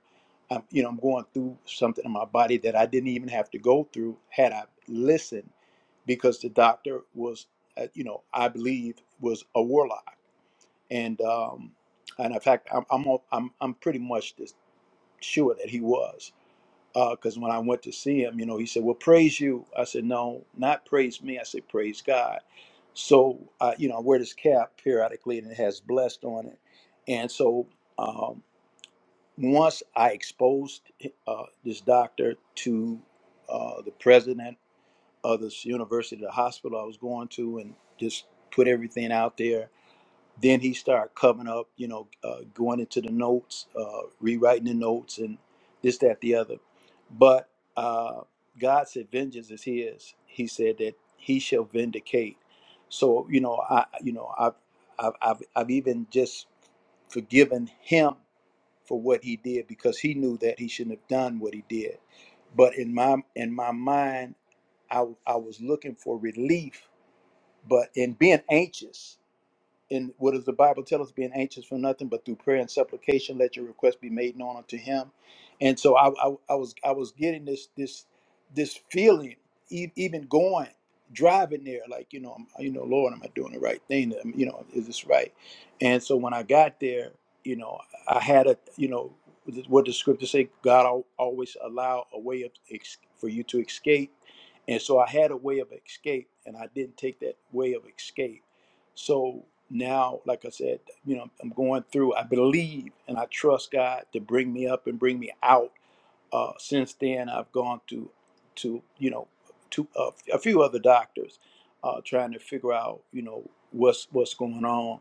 [SPEAKER 6] I'm you know, I'm going through something in my body that I didn't even have to go through had I listened because the doctor was uh, you know, I believe was a warlock and um, and in fact, I'm I'm al- I'm, I'm pretty much just sure that he was, because when I went to see him, you know, he said, "Well, praise you." I said, "No, not praise me." I said, "Praise God." So uh, you know, I wear this cap periodically, and it has blessed on it, and so um, once I exposed uh, this doctor to uh, the president of this university, the hospital I was going to, and just put everything out there then he started covering up, you know, uh, going into the notes, uh, rewriting the notes, and this, that, the other. But uh, God said, "Vengeance is His." He said that He shall vindicate. So you know, I you know, I've I've I've, I've even just forgiven him for what he did because he knew that he shouldn't have done what he did. But in my in my mind, I I was looking for relief, but in being anxious. And what does the Bible tell us? Being anxious for nothing, but through prayer and supplication, let your request be made known unto Him. And so I, I, I was, I was getting this, this, this feeling, e- even going, driving there, like you know, I'm, you know, Lord, am I doing the right thing? Am- You know, is this right? And so when I got there, you know, I had a, you know, what the scriptures say, God al- always allow a way of ex- for you to escape. And so I had a way of escape, and I didn't take that way of escape so now, like I said, you know, I'm going through, I believe and I trust God to bring me up and bring me out uh, since then, I've gone to, to you know, to uh, a few other doctors, uh, trying to figure out, you know, what's what's going on,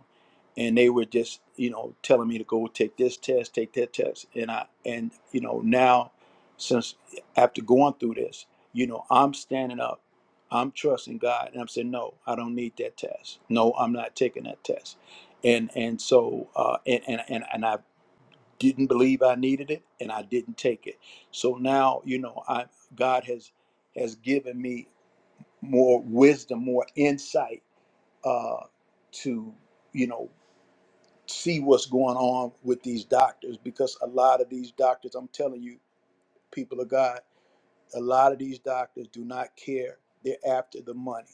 [SPEAKER 6] and they were just, you know, telling me to go take this test, take that test, and I, and you know, now, since after going through this, you know, I'm standing up, I'm trusting God, and I'm saying, no, I don't need that test. No, I'm not taking that test, and and so, uh, and and and and I've didn't believe I needed it and I didn't take it. So now, you know, I God has has given me more wisdom, more insight uh to, you know, see what's going on with these doctors because a lot of these doctors, I'm telling you, people of God, a lot of these doctors do not care. They're after the money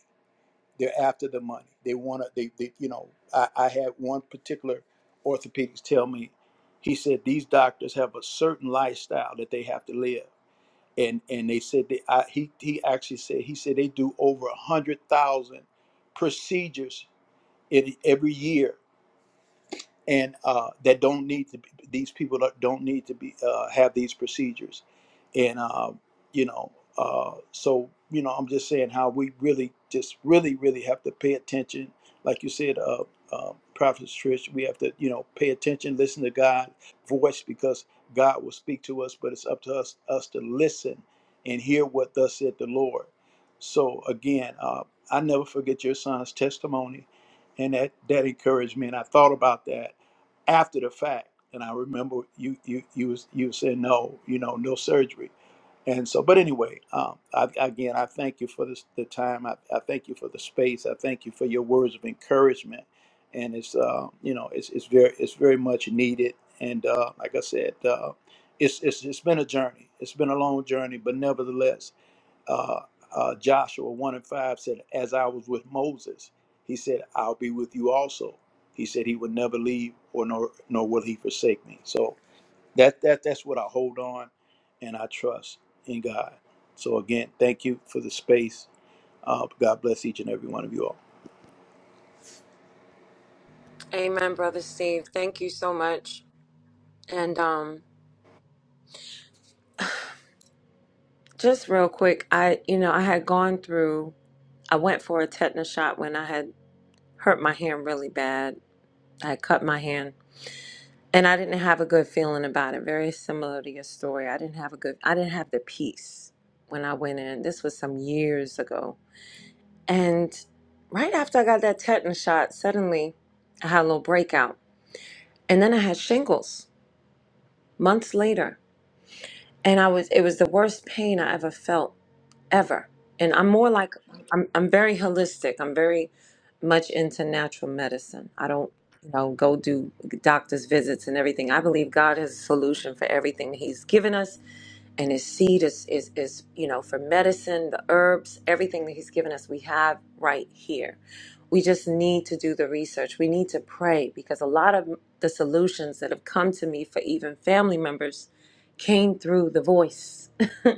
[SPEAKER 6] they're after the money. They want to. They, they, you know, I, I had one particular orthopedics tell me. He said these doctors have a certain lifestyle that they have to live, and and they said they. I, he he actually said he said they do over a hundred thousand procedures in every year and uh, that don't need to be, these people don't don't need to be uh, have these procedures and uh, you know uh, so you know i'm just saying how we really just really really have to pay attention like you said uh, uh, prophet trish we have to you know pay attention listen to God's voice because god will speak to us but it's up to us us to listen and hear what thus said the lord so again uh, i never forget your son's testimony and that that encouraged me and i thought about that after the fact. And I remember you you you was you was saying no, you know, no surgery. And so, but anyway, um, I, again, I thank you for this, the time. I, I thank you for the space. I thank you for your words of encouragement. And it's uh, you know it's it's very it's very much needed. And uh, like I said, uh, it's it's it's been a journey. It's been a long journey, but nevertheless, uh, uh, Joshua 1 and 5 said, As I was with Moses, he said, I'll be with you also. He said, He would never leave or nor, nor will He forsake me. So that, that that's what I hold on and I trust in God. So again, thank you for the space. Uh, God bless each and every one of you all.
[SPEAKER 4] Amen, brother Steve. Thank you so much. And um just real quick, I you know, I had gone through I went for a tetanus shot when I had hurt my hand really bad. I had cut my hand and I didn't have a good feeling about it. Very similar to your story. I didn't have a good I didn't have the peace when I went in. This was some years ago. And right after I got that tetanus shot, suddenly I had a little breakout. And then I had shingles months later. And I was it was the worst pain I ever felt ever. And I'm more like I'm I'm very holistic. I'm very much into natural medicine. I don't, you know, go do doctor's visits and everything. I believe God has a solution for everything that He's given us and his seed is is is, you know, for medicine, the herbs, everything that he's given us we have right here. We just need to do the research. We need to pray because a lot of the solutions that have come to me for even family members came through the voice.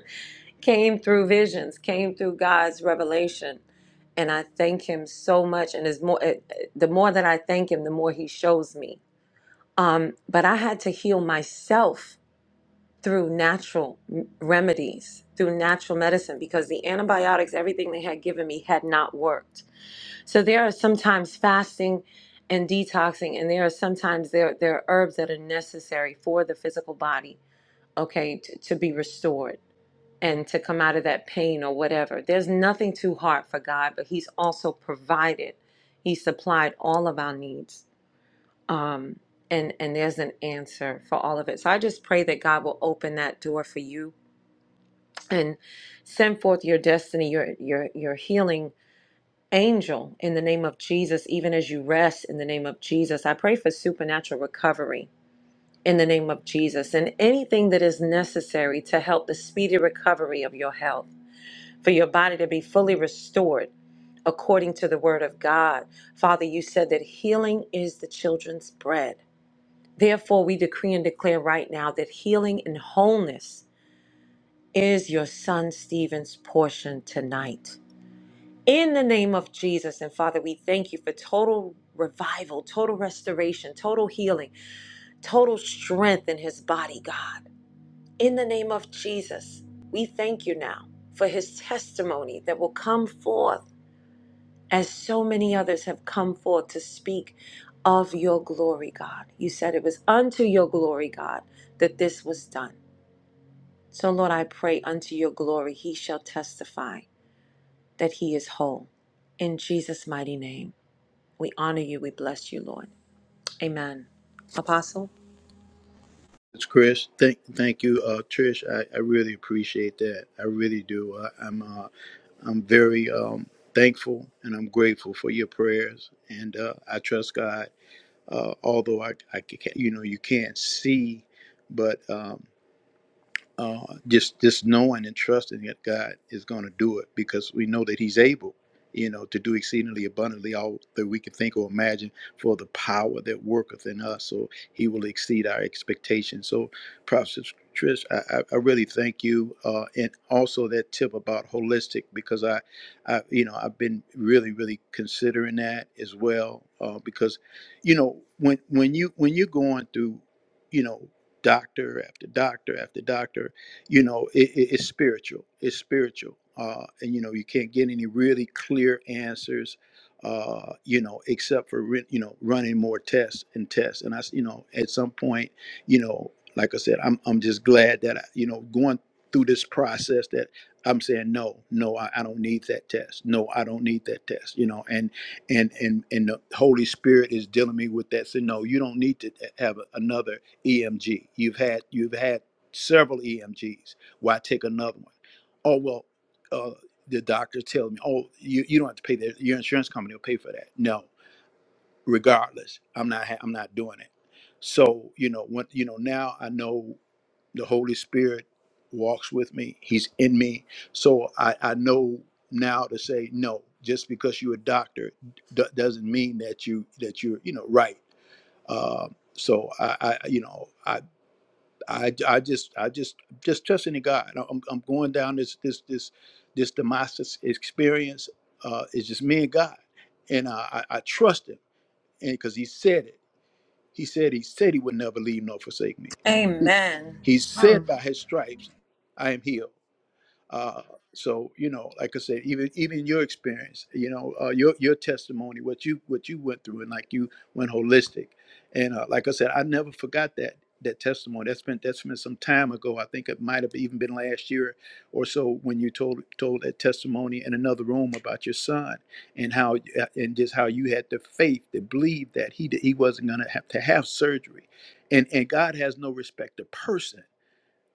[SPEAKER 4] came through visions, came through God's revelation. And I thank him so much. And it's more, it, it- the more that I thank him, the more he shows me. Um, but I had to heal myself through natural m- remedies, through natural medicine, because the antibiotics, everything they had given me, had not worked. So there are sometimes fasting and detoxing, and there are sometimes there, there are herbs that are necessary for the physical body, okay, to, to be restored and to come out of that pain or whatever. There's nothing too hard for God, but He's also provided. He supplied all of our needs. Um, and, and there's an answer for all of it. So I just pray that God will open that door for you and send forth your destiny, your your your healing angel in the name of Jesus, even as you rest in the name of Jesus. I pray for supernatural recovery in the name of Jesus and anything that is necessary to help the speedy recovery of your health for your body to be fully restored according to the word of God. Father, you said that healing is the children's bread. Therefore, we decree and declare right now that healing and wholeness is your son Stephen's portion tonight. In the name of Jesus, and Father, we thank you for total revival, total restoration, total healing, total strength in his body, God. In the name of Jesus, we thank you now for his testimony that will come forth as so many others have come forth to speak of your glory, God. You said it was unto your glory, God, that this was done. So, Lord, I pray unto your glory, he shall testify that he is whole. In Jesus' mighty name, we honor you, we bless you, Lord. Amen. Apostle?
[SPEAKER 6] It's Chris. Thank, thank you, uh, Trish. I, I really appreciate that. I really do. I, I'm, uh, I'm very um, thankful and I'm grateful for your prayers, and uh, I trust God uh, although I, I you know you can't see, but um, uh, just just knowing and trusting that God is going to do it because we know that He's able, you know, to do exceedingly abundantly all that we can think or imagine for the power that worketh in us. So He will exceed our expectations. So, Prophet Trish, I, I I really thank you, uh, and also that tip about holistic because I, I you know I've been really really considering that as well uh, because, you know, when when you when you're going through, you know doctor after doctor after doctor. You know, it, it, it's spiritual. It's spiritual. Uh, and, you know, you can't get any really clear answers, uh, you know, except for, re- you know, running more tests and tests. And I, s- you know, at some point, you know, like I said, I'm, I'm just glad that, I, you know, going through this process that I'm saying, no, no, I, I don't need that test. No, I don't need that test, you know, and and and and the Holy Spirit is dealing me with that. So no, you don't need to have a- another. EMG. You've had you've had several EMGs. Why take another one? Oh well, uh, the doctor tells me, oh, you, you don't have to pay that. Your insurance company will pay for that. No, regardless, I'm not ha- I'm not doing it. So you know when you know now I know the Holy Spirit walks with me. He's in me. So I I know now to say no. Just because you're a doctor d- doesn't mean that you that you're you know right. Um, so I, I you know I I, I just I just just trusting in God. I'm, I'm going down this this this this Damascus experience. Uh, it's just me and God, and uh, I I trust Him, and because He said it, He said He said He would never leave nor forsake me.
[SPEAKER 4] Amen.
[SPEAKER 6] He said
[SPEAKER 4] Mm.
[SPEAKER 6] by His stripes I am healed. Uh, so you know, like I said, even even your experience, you know, uh, your your testimony, what you what you went through, and like you went holistic, and uh, like I said, I never forgot that that testimony. That's been that's been some time ago. I think it might have even been last year or so when you told told that testimony in another room about your son and how uh, and just how you had the faith to believe that he he wasn't going to have to have surgery, and and God has no respect to person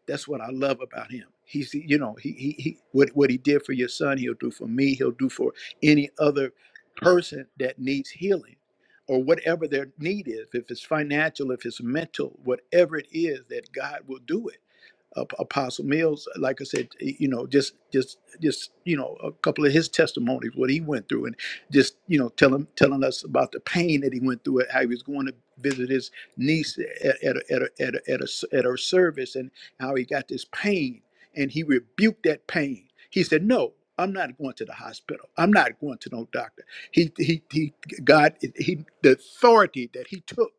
[SPEAKER 6] that's what I love about him. He's, you know, he, he, he what, what he did for your son, he'll do for me. He'll do for any other person that needs healing or whatever their need is. If it's financial, if it's mental, whatever it is that God will do it Ap- Apostle Mills, like I said, you know, just just just you know, a couple of his testimonies, what he went through, and just you know, telling telling us about the pain that he went through, how he was going to visit his niece at at a, at a, at a, at, a s at her service, and how he got this pain, and he rebuked that pain. He said, "No." I'm not going to the hospital. I'm not going to no doctor. He, he, he, God, he, the authority that he took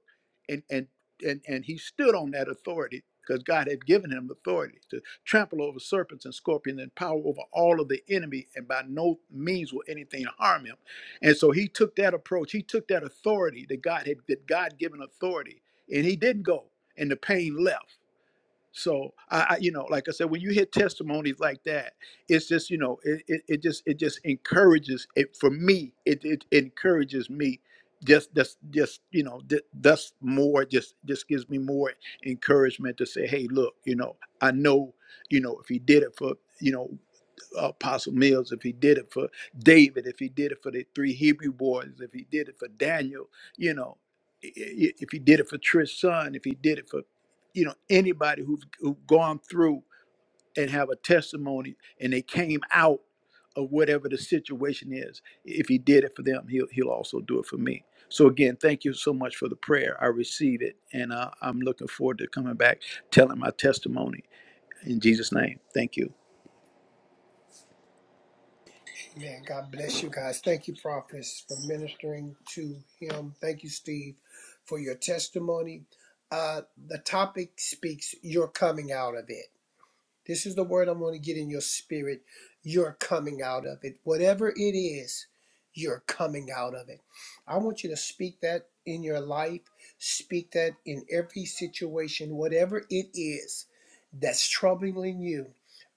[SPEAKER 6] and, and, and, and he stood on that authority because God had given him authority to trample over serpents and scorpions and power over all of the enemy, and by no means will anything harm him. And so he took that approach. He took that authority that God had that God given authority, and he didn't go, and the pain left. So I, I, you know, like I said, when you hear testimonies like that, it's just, you know, it, it, it just, it just encourages it for me. It, it encourages me just, just, just, you know, th- thus more, just, just gives me more encouragement to say, Hey, look, you know, I know, you know, if he did it for, you know, Apostle Mills, if he did it for David, if he did it for the three Hebrew boys, if he did it for Daniel, you know, i- i- if he did it for Trish's son, if he did it for, you know, anybody who's who gone through and have a testimony and they came out of whatever the situation is, if he did it for them, he'll he'll also do it for me. So again, thank you so much for the prayer. I receive it, and uh, I'm looking forward to coming back, telling my testimony in Jesus' name. Thank you.
[SPEAKER 1] Amen. God bless you guys. Thank you, prophets, for ministering to him. Thank you, Steve, for your testimony. Uh, the topic speaks. You're coming out of it. This is the word I'm going to get in your spirit. You're coming out of it. Whatever it is, you're coming out of it. I want you to speak that in your life, speak that in every situation, whatever it is that's troubling you.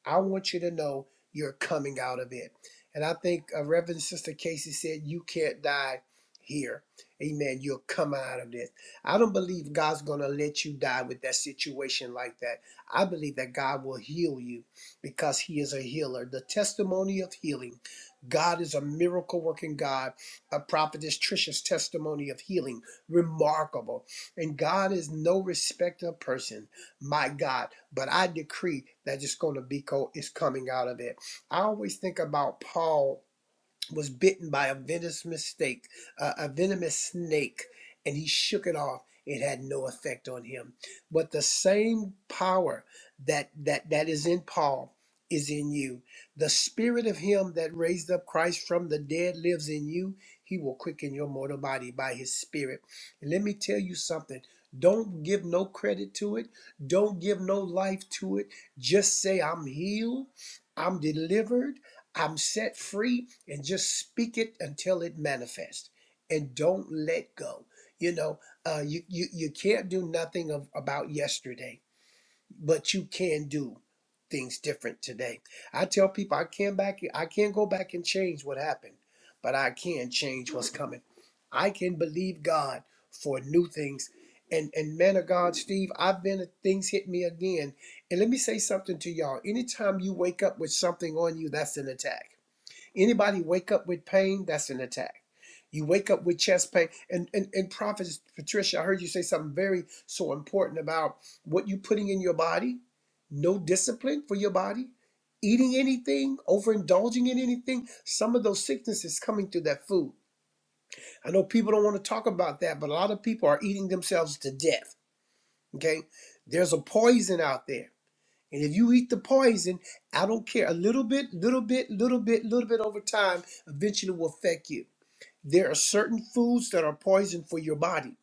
[SPEAKER 1] I want you to know you're coming out of it. And I think uh, Reverend Sister Casey said, You can't die here. Amen. You'll come out of this. I don't believe God's going to let you die with that situation like that. I believe that God will heal you because He is a healer. The testimony of healing. God is a miracle working God. A prophetess Trisha's testimony of healing, remarkable. And God is no respecter of person, my God. But I decree that it's going to be co- is coming out of it. I always think about Paul was bitten by a venomous mistake, uh, a venomous snake, and he shook it off. It had no effect on him. But the same power that that that is in Paul is in you. The spirit of him that raised up Christ from the dead lives in you. He will quicken your mortal body by his spirit. And let me tell you something. Don't give no credit to it. Don't give no life to it. Just say, I'm healed. I'm delivered. I'm set free and just speak it until it manifests and don't let go. You know, uh, you, you, you can't do nothing of, about yesterday, but you can do things different today. I tell people I can't back I can't go back and change what happened, but I can change what's coming. I can believe God for new things. And and man of God, Steve, I've been things hit me again. And let me say something to y'all. Anytime you wake up with something on you, that's an attack Anybody wake up with pain, that's an attack. You wake up with chest pain. And, and, and Prophet Patricia, I heard you say something very so important about what you're putting in your body, no discipline for your body, eating anything, overindulging in anything. Some of those sicknesses coming through that food. I know people don't want to talk about that, but a lot of people are eating themselves to death. Okay? There's a poison out there. And if you eat the poison, I don't care. A little bit, little bit, little bit, little bit over time, eventually will affect you. There are certain foods that are poison for your body.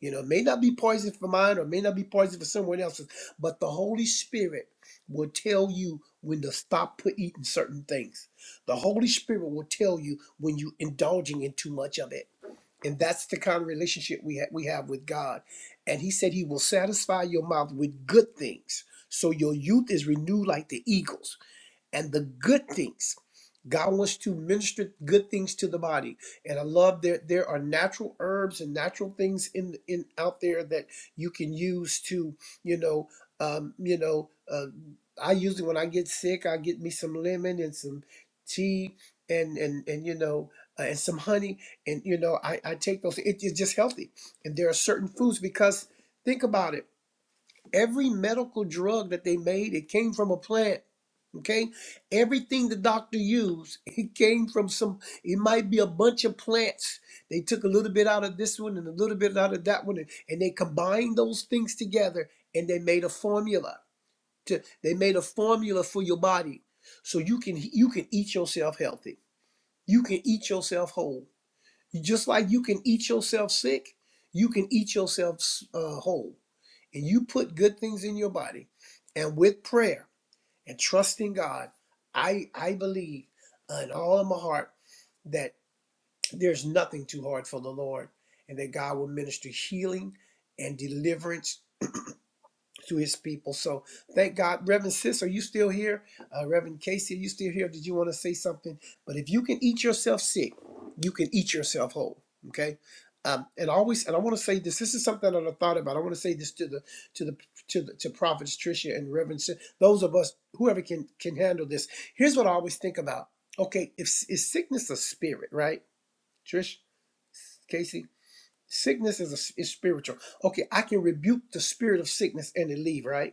[SPEAKER 1] You know, it may not be poison for mine or may not be poison for someone else's, but the Holy Spirit will tell you when to stop put eating certain things. The Holy Spirit will tell you when you are indulging in too much of it. And that's the kind of relationship we ha- we have with God. And He said He will satisfy your mouth with good things, so your youth is renewed like the eagles and the good things. God wants to minister good things to the body. And I love that there are natural herbs and natural things in in out there that you can use to, you know, um, you know, uh, I usually when I get sick, I get me some lemon and some tea and and and you know, uh, and some honey and you know, I I take those it, it's just healthy. And there are certain foods because think about it. Every medical drug that they made, it came from a plant Okay, everything the doctor used, it came from some. It might be a bunch of plants. They took a little bit out of this one and a little bit out of that one, and, and they combined those things together, and they made a formula. To, they made a formula for your body, so you can you can eat yourself healthy. You can eat yourself whole. Just like you can eat yourself sick, you can eat yourself uh, whole, and you put good things in your body, and with prayer and trusting God, I I believe uh, in all of my heart that there's nothing too hard for the Lord, and that God will minister healing and deliverance to his people. So thank God. Reverend Sis, are you still here? Uh, Reverend Casey, are you still here? Did you want to say something? But if you can eat yourself sick, you can eat yourself whole. Okay. Um, and always, and I want to say this. This is something that I thought about. I want to say this to the to the to the to prophets Trisha and Reverend. Sis, those of us whoever can can handle this. Here's what I always think about. Okay, if is sickness a spirit, right? Trish, Casey, sickness is a, is spiritual. Okay, I can rebuke the spirit of sickness and it leave, right?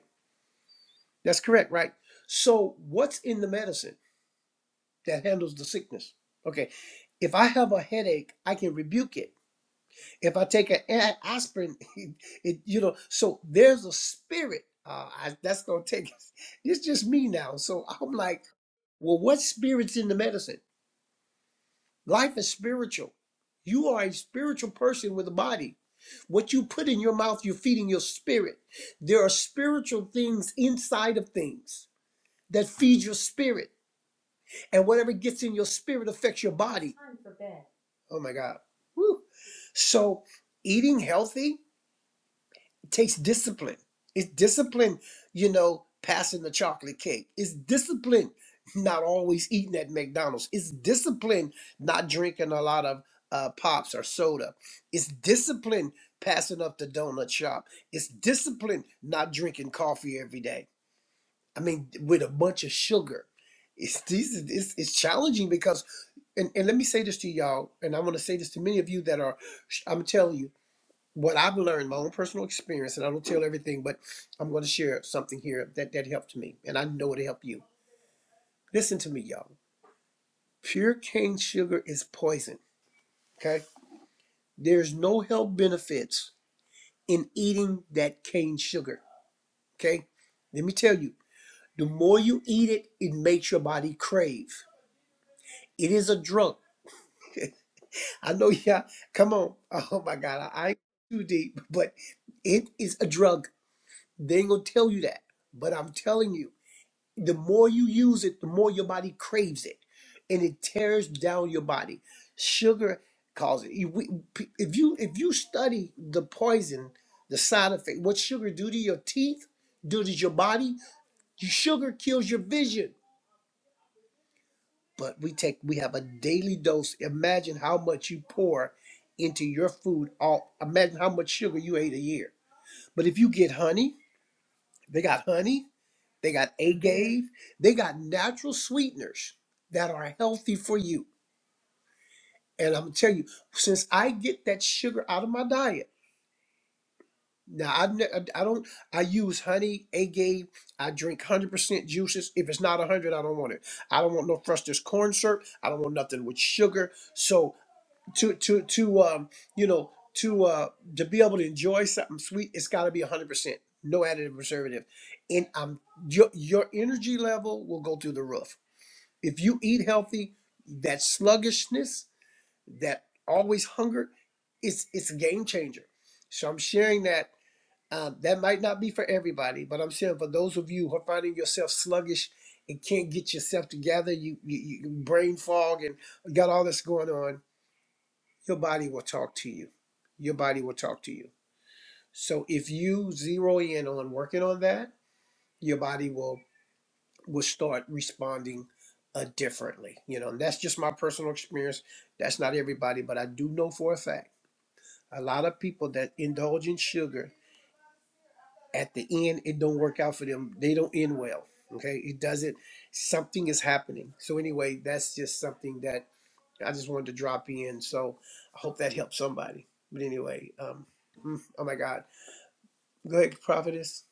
[SPEAKER 1] That's correct, right? So, what's in the medicine that handles the sickness? Okay, if I have a headache, I can rebuke it. If I take an a- aspirin, it, it you know, so there's a spirit. Uh, I, that's gonna take. It's just me now. So I'm like, well, what spirit's in the medicine? Life is spiritual. You are a spiritual person with a body. What you put in your mouth, you're feeding your spirit. There are spiritual things inside of things that feed your spirit. and whatever gets in your spirit affects your body. Oh my God. Woo. So eating healthy takes discipline. It's discipline, you know, passing the chocolate cake. It's discipline not always eating at McDonald's. It's discipline not drinking a lot of uh, pops or soda. It's discipline passing up the donut shop. It's discipline not drinking coffee every day. I mean, with a bunch of sugar. It's these. It's, it's challenging because and, and let me say this to y'all, and I'm going to say this to many of you that are, I'm telling you what I've learned, my own personal experience, and I don't tell everything, but I'm going to share something here that, that helped me, and I know it'll help you. Listen to me, y'all. Pure cane sugar is poison, okay? There's no health benefits in eating that cane sugar, okay? Let me tell you, the more you eat it, it makes your body crave. It is a drug. I know y'all. Come on. Oh my God. I, I ain't too deep, but it is a drug. They ain't gonna tell you that, but I'm telling you, the more you use it, the more your body craves it, and it tears down your body. Sugar causes it. You- we- p- If you if you study the poison, the side effect, what sugar do to your teeth, do to your body, sugar kills your vision. but we take we have a daily dose imagine how much you pour into your food all imagine how much sugar you ate a year but if you get honey they got honey they got agave they got natural sweeteners that are healthy for you and i'm gonna tell you since i get that sugar out of my diet now i, ne- I don't i use honey agave i drink 100% juices if it's not 100 i don't want it i don't want no frustrated corn syrup i don't want nothing with sugar so to to to um you know to uh to be able to enjoy something sweet it's got to be 100% no additive preservative and um your your energy level will go through the roof if you eat healthy that sluggishness that always hunger it's it's a game changer so i'm sharing that um, that might not be for everybody but i'm saying for those of you who are finding yourself sluggish and can't get yourself together you, you, you brain fog and got all this going on your body will talk to you. Your body will talk to you. So if you zero in on working on that, your body will will start responding uh, differently. You know, and that's just my personal experience. That's not everybody, but I do know for a fact a lot of people that indulge in sugar at the end it don't work out for them. They don't end well. Okay, it doesn't. Something is happening. So anyway, that's just something that I just wanted to drop in. So I hope that helped somebody. But anyway, um, mm, oh my God. Go ahead, prophetess.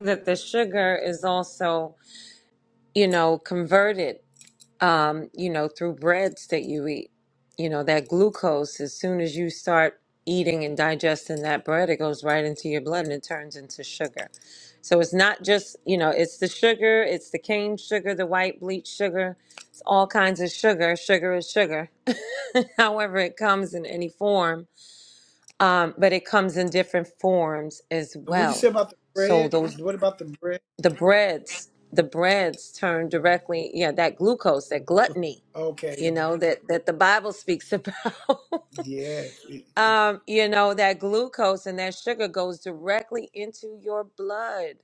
[SPEAKER 4] That the sugar is also, you know, converted um, you know, through breads that you eat. You know, that glucose, as soon as you start eating and digesting that bread, it goes right into your blood and it turns into sugar. So it's not just, you know, it's the sugar, it's the cane sugar, the white bleach sugar, it's all kinds of sugar. Sugar is sugar, however, it comes in any form, um, but it comes in different forms as
[SPEAKER 1] And What you say
[SPEAKER 4] well.
[SPEAKER 1] about the
[SPEAKER 4] So
[SPEAKER 1] bread?
[SPEAKER 4] those,
[SPEAKER 1] What about the bread?
[SPEAKER 4] the breads, the breads turn directly, yeah, that glucose, that gluttony
[SPEAKER 1] Okay.
[SPEAKER 4] you know that that the bible speaks about
[SPEAKER 1] Yes. It, it,
[SPEAKER 4] um you know that glucose and that sugar goes directly into your blood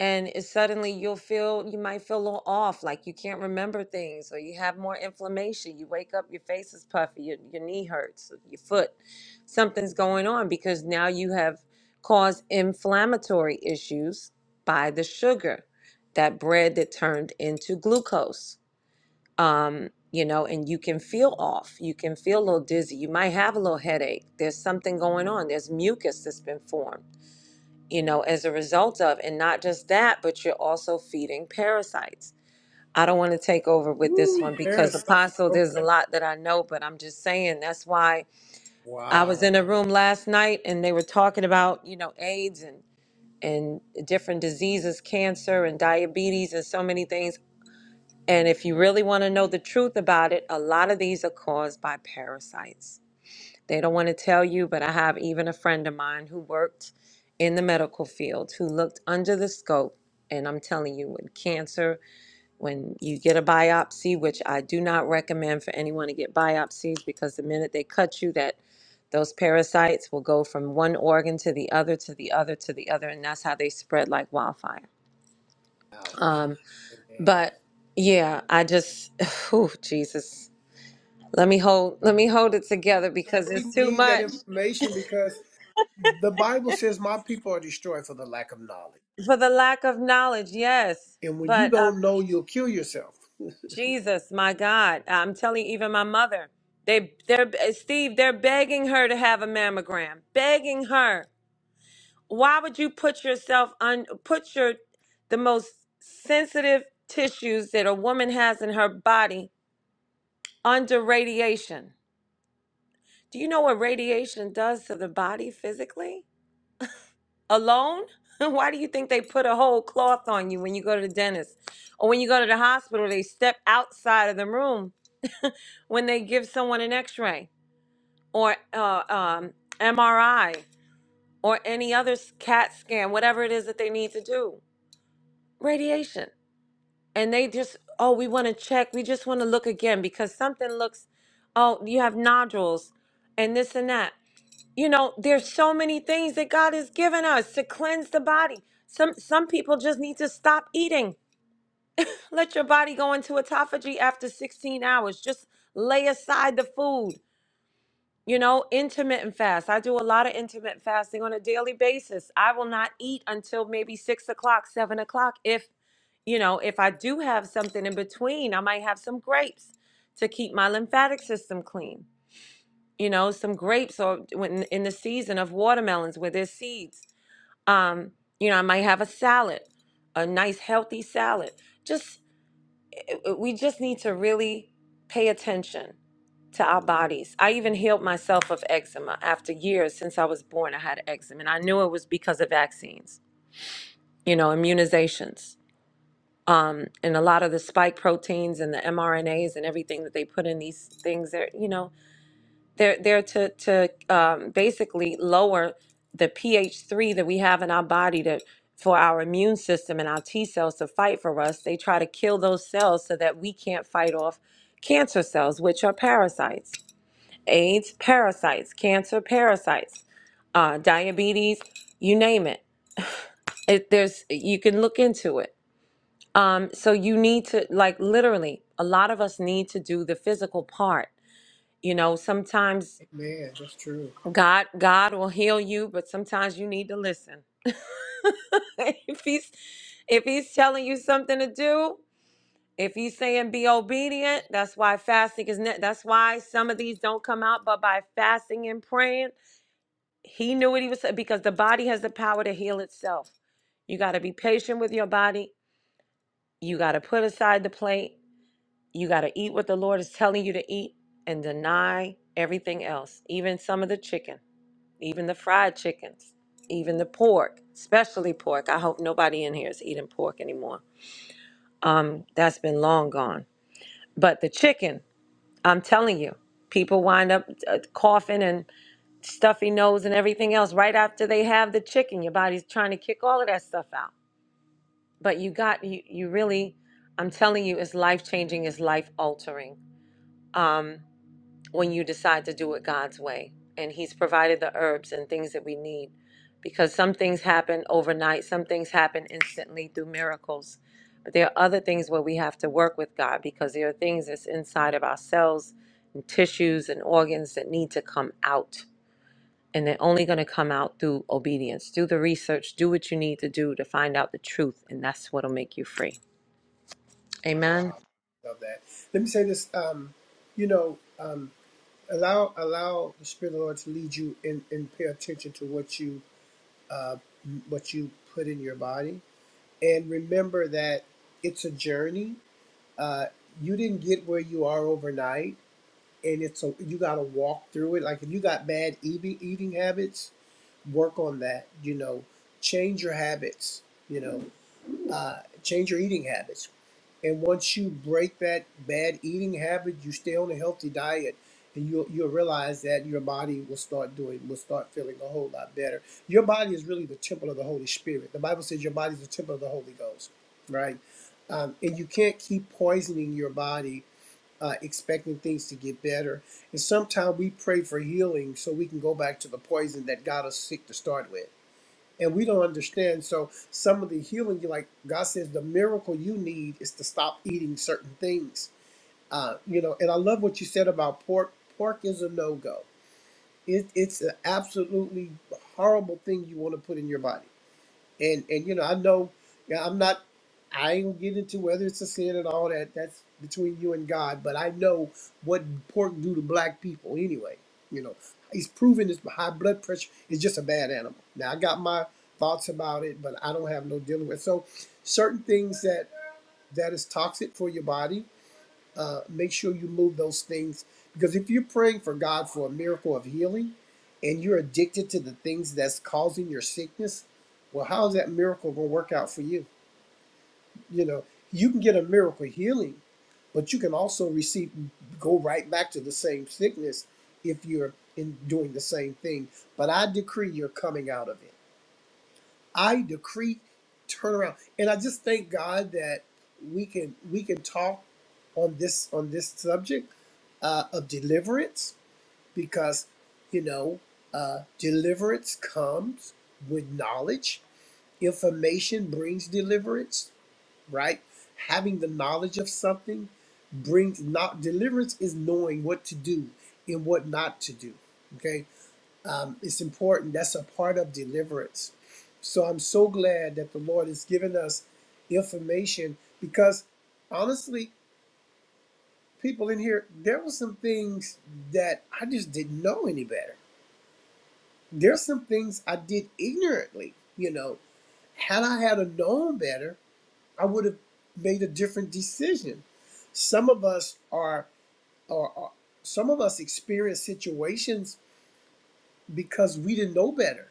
[SPEAKER 4] and it, suddenly you'll feel you might feel a little off like you can't remember things or you have more inflammation you wake up your face is puffy your, your knee hurts your foot something's going on because now you have caused inflammatory issues by the sugar that bread that turned into glucose um, you know, and you can feel off. You can feel a little dizzy. You might have a little headache. There's something going on. There's mucus that's been formed, you know, as a result of, and not just that, but you're also feeding parasites. I don't want to take over with this
[SPEAKER 1] woo,
[SPEAKER 4] one because
[SPEAKER 1] parasites.
[SPEAKER 4] Apostle,
[SPEAKER 1] Oh my,
[SPEAKER 4] there's a lot that I know, but I'm just saying that's why I was
[SPEAKER 1] wow.
[SPEAKER 4] in a room last night and they were talking about, you know, AIDS and and different diseases, cancer and diabetes and so many things. And if you really want to know the truth about it, a lot of these are caused by parasites. They don't want to tell you, but I have even a friend of mine who worked in the medical field who looked under the scope. And I'm telling you, with cancer, when you get a biopsy, which I do not recommend for anyone to get biopsies because the minute they cut you, that those parasites will go from one organ to the other, to the other, to the other, and that's how they spread like wildfire.
[SPEAKER 1] Wow.
[SPEAKER 4] Um,
[SPEAKER 1] Amen.
[SPEAKER 4] but yeah, I just, oh Jesus, let me hold, let me hold it together because
[SPEAKER 1] We
[SPEAKER 4] it's too
[SPEAKER 1] need that
[SPEAKER 4] much
[SPEAKER 1] information because the Bible says my people are destroyed for the lack of knowledge.
[SPEAKER 4] for the lack of knowledge. Yes,
[SPEAKER 1] And when you
[SPEAKER 4] but um,
[SPEAKER 1] don't know, you'll kill yourself.
[SPEAKER 4] Jesus, my God, I'm telling you, even my mother, they, they're eh, Steve, they're begging her to have a mammogram, begging her. Why would you put yourself on, put your, the most sensitive tissues that a woman has in her body under radiation? Do you know what radiation does to the body physically? alone? Why do you think they put a whole cloth on you when you go to the dentist? Or when you go to the hospital, they step outside of the room when they give someone an x ray or uh, um, MRI or any other s- CAT scan, whatever it is that they need to do. Radiation. And they just, oh, we want to check. We just want to look again because something looks, oh, you have nodules and this and that. you know there's so many things that god has given us to cleanse the body some some people just need to stop eating let your body go into autophagy after 16 hours just lay aside the food you know intermittent fast i do a lot of intermittent fasting on a daily basis i will not eat until maybe six o'clock seven o'clock if you know if i do have something in between i might have some grapes to keep my lymphatic system clean you know, some grapes or when in the season of watermelons where there's seeds. Um, you know, I might have a salad, a nice healthy salad. Just uh, we just need to really pay attention to our bodies. I even healed myself of eczema after years since I was born. I had eczema, and I knew it was because of vaccines, you know, immunizations, um, and a lot of the spike proteins and the mRNAs and everything that they put in these things. There, you know, They're there to to um, basically lower the pH three that we have in our body to for our immune system and our T cells to fight for us. They try to kill those cells so that we can't fight off cancer cells, which are parasites, AIDS parasites, cancer parasites, uh, diabetes, you name it. it. There's you can look into it. Um, so you need to like literally, a lot of us need to do the physical part. You know, sometimes
[SPEAKER 1] Man, that's true.
[SPEAKER 4] God God will heal you, but sometimes you need to listen. if he's if he's telling you something to do, if he's saying be obedient, that's why fasting is ne- that's why some of these don't come out but by fasting and praying. He knew what he was saying because the body has the power to heal itself. You got to be patient with your body. You got to put aside the plate. You got to eat what the Lord is telling you to eat and deny everything else, even some of the chicken. even the fried chickens, even the pork, especially pork. I hope nobody in here is eating pork anymore. Um, that's been long gone. But the chicken, I'm telling you, people wind up uh, coughing and stuffy nose and everything else right after they have the chicken. Your body's trying to kick all of that stuff out. But you got you, you really, I'm telling you, it's life changing, it's life altering. Um, when you decide to do it God's way. And He's provided the herbs and things that we need because some things happen overnight, some things happen instantly through miracles. But there are other things where we have to work with God because there are things that's inside of our cells and tissues and organs that need to come out. And they're only going to come out through obedience. Do the research, do what you need to do to find out the truth, and that's what'll make you free. Amen.
[SPEAKER 1] Wow. Love that. Let me say this. Um, you know, um, allow allow the spirit of the lord to lead you and and pay attention to what you uh what you put in your body and remember that it's a journey uh you didn't get where you are overnight and it's a you got to walk through it like if you got bad eating eating habits work on that you know change your habits you know uh change your eating habits and once you break that bad eating habit, you stay on a healthy diet, and you'll you'll realize that your body will start doing will start feeling a whole lot better. Your body is really the temple of the Holy Spirit. The Bible says your body is the temple of the Holy Ghost, right? Um, and you can't keep poisoning your body, uh, expecting things to get better. And sometimes we pray for healing so we can go back to the poison that got us sick to start with and we don't understand. So some of the healing, you like God says, the miracle you need is to stop eating certain things. Uh, you know, and I love what you said about pork. Pork is a no go. It, it's an absolutely horrible thing you want to put in your body. And and you know, I know yeah, I'm not I ain't get into whether it's a sin and all that. That's between you and God, but I know what pork do to black people anyway. You know, he's proven this high blood pressure is just a bad animal. Now I got my thoughts about it, but I don't have no dealing with. So certain things that that is toxic for your body uh, make sure you move those things because if you're praying for God for a miracle of healing and you're addicted to the things that's causing your sickness, well, how's that miracle going to work out for you? You know, you can get a miracle healing, but you can also receive, go right back to the same sickness if you're in doing the same thing. But I decree you're coming out of it. I decree turnaround. And I just thank God that we can we can talk on this on this subject uh, of deliverance because you know uh, deliverance comes with knowledge. Information brings deliverance, right? Having the knowledge of something brings not deliverance is knowing what to do and what not to do. Okay, um, it's important. That's a part of deliverance. So I'm so glad that the Lord has given us information because honestly, people in here, there were some things that I just didn't know any better. There's some things I did ignorantly. You know, had I had a known better, I would have made a different decision. Some of us are, are, are some of us experience situations because we didn't know better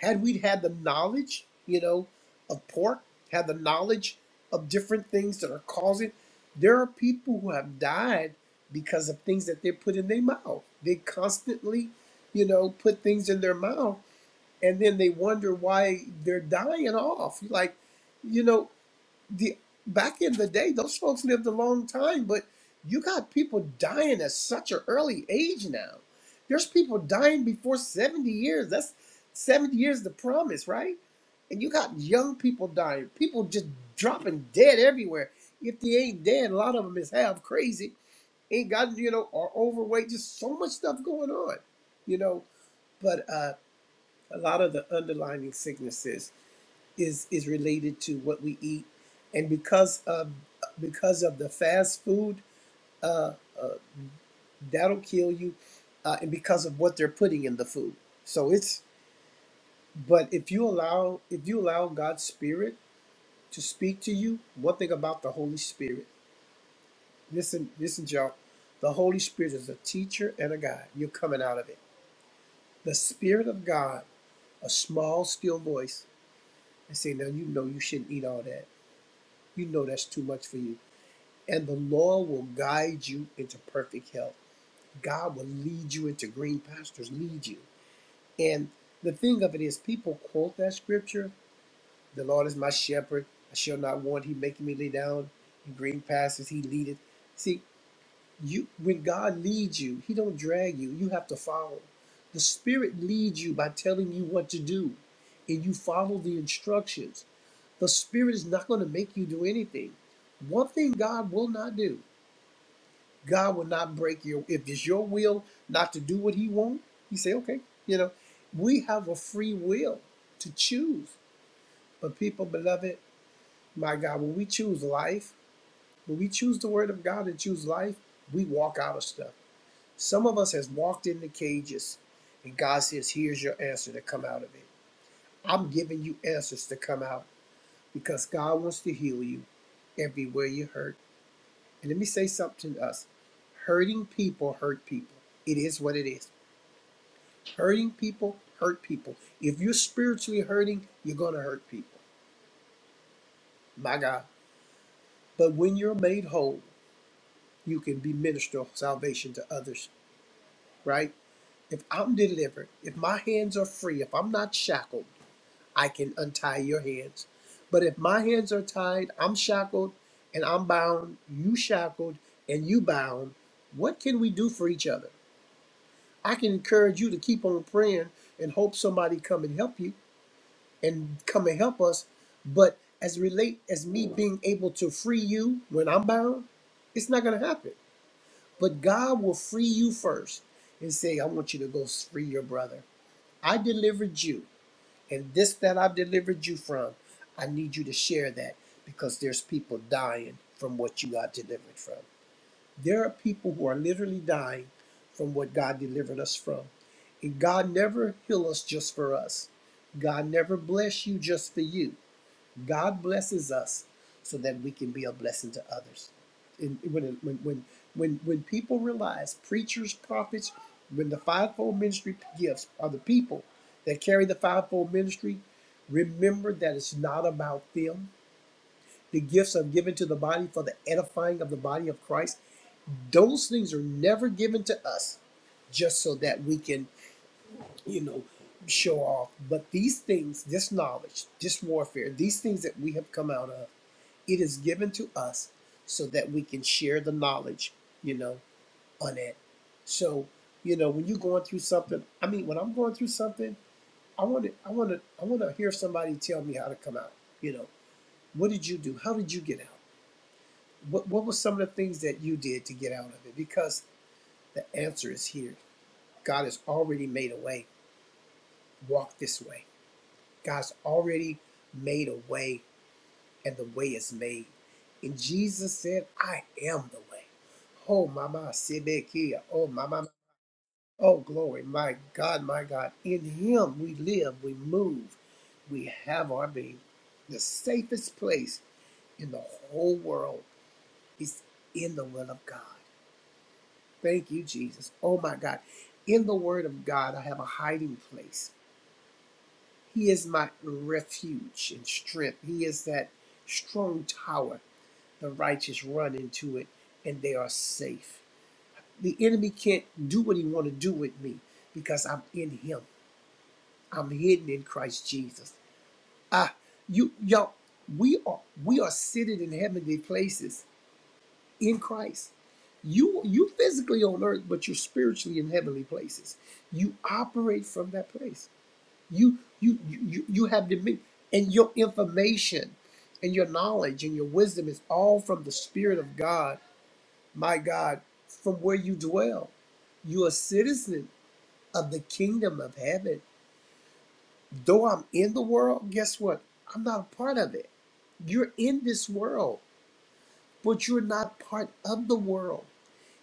[SPEAKER 1] had we had the knowledge, you know, of pork, had the knowledge of different things that are causing, there are people who have died because of things that they put in their mouth. They constantly, you know, put things in their mouth and then they wonder why they're dying off. Like, you know, the back in the day, those folks lived a long time, but you got people dying at such an early age now. There's people dying before 70 years. That's 70 years the promise, right? And you got young people dying, people just dropping dead everywhere. If they ain't dead, a lot of them is half crazy, ain't got, you know, or overweight, just so much stuff going on, you know. But uh, a lot of the underlying sicknesses is is related to what we eat, and because of because of the fast food, uh, uh, that'll kill you, uh, and because of what they're putting in the food. So it's but if you allow if you allow God's Spirit to speak to you, one thing about the Holy Spirit, listen listen, y'all, the Holy Spirit is a teacher and a guide. You're coming out of it. The Spirit of God, a small, still voice, and say, now you know you shouldn't eat all that. You know that's too much for you and the Lord will guide you into perfect health. God will lead you into green pastures, lead you. And the thing of it is, people quote that scripture The Lord is my shepherd, I shall not want. He maketh me lay down in green pastures, He leadeth. See, you when God leads you, He don't drag you, you have to follow. The Spirit leads you by telling you what to do, and you follow the instructions. The Spirit is not going to make you do anything. One thing God will not do. God will not break your if it's your will not to do what he wants, he say, okay, you know, we have a free will to choose. But people, beloved, my God, when we choose life, when we choose the word of God and choose life, we walk out of stuff. Some of us has walked in the cages and God says, here's your answer to come out of it. I'm giving you answers to come out because God wants to heal you everywhere you hurt. And let me say something to us. Hurting people hurt people. It is what it is. Hurting people hurt people. If you're spiritually hurting, you're going to hurt people. My God. But when you're made whole, you can be minister of salvation to others, right? If I'm delivered, if my hands are free, if I'm not shackled, I can untie your hands. But if my hands are tied, I'm shackled and I'm bound, you shackled and you bound, what can we do for each other? I can encourage you to keep on praying and hope somebody come and help you and come and help us. But as relate as me being able to free you when I'm bound, it's not gonna happen. But God will free you first and say, I want you to go free your brother. I delivered you, and this that I've delivered you from, I need you to share that because there's people dying from what you got delivered from. There are people who are literally dying from what God delivered us from. And God never heal us just for us. God never bless you just for you. God blesses us so that we can be a blessing to others. And when when when when, when people realize preachers, prophets, when the fivefold ministry gifts are the people that carry the fivefold ministry, remember that it's not about them. The gifts are given to the body for the edifying of the body of Christ. Those things are never given to us just so that we can, you know, show off. But these things, this knowledge, this warfare, these things that we have come out of it is given to us so that we can share the knowledge, you know, on it. So, you know, when you're going through something, I mean, when I'm going through something, I want to, I want to, I want to hear somebody tell me how to come out. You know, what did you do? How did you get out? What What were some of the things that you did to get out of it? Because the answer is here. God has already made a way. Walk this way. God's already made a way and the way is made. And Jesus said, I am the way. Oh, Mama Sibekia. Oh, Mama. Oh, glory. My God, my God. In Him we live, we move, we have our being. The safest place in the whole world is in the will of God. Thank you, Jesus. Oh, my God. In the Word of God, I have a hiding place. He is my refuge and strength. He is that strong tower. The righteous run into it and they are safe. The enemy can't do what he want to do with me because I'm in him. I'm hidden in Christ Jesus. Ah, you y'all, we are we are seated in heavenly places in Christ. You you physically on earth, but you're spiritually in heavenly places. You operate from that place. You you you you you have dominion, and your information, and your knowledge, and your wisdom is all from the Spirit of God my God, from where you dwell. You're a citizen of the kingdom of heaven. Though I'm in the world, guess what? I'm not a part of it. You're in this world, but you're not part of the world.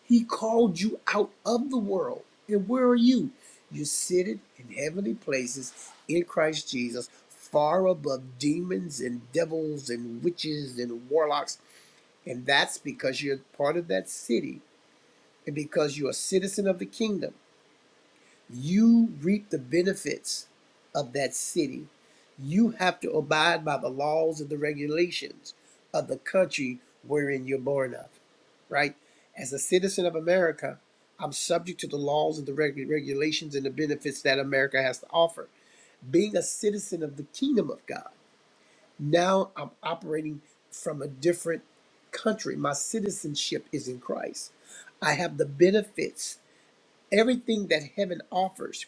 [SPEAKER 1] He called you out of the world. And where are you? You're seated in heavenly places in Christ Jesus, far above demons and devils and witches and warlocks. And that's because you're part of that city and because you're a citizen of the kingdom. You reap the benefits of that city. You have to abide by the laws and the regulations of the country wherein you're born of, right? As a citizen of America, I'm subject to the laws and the reg- regulations and the benefits that America has to offer. Being a citizen of the kingdom of God, now I'm operating from a different country. My citizenship is in Christ. I have the benefits Everything that heaven offers,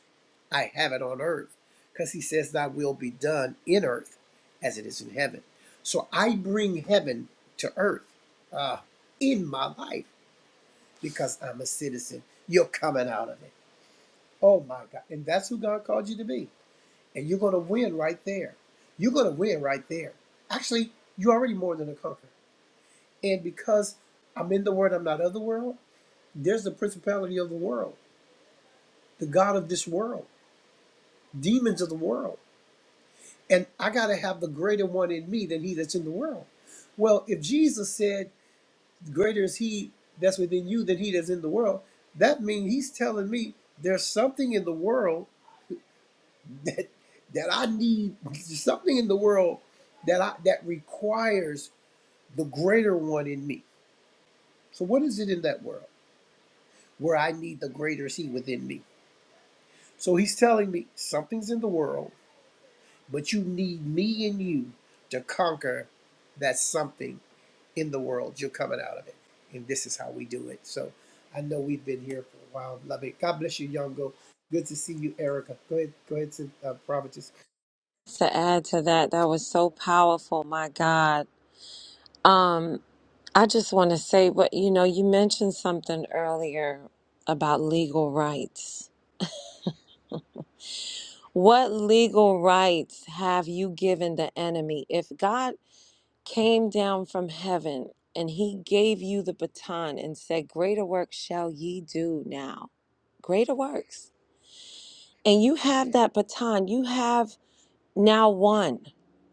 [SPEAKER 1] I have it on earth because he says, Thy will be done in earth as it is in heaven. So I bring heaven to earth uh, in my life because I'm a citizen. You're coming out of it. Oh my God. And that's who God called you to be. And you're going to win right there. You're going to win right there. Actually, you're already more than a conqueror. And because I'm in the world, I'm not of the world, there's the principality of the world, the God of this world. demons of the world. And I got to have the greater one in me than he that's in the world. Well, if Jesus said, Greater is he that's within you than he that's in the world, that means he's telling me there's something in the world that that I need something in the world that I that requires the greater one in me. So what is it in that world where I need the greater is he within me? So he's telling me something's in the world But you need me and you to conquer that something in the world. You're coming out of it. And this is how we do it. So I know we've been here for a while. Love it. God bless you, Yongo. Good to see you, Erica. Go ahead, go ahead to uh, Providence.
[SPEAKER 4] To add to that, that was so powerful, my God. Um. I just want to say what you know, you mentioned something earlier about legal rights. What legal rights have you given the enemy? If God came down from heaven and he gave you the baton and said, Greater works shall ye do now, greater works. And you have that baton, you have now won.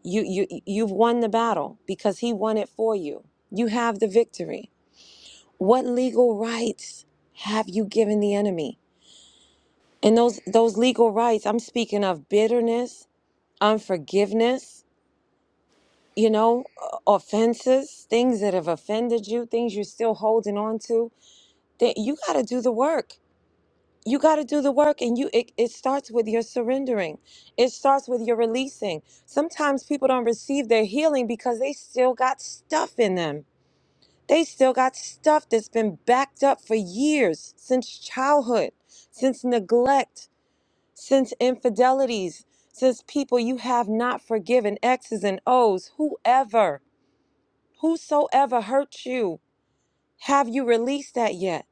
[SPEAKER 4] You, you, you've won the battle because he won it for you. You have the victory. What legal rights have you given the enemy? And those those legal rights, I'm speaking of bitterness, unforgiveness, you know, uh, offenses, things that have offended you, things you're still holding on to. That you got to do the work. You got to do the work, and you it, it starts with your surrendering. It starts with your releasing. Sometimes people don't receive their healing because they still got stuff in them They still got stuff that's been backed up for years since childhood, since neglect, since infidelities, since people you have not forgiven, X's and O's, whoever, whosoever hurt you. Have you released that yet?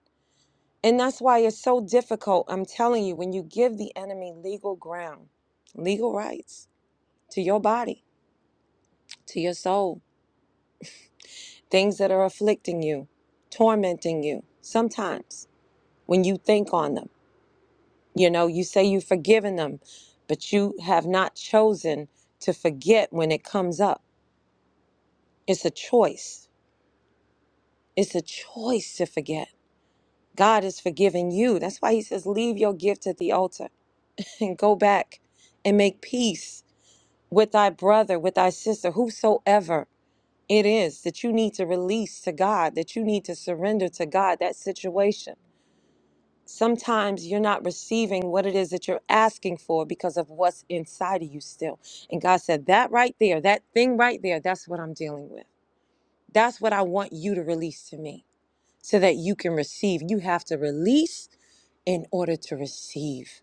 [SPEAKER 4] And that's why it's so difficult, I'm telling you, when you give the enemy legal ground, legal rights to your body, to your soul, things that are afflicting you, tormenting you, sometimes when you think on them. You know, you say you've forgiven them, but you have not chosen to forget when it comes up. It's a choice. It's a choice to forget. God has forgiven you. That's why he says, Leave your gift at the altar and go back and make peace with thy brother, with thy sister, whosoever it is that you need to release to God, that you need to surrender to God that situation. sometimes you're not receiving what it is that you're asking for because of what's inside of you still. And God said, That right there, that thing right there, that's what I'm dealing with. That's what I want you to release to me so that you can receive. You have to release in order to receive.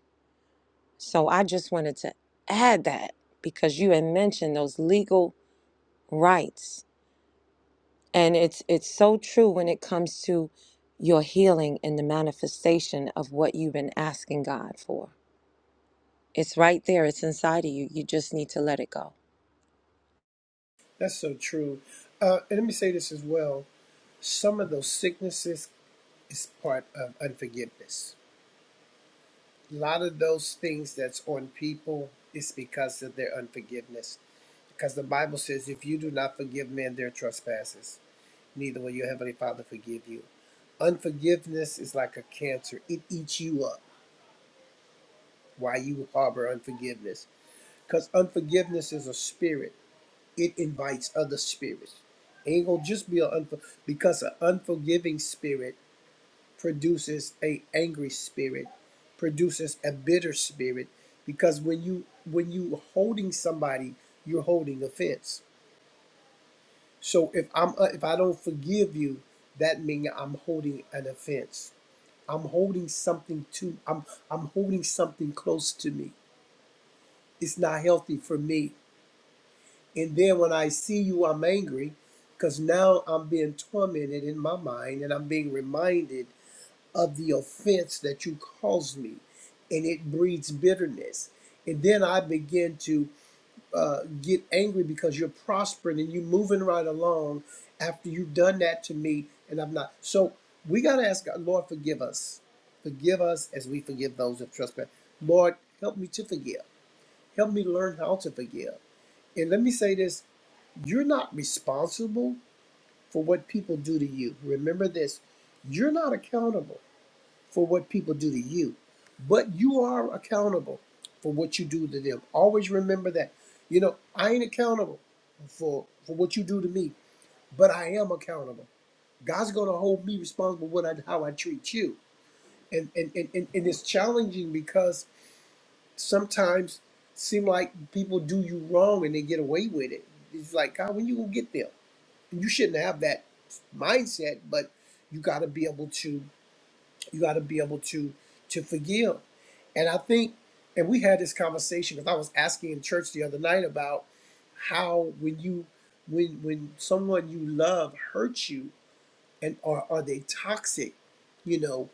[SPEAKER 4] So I just wanted to add that because you had mentioned those legal rights and it's it's so true when it comes to your healing and the manifestation of what you've been asking God for. It's right there. It's inside of you. You just need to let it go.
[SPEAKER 1] That's so true. Uh, and let me say this as well. Some of those sicknesses is part of unforgiveness. A lot of those things that's on people is because of their unforgiveness. Because the Bible says, if you do not forgive men their trespasses, neither will your heavenly father forgive you. Unforgiveness is like a cancer. It eats you up Why you harbor unforgiveness. Because unforgiveness is a spirit. It invites other spirits. Ain't gonna just be an unfor- because an unforgiving spirit produces a angry spirit, produces a bitter spirit. Because when you when you holding somebody, you're holding offense. So if I'm uh, if I don't forgive you, that means I'm holding an offense. I'm holding something to I'm I'm holding something close to me. It's not healthy for me. And then when I see you, I'm angry because now I'm being tormented in my mind and I'm being reminded of the offense that you caused me. And it breeds bitterness. And then I begin to uh, get angry because you're prospering and you're moving right along after you've done that to me and I'm not. So we got to ask God, Lord, forgive us. Forgive us as we forgive those who trespass. Lord, help me to forgive. Help me learn how to forgive. And let me say this you're not responsible for what people do to you. Remember this you're not accountable for what people do to you, but you are accountable for what you do to them. Always remember that. You know, I ain't accountable for for what you do to me, but I am accountable. God's going to hold me responsible for what I, how I treat you, and and, and and and it's challenging because sometimes seem like people do you wrong and they get away with it. It's like God, when you gonna get there? And you shouldn't have that mindset, but you got to be able to. You got to be able to to forgive. And I think, and we had this conversation because I was asking in church the other night about how when you when when someone you love hurts you and are are they toxic, you know,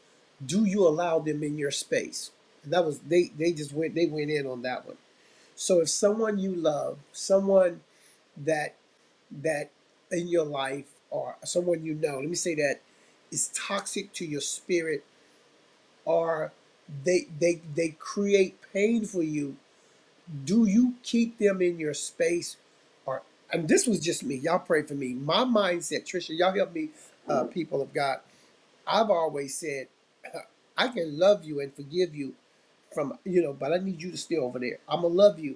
[SPEAKER 1] do you allow them in your space? And that was they they just went they went in on that one. So if someone you love, someone that that in your life or someone you know, let me say that is toxic to your spirit are they they they create pain for you do you keep them in your space or and this was just me y'all pray for me my mindset trisha y'all help me uh, people of god i've always said i can love you and forgive you from you know but i need you to stay over there i'm gonna love you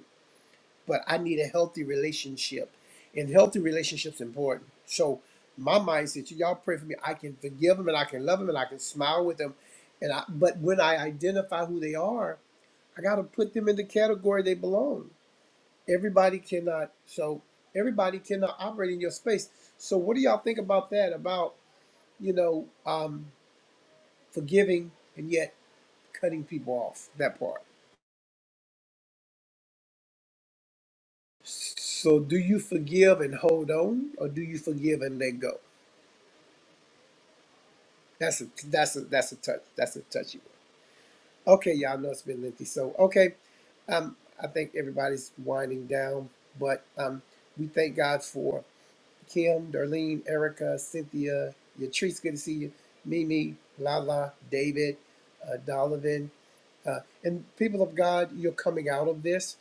[SPEAKER 1] but I need a healthy relationship. And healthy relationships important. So my mindset, so y'all pray for me. I can forgive them and I can love them and I can smile with them. And I, but when I identify who they are, I got to put them in the category they belong. Everybody cannot. So everybody cannot operate in your space. So what do y'all think about that? About you know um, forgiving and yet cutting people off. That part. So do you forgive and hold on, or do you forgive and let go? That's a that's a that's a touch that's a touchy one. Okay, y'all know it's been lengthy, so okay. Um, I think everybody's winding down, but um, we thank God for Kim, Darlene, Erica, Cynthia, Yatrice, good to see you, Mimi, Lala, David, uh, Donovan. Uh, and people of God, you're coming out of this.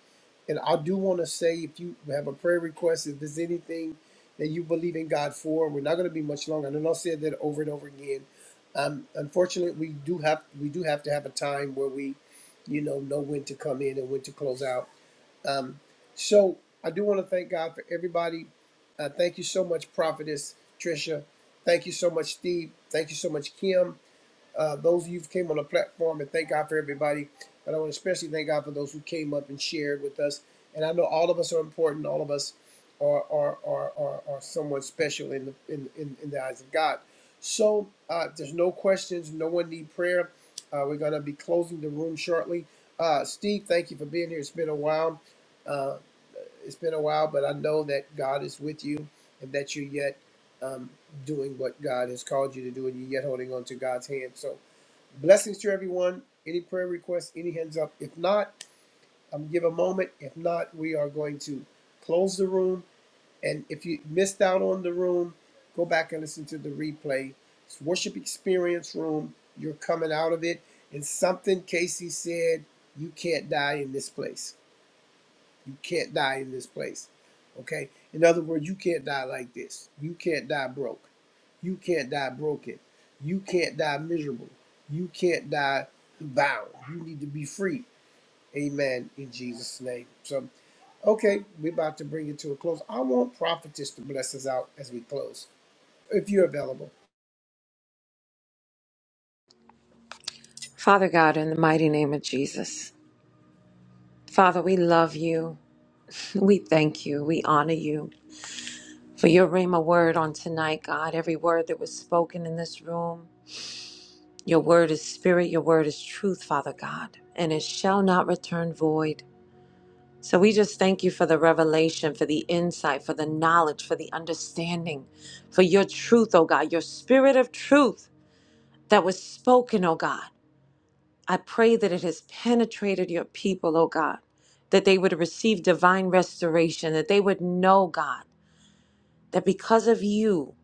[SPEAKER 1] And I do want to say if you have a prayer request, if there's anything that you believe in God for, we're not going to be much longer. And I'll said that over and over again. Um, unfortunately, we do have we do have to have a time where we, you know, know when to come in and when to close out. Um, so I do want to thank God for everybody. Uh, thank you so much, Prophetess Trisha. Thank you so much, Steve. Thank you so much, Kim. Uh, those of you who came on the platform, and thank God for everybody. But I want to especially thank God for those who came up and shared with us. And I know all of us are important. All of us are are are are, are somewhat special in the in, in in the eyes of God. So uh, there's no questions. No one need prayer. Uh, we're gonna be closing the room shortly. Uh, Steve, thank you for being here. It's been a while. Uh, it's been a while, but I know that God is with you and that you're yet um, doing what God has called you to do, and you're yet holding on to God's hand. So Blessings to everyone. Any prayer requests, any hands up? If not, I'm gonna give a moment. If not, we are going to close the room. And if you missed out on the room, go back and listen to the replay. It's worship experience room. You're coming out of it. And something Casey said, you can't die in this place. You can't die in this place. Okay? In other words, you can't die like this. You can't die broke. You can't die broken. You can't die miserable. You can't die bound. You need to be free. Amen. In Jesus' name. So, okay, we're about to bring it to a close. I want prophetess to bless us out as we close, if you're available.
[SPEAKER 4] Father God, in the mighty name of Jesus, Father, we love you. We thank you. We honor you for your Rhema word on tonight, God. Every word that was spoken in this room, your word is spirit, your word is truth, Father God, and it shall not return void. So we just thank you for the revelation, for the insight, for the knowledge, for the understanding, for your truth, oh God, your spirit of truth that was spoken, oh God. I pray that it has penetrated your people, oh God, that they would receive divine restoration, that they would know, God, that because of you,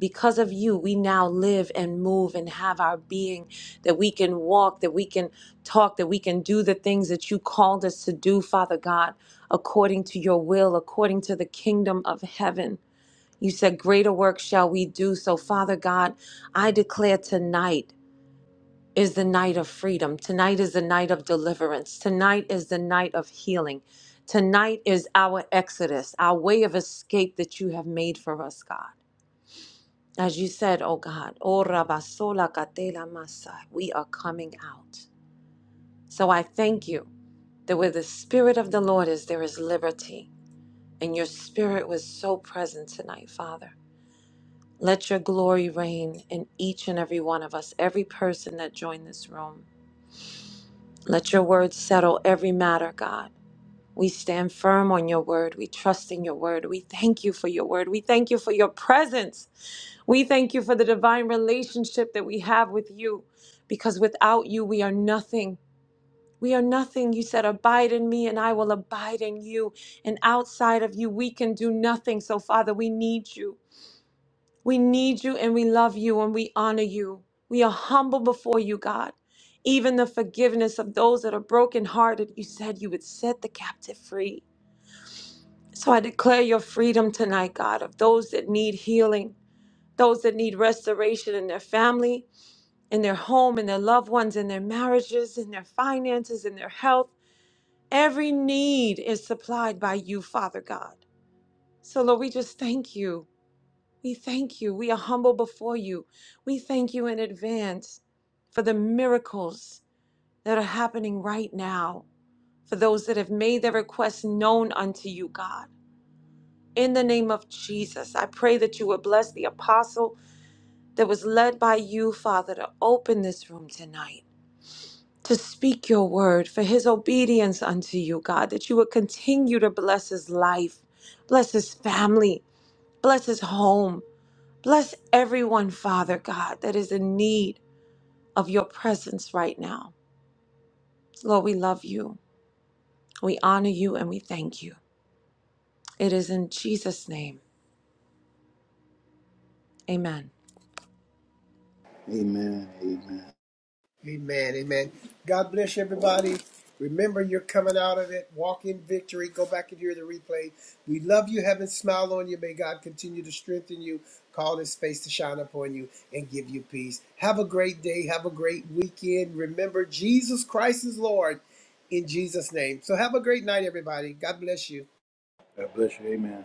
[SPEAKER 4] because of you, we now live and move and have our being, that we can walk, that we can talk, that we can do the things that you called us to do, Father God, according to your will, according to the kingdom of heaven. You said, Greater work shall we do. So, Father God, I declare tonight is the night of freedom. Tonight is the night of deliverance. Tonight is the night of healing. Tonight is our exodus, our way of escape that you have made for us, God. As you said, oh God, "O rabasola katela masa," we are coming out. So I thank you that where the Spirit of the Lord is, there is liberty. And your Spirit was so present tonight, Father. Let your glory reign in each and every one of us, every person that joined this room. Let your word settle every matter, God. We stand firm on your word. We trust in your word. We thank you for your word. We thank you for your presence. We thank you for the divine relationship that we have with you because without you, we are nothing. We are nothing. You said, Abide in me, and I will abide in you. And outside of you, we can do nothing. So, Father, we need you. We need you and we love you and we honor you. We are humble before you, God. Even the forgiveness of those that are brokenhearted, you said you would set the captive free. So I declare your freedom tonight, God, of those that need healing, those that need restoration in their family, in their home, in their loved ones, in their marriages, in their finances, in their health. Every need is supplied by you, Father God. So, Lord, we just thank you. We thank you. We are humble before you. We thank you in advance for the miracles that are happening right now, for those that have made their requests known unto you, God. In the name of Jesus, I pray that you would bless the apostle that was led by you, Father, to open this room tonight, to speak your word, for his obedience unto you, God, that you would continue to bless his life, bless his family, bless his home. Bless everyone, Father God, that is in need of your presence right now. Lord, we love you, we honor you, and we thank you. It is in Jesus' name. Amen.
[SPEAKER 6] Amen.
[SPEAKER 1] Amen. Amen. God bless everybody. Remember, you're coming out of it. Walk in victory. Go back and hear the replay. We love you. Heaven smile on you. May God continue to strengthen you, call his face to shine upon you, and give you peace. Have a great day. Have a great weekend. Remember, Jesus Christ is Lord in Jesus' name. So have a great night, everybody. God bless you.
[SPEAKER 6] God bless you. Amen.